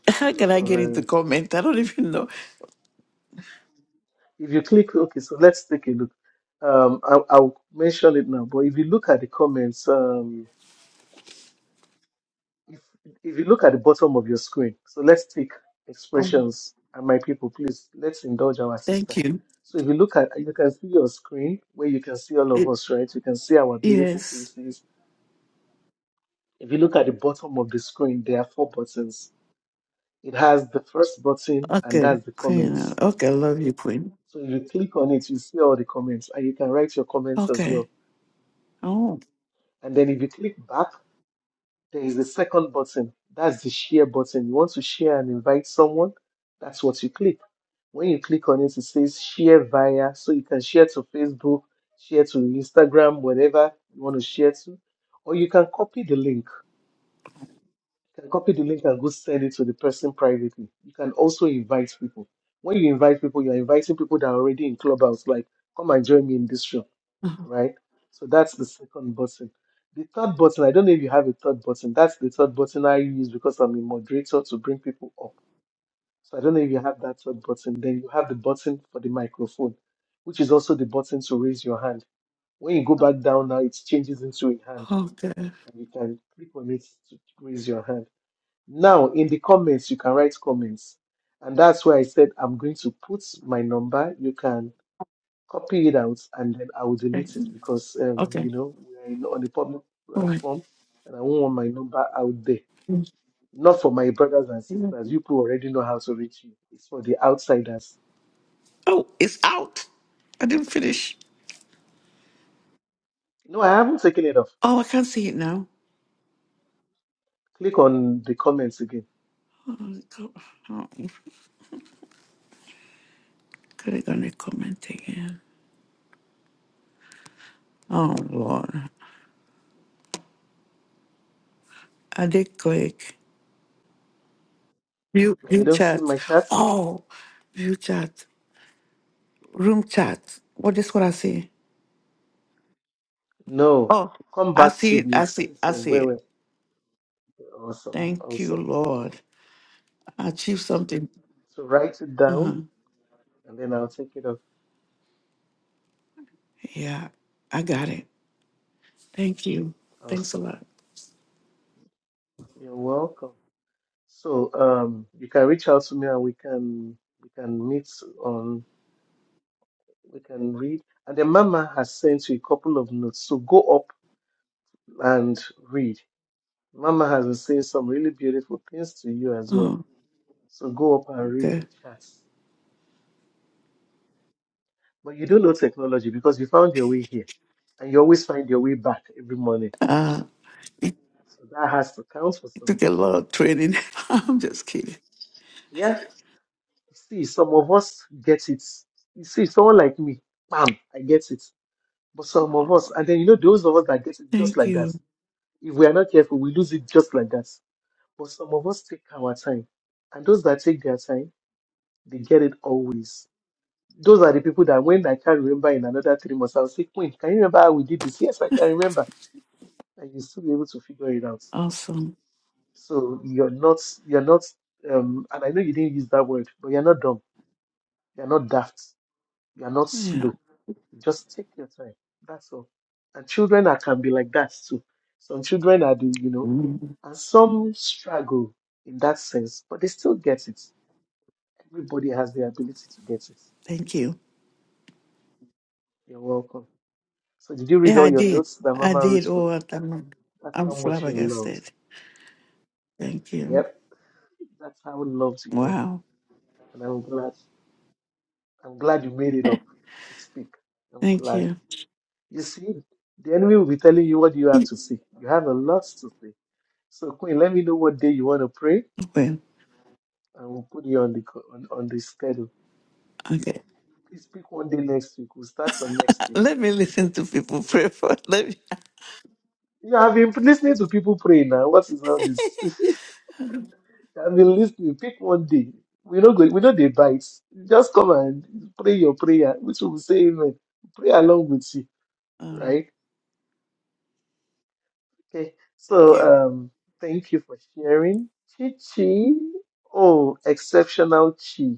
S8: How can
S3: because
S8: I
S3: of.
S8: get
S3: uh,
S8: into comment? I don't even know.
S3: If you click, okay, so let's take a look. Um, I, I'll mention it now, but if you look at the comments, um, if, if you look at the bottom of your screen, so let's take
S8: Um,
S3: expressions. And my people, please, let's indulge our
S8: thank
S3: sister.
S8: you.
S3: So if you look at, you can see your screen where you can see all of
S8: It,
S3: us, right? You can see our beautiful
S8: yes.
S3: faces. If you look at the bottom of the screen, there are four buttons. It has the first button, and
S8: Okay,
S3: that's the
S8: Queen.
S3: comments.
S8: Okay, I love you, Queen.
S3: So if you click on it, you see all the comments, and you can write your comments as well.
S8: Okay. Oh.
S3: And then if you click back, there is a second button. That's the share button. You want to share and invite someone? That's what you click. When you click on it, it says share via. So you can share to Facebook, share to Instagram, whatever you want to share to. Or you can copy the link. You can copy the link and go send it to the person privately. You can also invite people. When you invite people, you're inviting people that are already in Clubhouse, like, come and join me in this room right? So that's the second button. The third button, I don't know if you have a third button. That's the third button I use because I'm a moderator to bring people up. So I don't know if you have that third button. Then you have the button for the microphone, which is also the button to raise your hand. When you go back down now, it changes into a hand
S8: Okay.
S3: and you can click on it to raise your hand. Now, in the comments, you can write comments. And that's why I said I'm going to put my number. You can copy it out and then I will
S8: Okay.
S3: delete it because um,
S8: Okay.
S3: you know we're in- on a public
S8: All right.
S3: platform and I won't want my number out there. Not for my brothers and sisters. You people already know how to reach me. It's for the outsiders.
S8: Oh, it's out. I didn't finish.
S3: No, I haven't taken it off.
S8: Oh, I can't see it now.
S3: Click on the comments again.
S8: Oh, go- oh, click on the comment again. Oh Lord. I did click. View
S3: And you
S8: view
S3: don't see
S8: chat.
S3: my chat?
S8: Oh view chat. Room chat. What is what I see?
S3: No.
S8: Oh,
S3: Come
S8: I
S3: back
S8: see
S3: to
S8: it. I
S3: the
S8: see
S3: face
S8: I
S3: of
S8: see
S3: where
S8: it.
S3: we're awesome.
S8: Thank you,
S3: Awesome.
S8: Lord. I achieved something.
S3: So write it down and then I'll take it off.
S8: Yeah, I got it. Thank you. Thanks a
S3: Awesome.
S8: lot.
S3: You're welcome. So um, you can reach out to me and we can we can meet on we can read. And then Mama has sent you a couple of notes. So go up and read. Mama has been saying some really beautiful things to you as well.
S8: Oh,
S3: So go up and read
S8: okay.
S3: the chats. But you don't know technology because you found your way here and you always find your way back every morning.
S8: Uh,
S3: So that has to count for
S8: it took a
S3: something.
S8: lot of training. I'm just kidding.
S3: Yeah. See, some of us get it. You see, someone like me, bam, I get it. But some of us, and then you know, those of us that get it just
S8: Thank
S3: like that,
S8: you.
S3: if we are not careful, we lose it just like that. But some of us take our time. And those that take their time, they get it always. Those are the people that when I can't remember in another three months, I'll say, Queen, can you remember how we did this? Yes, I can remember. And you'll still be able to figure it out.
S8: Awesome.
S3: So you're not, you're not, um, and I know you didn't use that word, but you're not dumb. You're not daft. You're not
S8: Yeah.
S3: slow Just take your time. That's all. And children are, can be like that too. Some children are the, you know,
S8: Mm.
S3: and some struggle in that sense, but they still get it. Everybody has the ability to get it.
S8: Thank you.
S3: You're welcome. So did you read
S8: Yeah, I
S3: all your
S8: did.
S3: notes that
S8: I
S3: Mama wrote
S8: did.
S3: for
S8: Oh,
S3: you?
S8: I'm,
S3: That's
S8: I'm
S3: how much you're loved.
S8: flabbergasted. Thank you.
S3: Yep, that's how loved you are.
S8: Wow.
S3: And I'm glad. I'm glad you made it up to speak. I'm
S8: Thank
S3: glad.
S8: you.
S3: You see, the enemy will be telling you what you have to say. You have a lot to say. So, Queen, let me know what day you want to pray
S8: Well,
S3: and we'll put you on the co- on, on the schedule.
S8: okay.
S3: Please pick one day next week. We'll start from
S8: Uh,
S3: next week.
S8: Let me listen to people
S3: You know?
S8: pray for. Let me.
S3: You have been listening to people pray now. What is all this? I've been listening. Pick one day. We not go. We know they bite. Just come and pray your prayer, which will say amen. Pray along with you,
S8: All right.
S3: right? Okay.
S8: Thank
S3: So
S8: you.
S3: um, thank you for sharing, Chi Chi. Oh, exceptional Chi.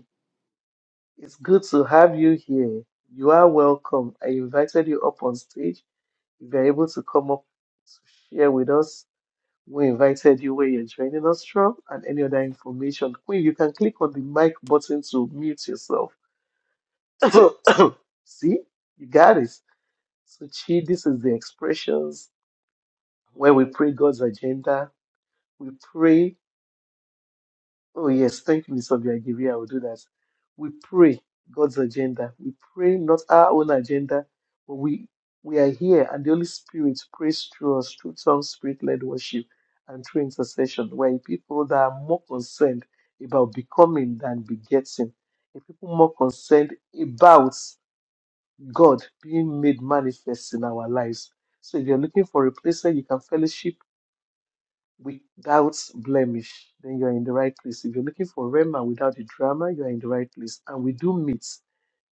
S3: It's good to have you here. You are welcome. I invited you up on stage If you're able to come up to share with us, we invited you where you're joining us from and any other information. Queen, you can click on the mic button to mute yourself. See, you got it. So, Chi, this is the expressions where we pray God's agenda. We pray Oh, yes. Thank you, Mr. Obiagiri. I will do that. We pray God's agenda. We pray not our own agenda, but we, we are here, and the Holy Spirit prays through us, through tongue, spirit led worship, and through intercession. We're a people that are more concerned about becoming than begetting, a people more concerned about God being made manifest in our lives. So if you're looking for a place where you can fellowship, without blemish, then you are in the right place. If you're looking for Rema without the drama, you are in the right place. And we do meet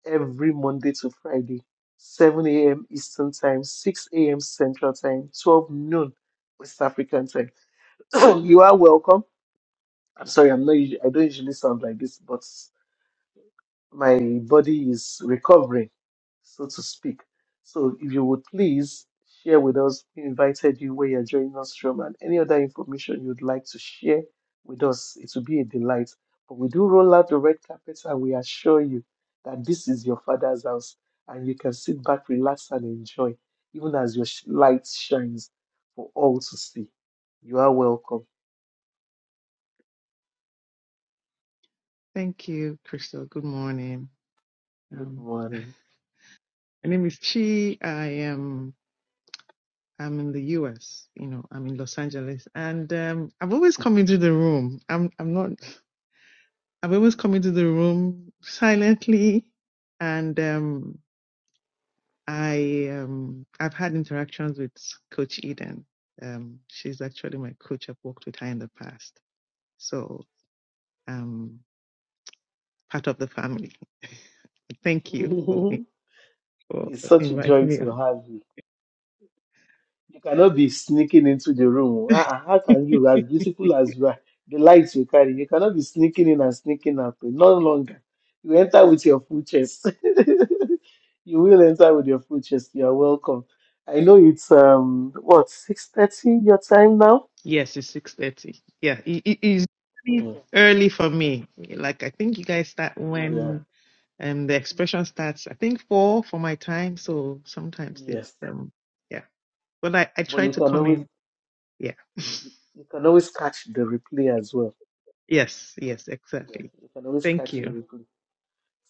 S3: every Monday to Friday, 7 a.m. Eastern Time, 6 a.m. Central Time, 12 noon West African Time. you are welcome. I'm sorry, I'm not. usu- I don't usually sound like this, but my body is recovering, so to speak. So if you would please share with us, we invited you where you're joining us from and any other information you'd like to share with us. It will be a delight. But we do roll out the red carpet and we assure you that this is your father's house and you can sit back, relax and enjoy even as your sh- light shines for all to see. You are welcome.
S9: Thank you, Crystal. Good morning.
S3: Good
S9: Um,
S3: morning.
S9: my name is Chi. I am I'm in the US. You know, I'm in Los Angeles, and um, I've always come into the room. I'm I'm not. I've always come into the room silently, and um, I um, I've had interactions with Coach Eden. Um, she's actually my coach. I've worked with her in the past, so um, part of the family. Thank you for for
S3: it's such a
S9: inviting
S3: joy
S9: me.
S3: to have you. You cannot be sneaking into the room. Ah, ah, how can you, as beautiful as you are, the lights you carry, you cannot be sneaking in and sneaking out. No longer. You enter with your full chest. you will enter with your full chest. You are welcome. I know it's um what six thirty your time now.
S9: Yes, it's six thirty. Yeah, it it is really
S3: Hmm,
S9: early for me. Like I think you guys start
S3: yeah.
S9: when um the expression starts. I think four for my time. So sometimes it's
S3: Yes.
S9: um yeah. But I I
S3: But
S9: try
S3: you
S9: to
S3: can
S9: come
S3: always
S9: in. Yeah.
S3: you can always catch the replay as well.
S9: Yes, yes,
S3: Yeah.
S9: exactly.
S3: You can always
S9: Thank
S3: catch the
S9: you.
S3: replay.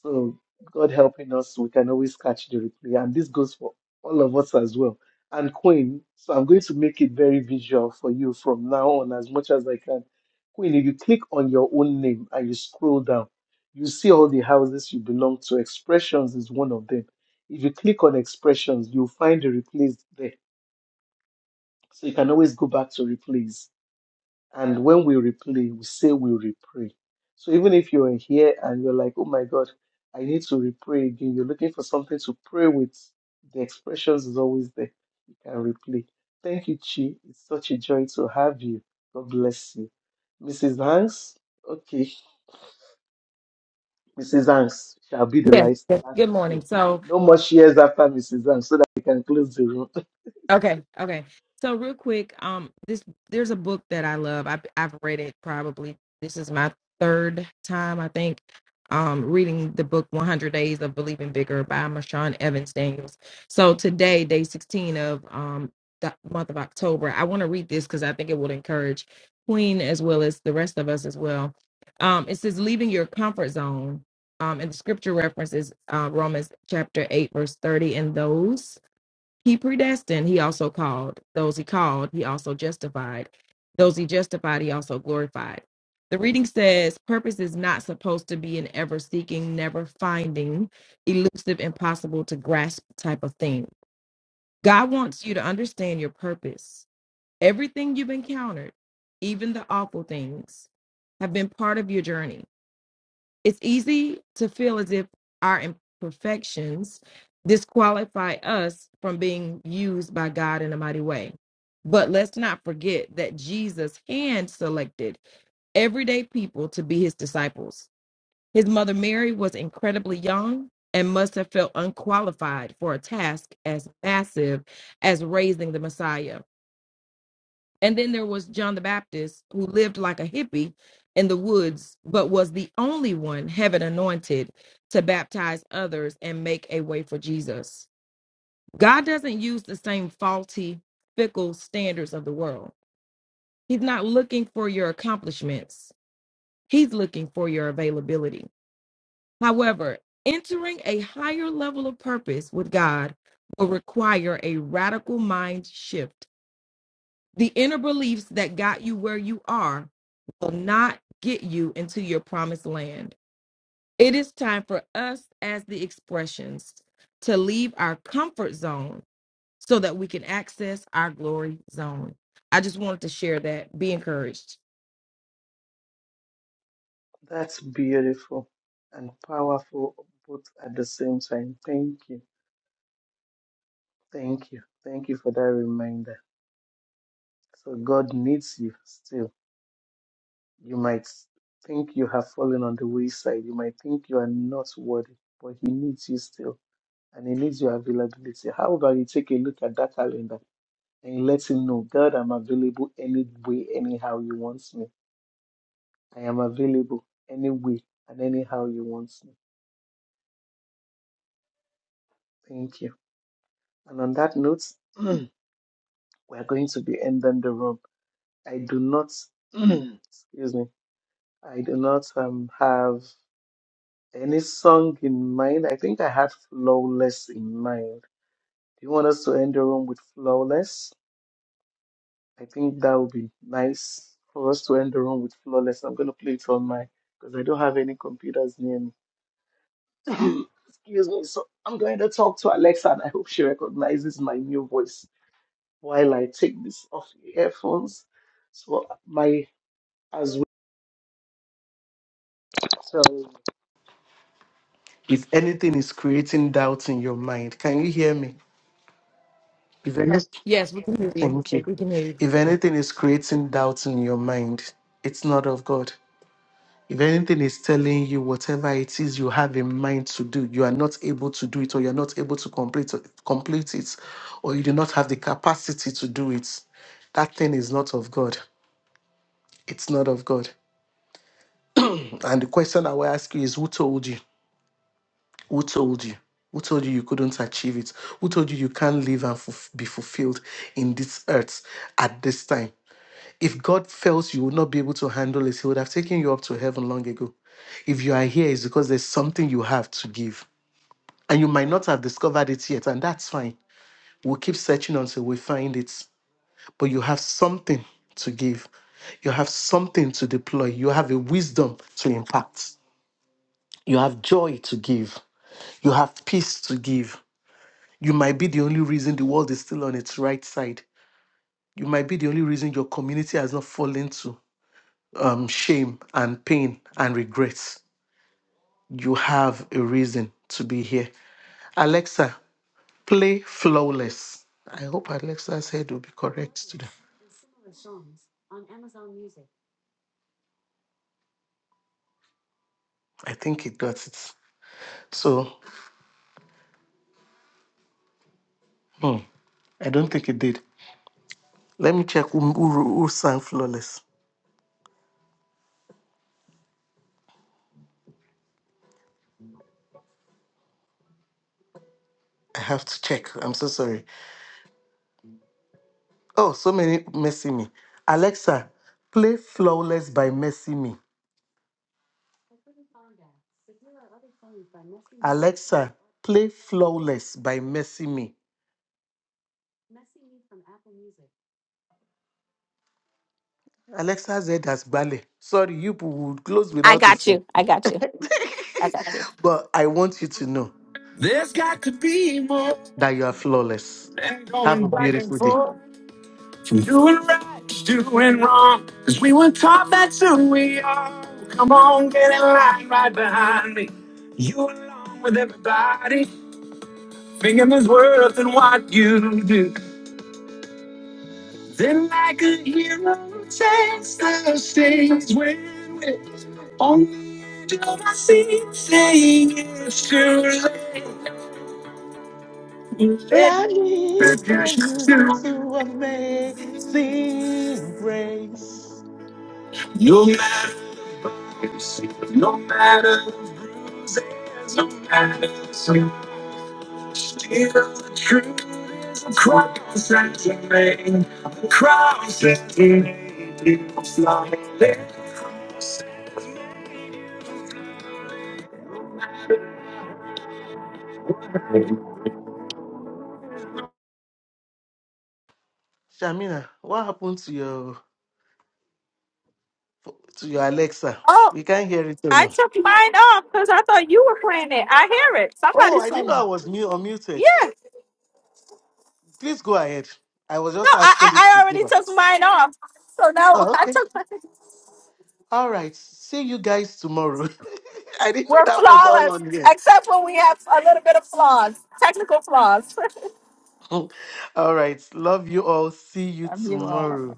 S3: So God helping us, we can always catch the replay. And this goes for all of us as well. And Queen, so I'm going to make it very visual for you from now on as much as I can. Queen, if you click on your own name and you scroll down, you see all the houses you belong to. Expressions is one of them. If you click on expressions, you'll find the replays there. So you can always go back to replays and when we replay, we say we repray. So even if you're here and you're like, oh my God, I need to repray again, you're looking for something to pray with, the expressions is always there. You can replay. Thank you, Chi. It's such a joy to have you. God bless you. Mrs. Hanks, okay. Mrs. Hanks shall be the
S10: Yes,
S3: last,
S10: yes.
S3: last
S10: Good
S3: year.
S10: morning. So,
S3: No more shares after Mrs. Hanks so that we can close the room.
S10: Okay, okay. So real quick, um, this there's a book that I love. I've I've read it probably. This is my third time, I think, um, reading the book 100 Days of Believing Bigger by Marshawn Evans Daniels. So today, day 16 of um the month of October, I want to read this because I think it will encourage Queen as well as the rest of us as well. Um, it says leaving your comfort zone. Um, and the scripture references uh, Romans chapter 8, verse 30, and those he predestined, he also called. Those he called, he also justified. Those he justified, he also glorified. The reading says, Purpose is not supposed to be an ever seeking, never finding, elusive, impossible to grasp type of thing. God wants you to understand your purpose. Everything you've encountered, even the awful things, have been part of your journey. It's easy to feel as if our imperfections disqualify us from being used by God in a mighty way. But let's not forget that Jesus hand selected everyday people to be his disciples. His mother Mary was incredibly young and must have felt unqualified for a task as massive as raising the Messiah. And then there was John the Baptist, who lived like a hippie in the woods, but was the only one heaven anointed to baptize others and make a way for Jesus. God doesn't use the same faulty, fickle standards of the world. He's not looking for your accomplishments, He's looking for your availability. However, entering a higher level of purpose with God will require a radical mind shift The inner beliefs that got you where you are will not get you into your promised land. It is time for us as the expressions to leave our comfort zone so that we can access our glory zone. I just wanted to share that. Be encouraged.
S3: That's beautiful and powerful both at the same time. Thank you. Thank you. Thank you for that reminder. So God needs you still. You might think you have fallen on the wayside. You might think you are not worthy, but He needs you still. And He needs your availability. How about you take a look at that calendar and let Him know, God, I'm available any way, anyhow you want me. I am available any way and anyhow you want me. Thank you. And on that note, we're going to be ending the room. I do not, excuse me. I do not um, have any song in mind. I think I had Flawless in mind. Do you want us to end the room with Flawless? I think that would be nice for us to end the room with Flawless. I'm going to play it on my, because I don't have any computers near me. Excuse me. So I'm going to talk to Alexa and I hope she recognizes my new voice while I take this off the earphones. So my, as well, if anything is creating doubt in your mind, can you hear me? If any,
S10: Yes, we can hear you.
S3: thank you.
S10: We can hear you.
S3: If anything is creating doubts in your mind, it's not of God. If anything is telling you whatever it is you have in mind to do, you are not able to do it, or you are not able to complete complete it, or you do not have the capacity to do it, that thing is not of God. It's not of God. And the question I will ask you is, who told you? Who told you? Who told you you couldn't achieve it? Who told you you can't live and fulf- be fulfilled in this earth at this time? If God felt you would not be able to handle it, He would have taken you up to heaven long ago. If you are here, it's because there's something you have to give. And you might not have discovered it yet, and that's fine. We'll keep searching until we find it. But you have something to give, you have something to deploy, you have a wisdom to impact, you have joy to give, you have peace to give. You might be the only reason the world is still on its right side. You might be the only reason your community has not fallen to. um, shame and pain and regrets. You have a reason to be here. Alexa, play Flawless. I hope Alexa's head will be correct today. I think it got it. So, hmm, I don't think it did. Let me check who, who, who sang Flawless. I have to check. I'm so sorry. Oh, so many messy me. Alexa, play Flawless by Messy Me. Alexa, play Flawless by Messy Me. Alexa's head has ballet. Sorry, you people would close
S2: I
S3: without a
S2: got
S3: song.
S2: you. I got you. I got you.
S3: But I want you to know
S2: There's got to be more
S3: that you are flawless.
S2: than
S3: Have a
S2: going back and
S3: beautiful day.
S2: forth. Doing right, doing wrong, cause we were taught that's who we are. Come on, get in line right behind me. You along with everybody, thinking there's worth in what you do. Then, like a hero, takes the stage when we're on the edge of our seat, saying it's too late. Let
S3: Life
S2: produce
S3: drives you to amazing grace.
S2: you too. No matter, no matter, no matter. Feel the truth cross and remain. The cross and remain. You fly.
S3: Shamina, what happened to your to your Alexa?
S2: Oh,
S3: We can't hear it
S2: I
S3: now.
S2: took mine off because I thought you were playing it. I hear it.
S3: Oh,
S2: Somebody's
S3: I didn't know I
S2: saying,
S3: was mute
S2: "Yeah."
S3: unmuted. Please go ahead. I was
S2: No,
S3: just
S2: I, I
S3: asking this to
S2: I already
S3: give up.
S2: took mine off. So now
S3: Oh,
S2: I
S3: okay.
S2: took. Mine.
S3: All right. See you guys tomorrow. I didn't know
S2: We're
S3: that was all
S2: flawless,
S3: on here.
S2: except when we have a little bit of flaws, technical flaws.
S3: all right. Love you all. See you tomorrow.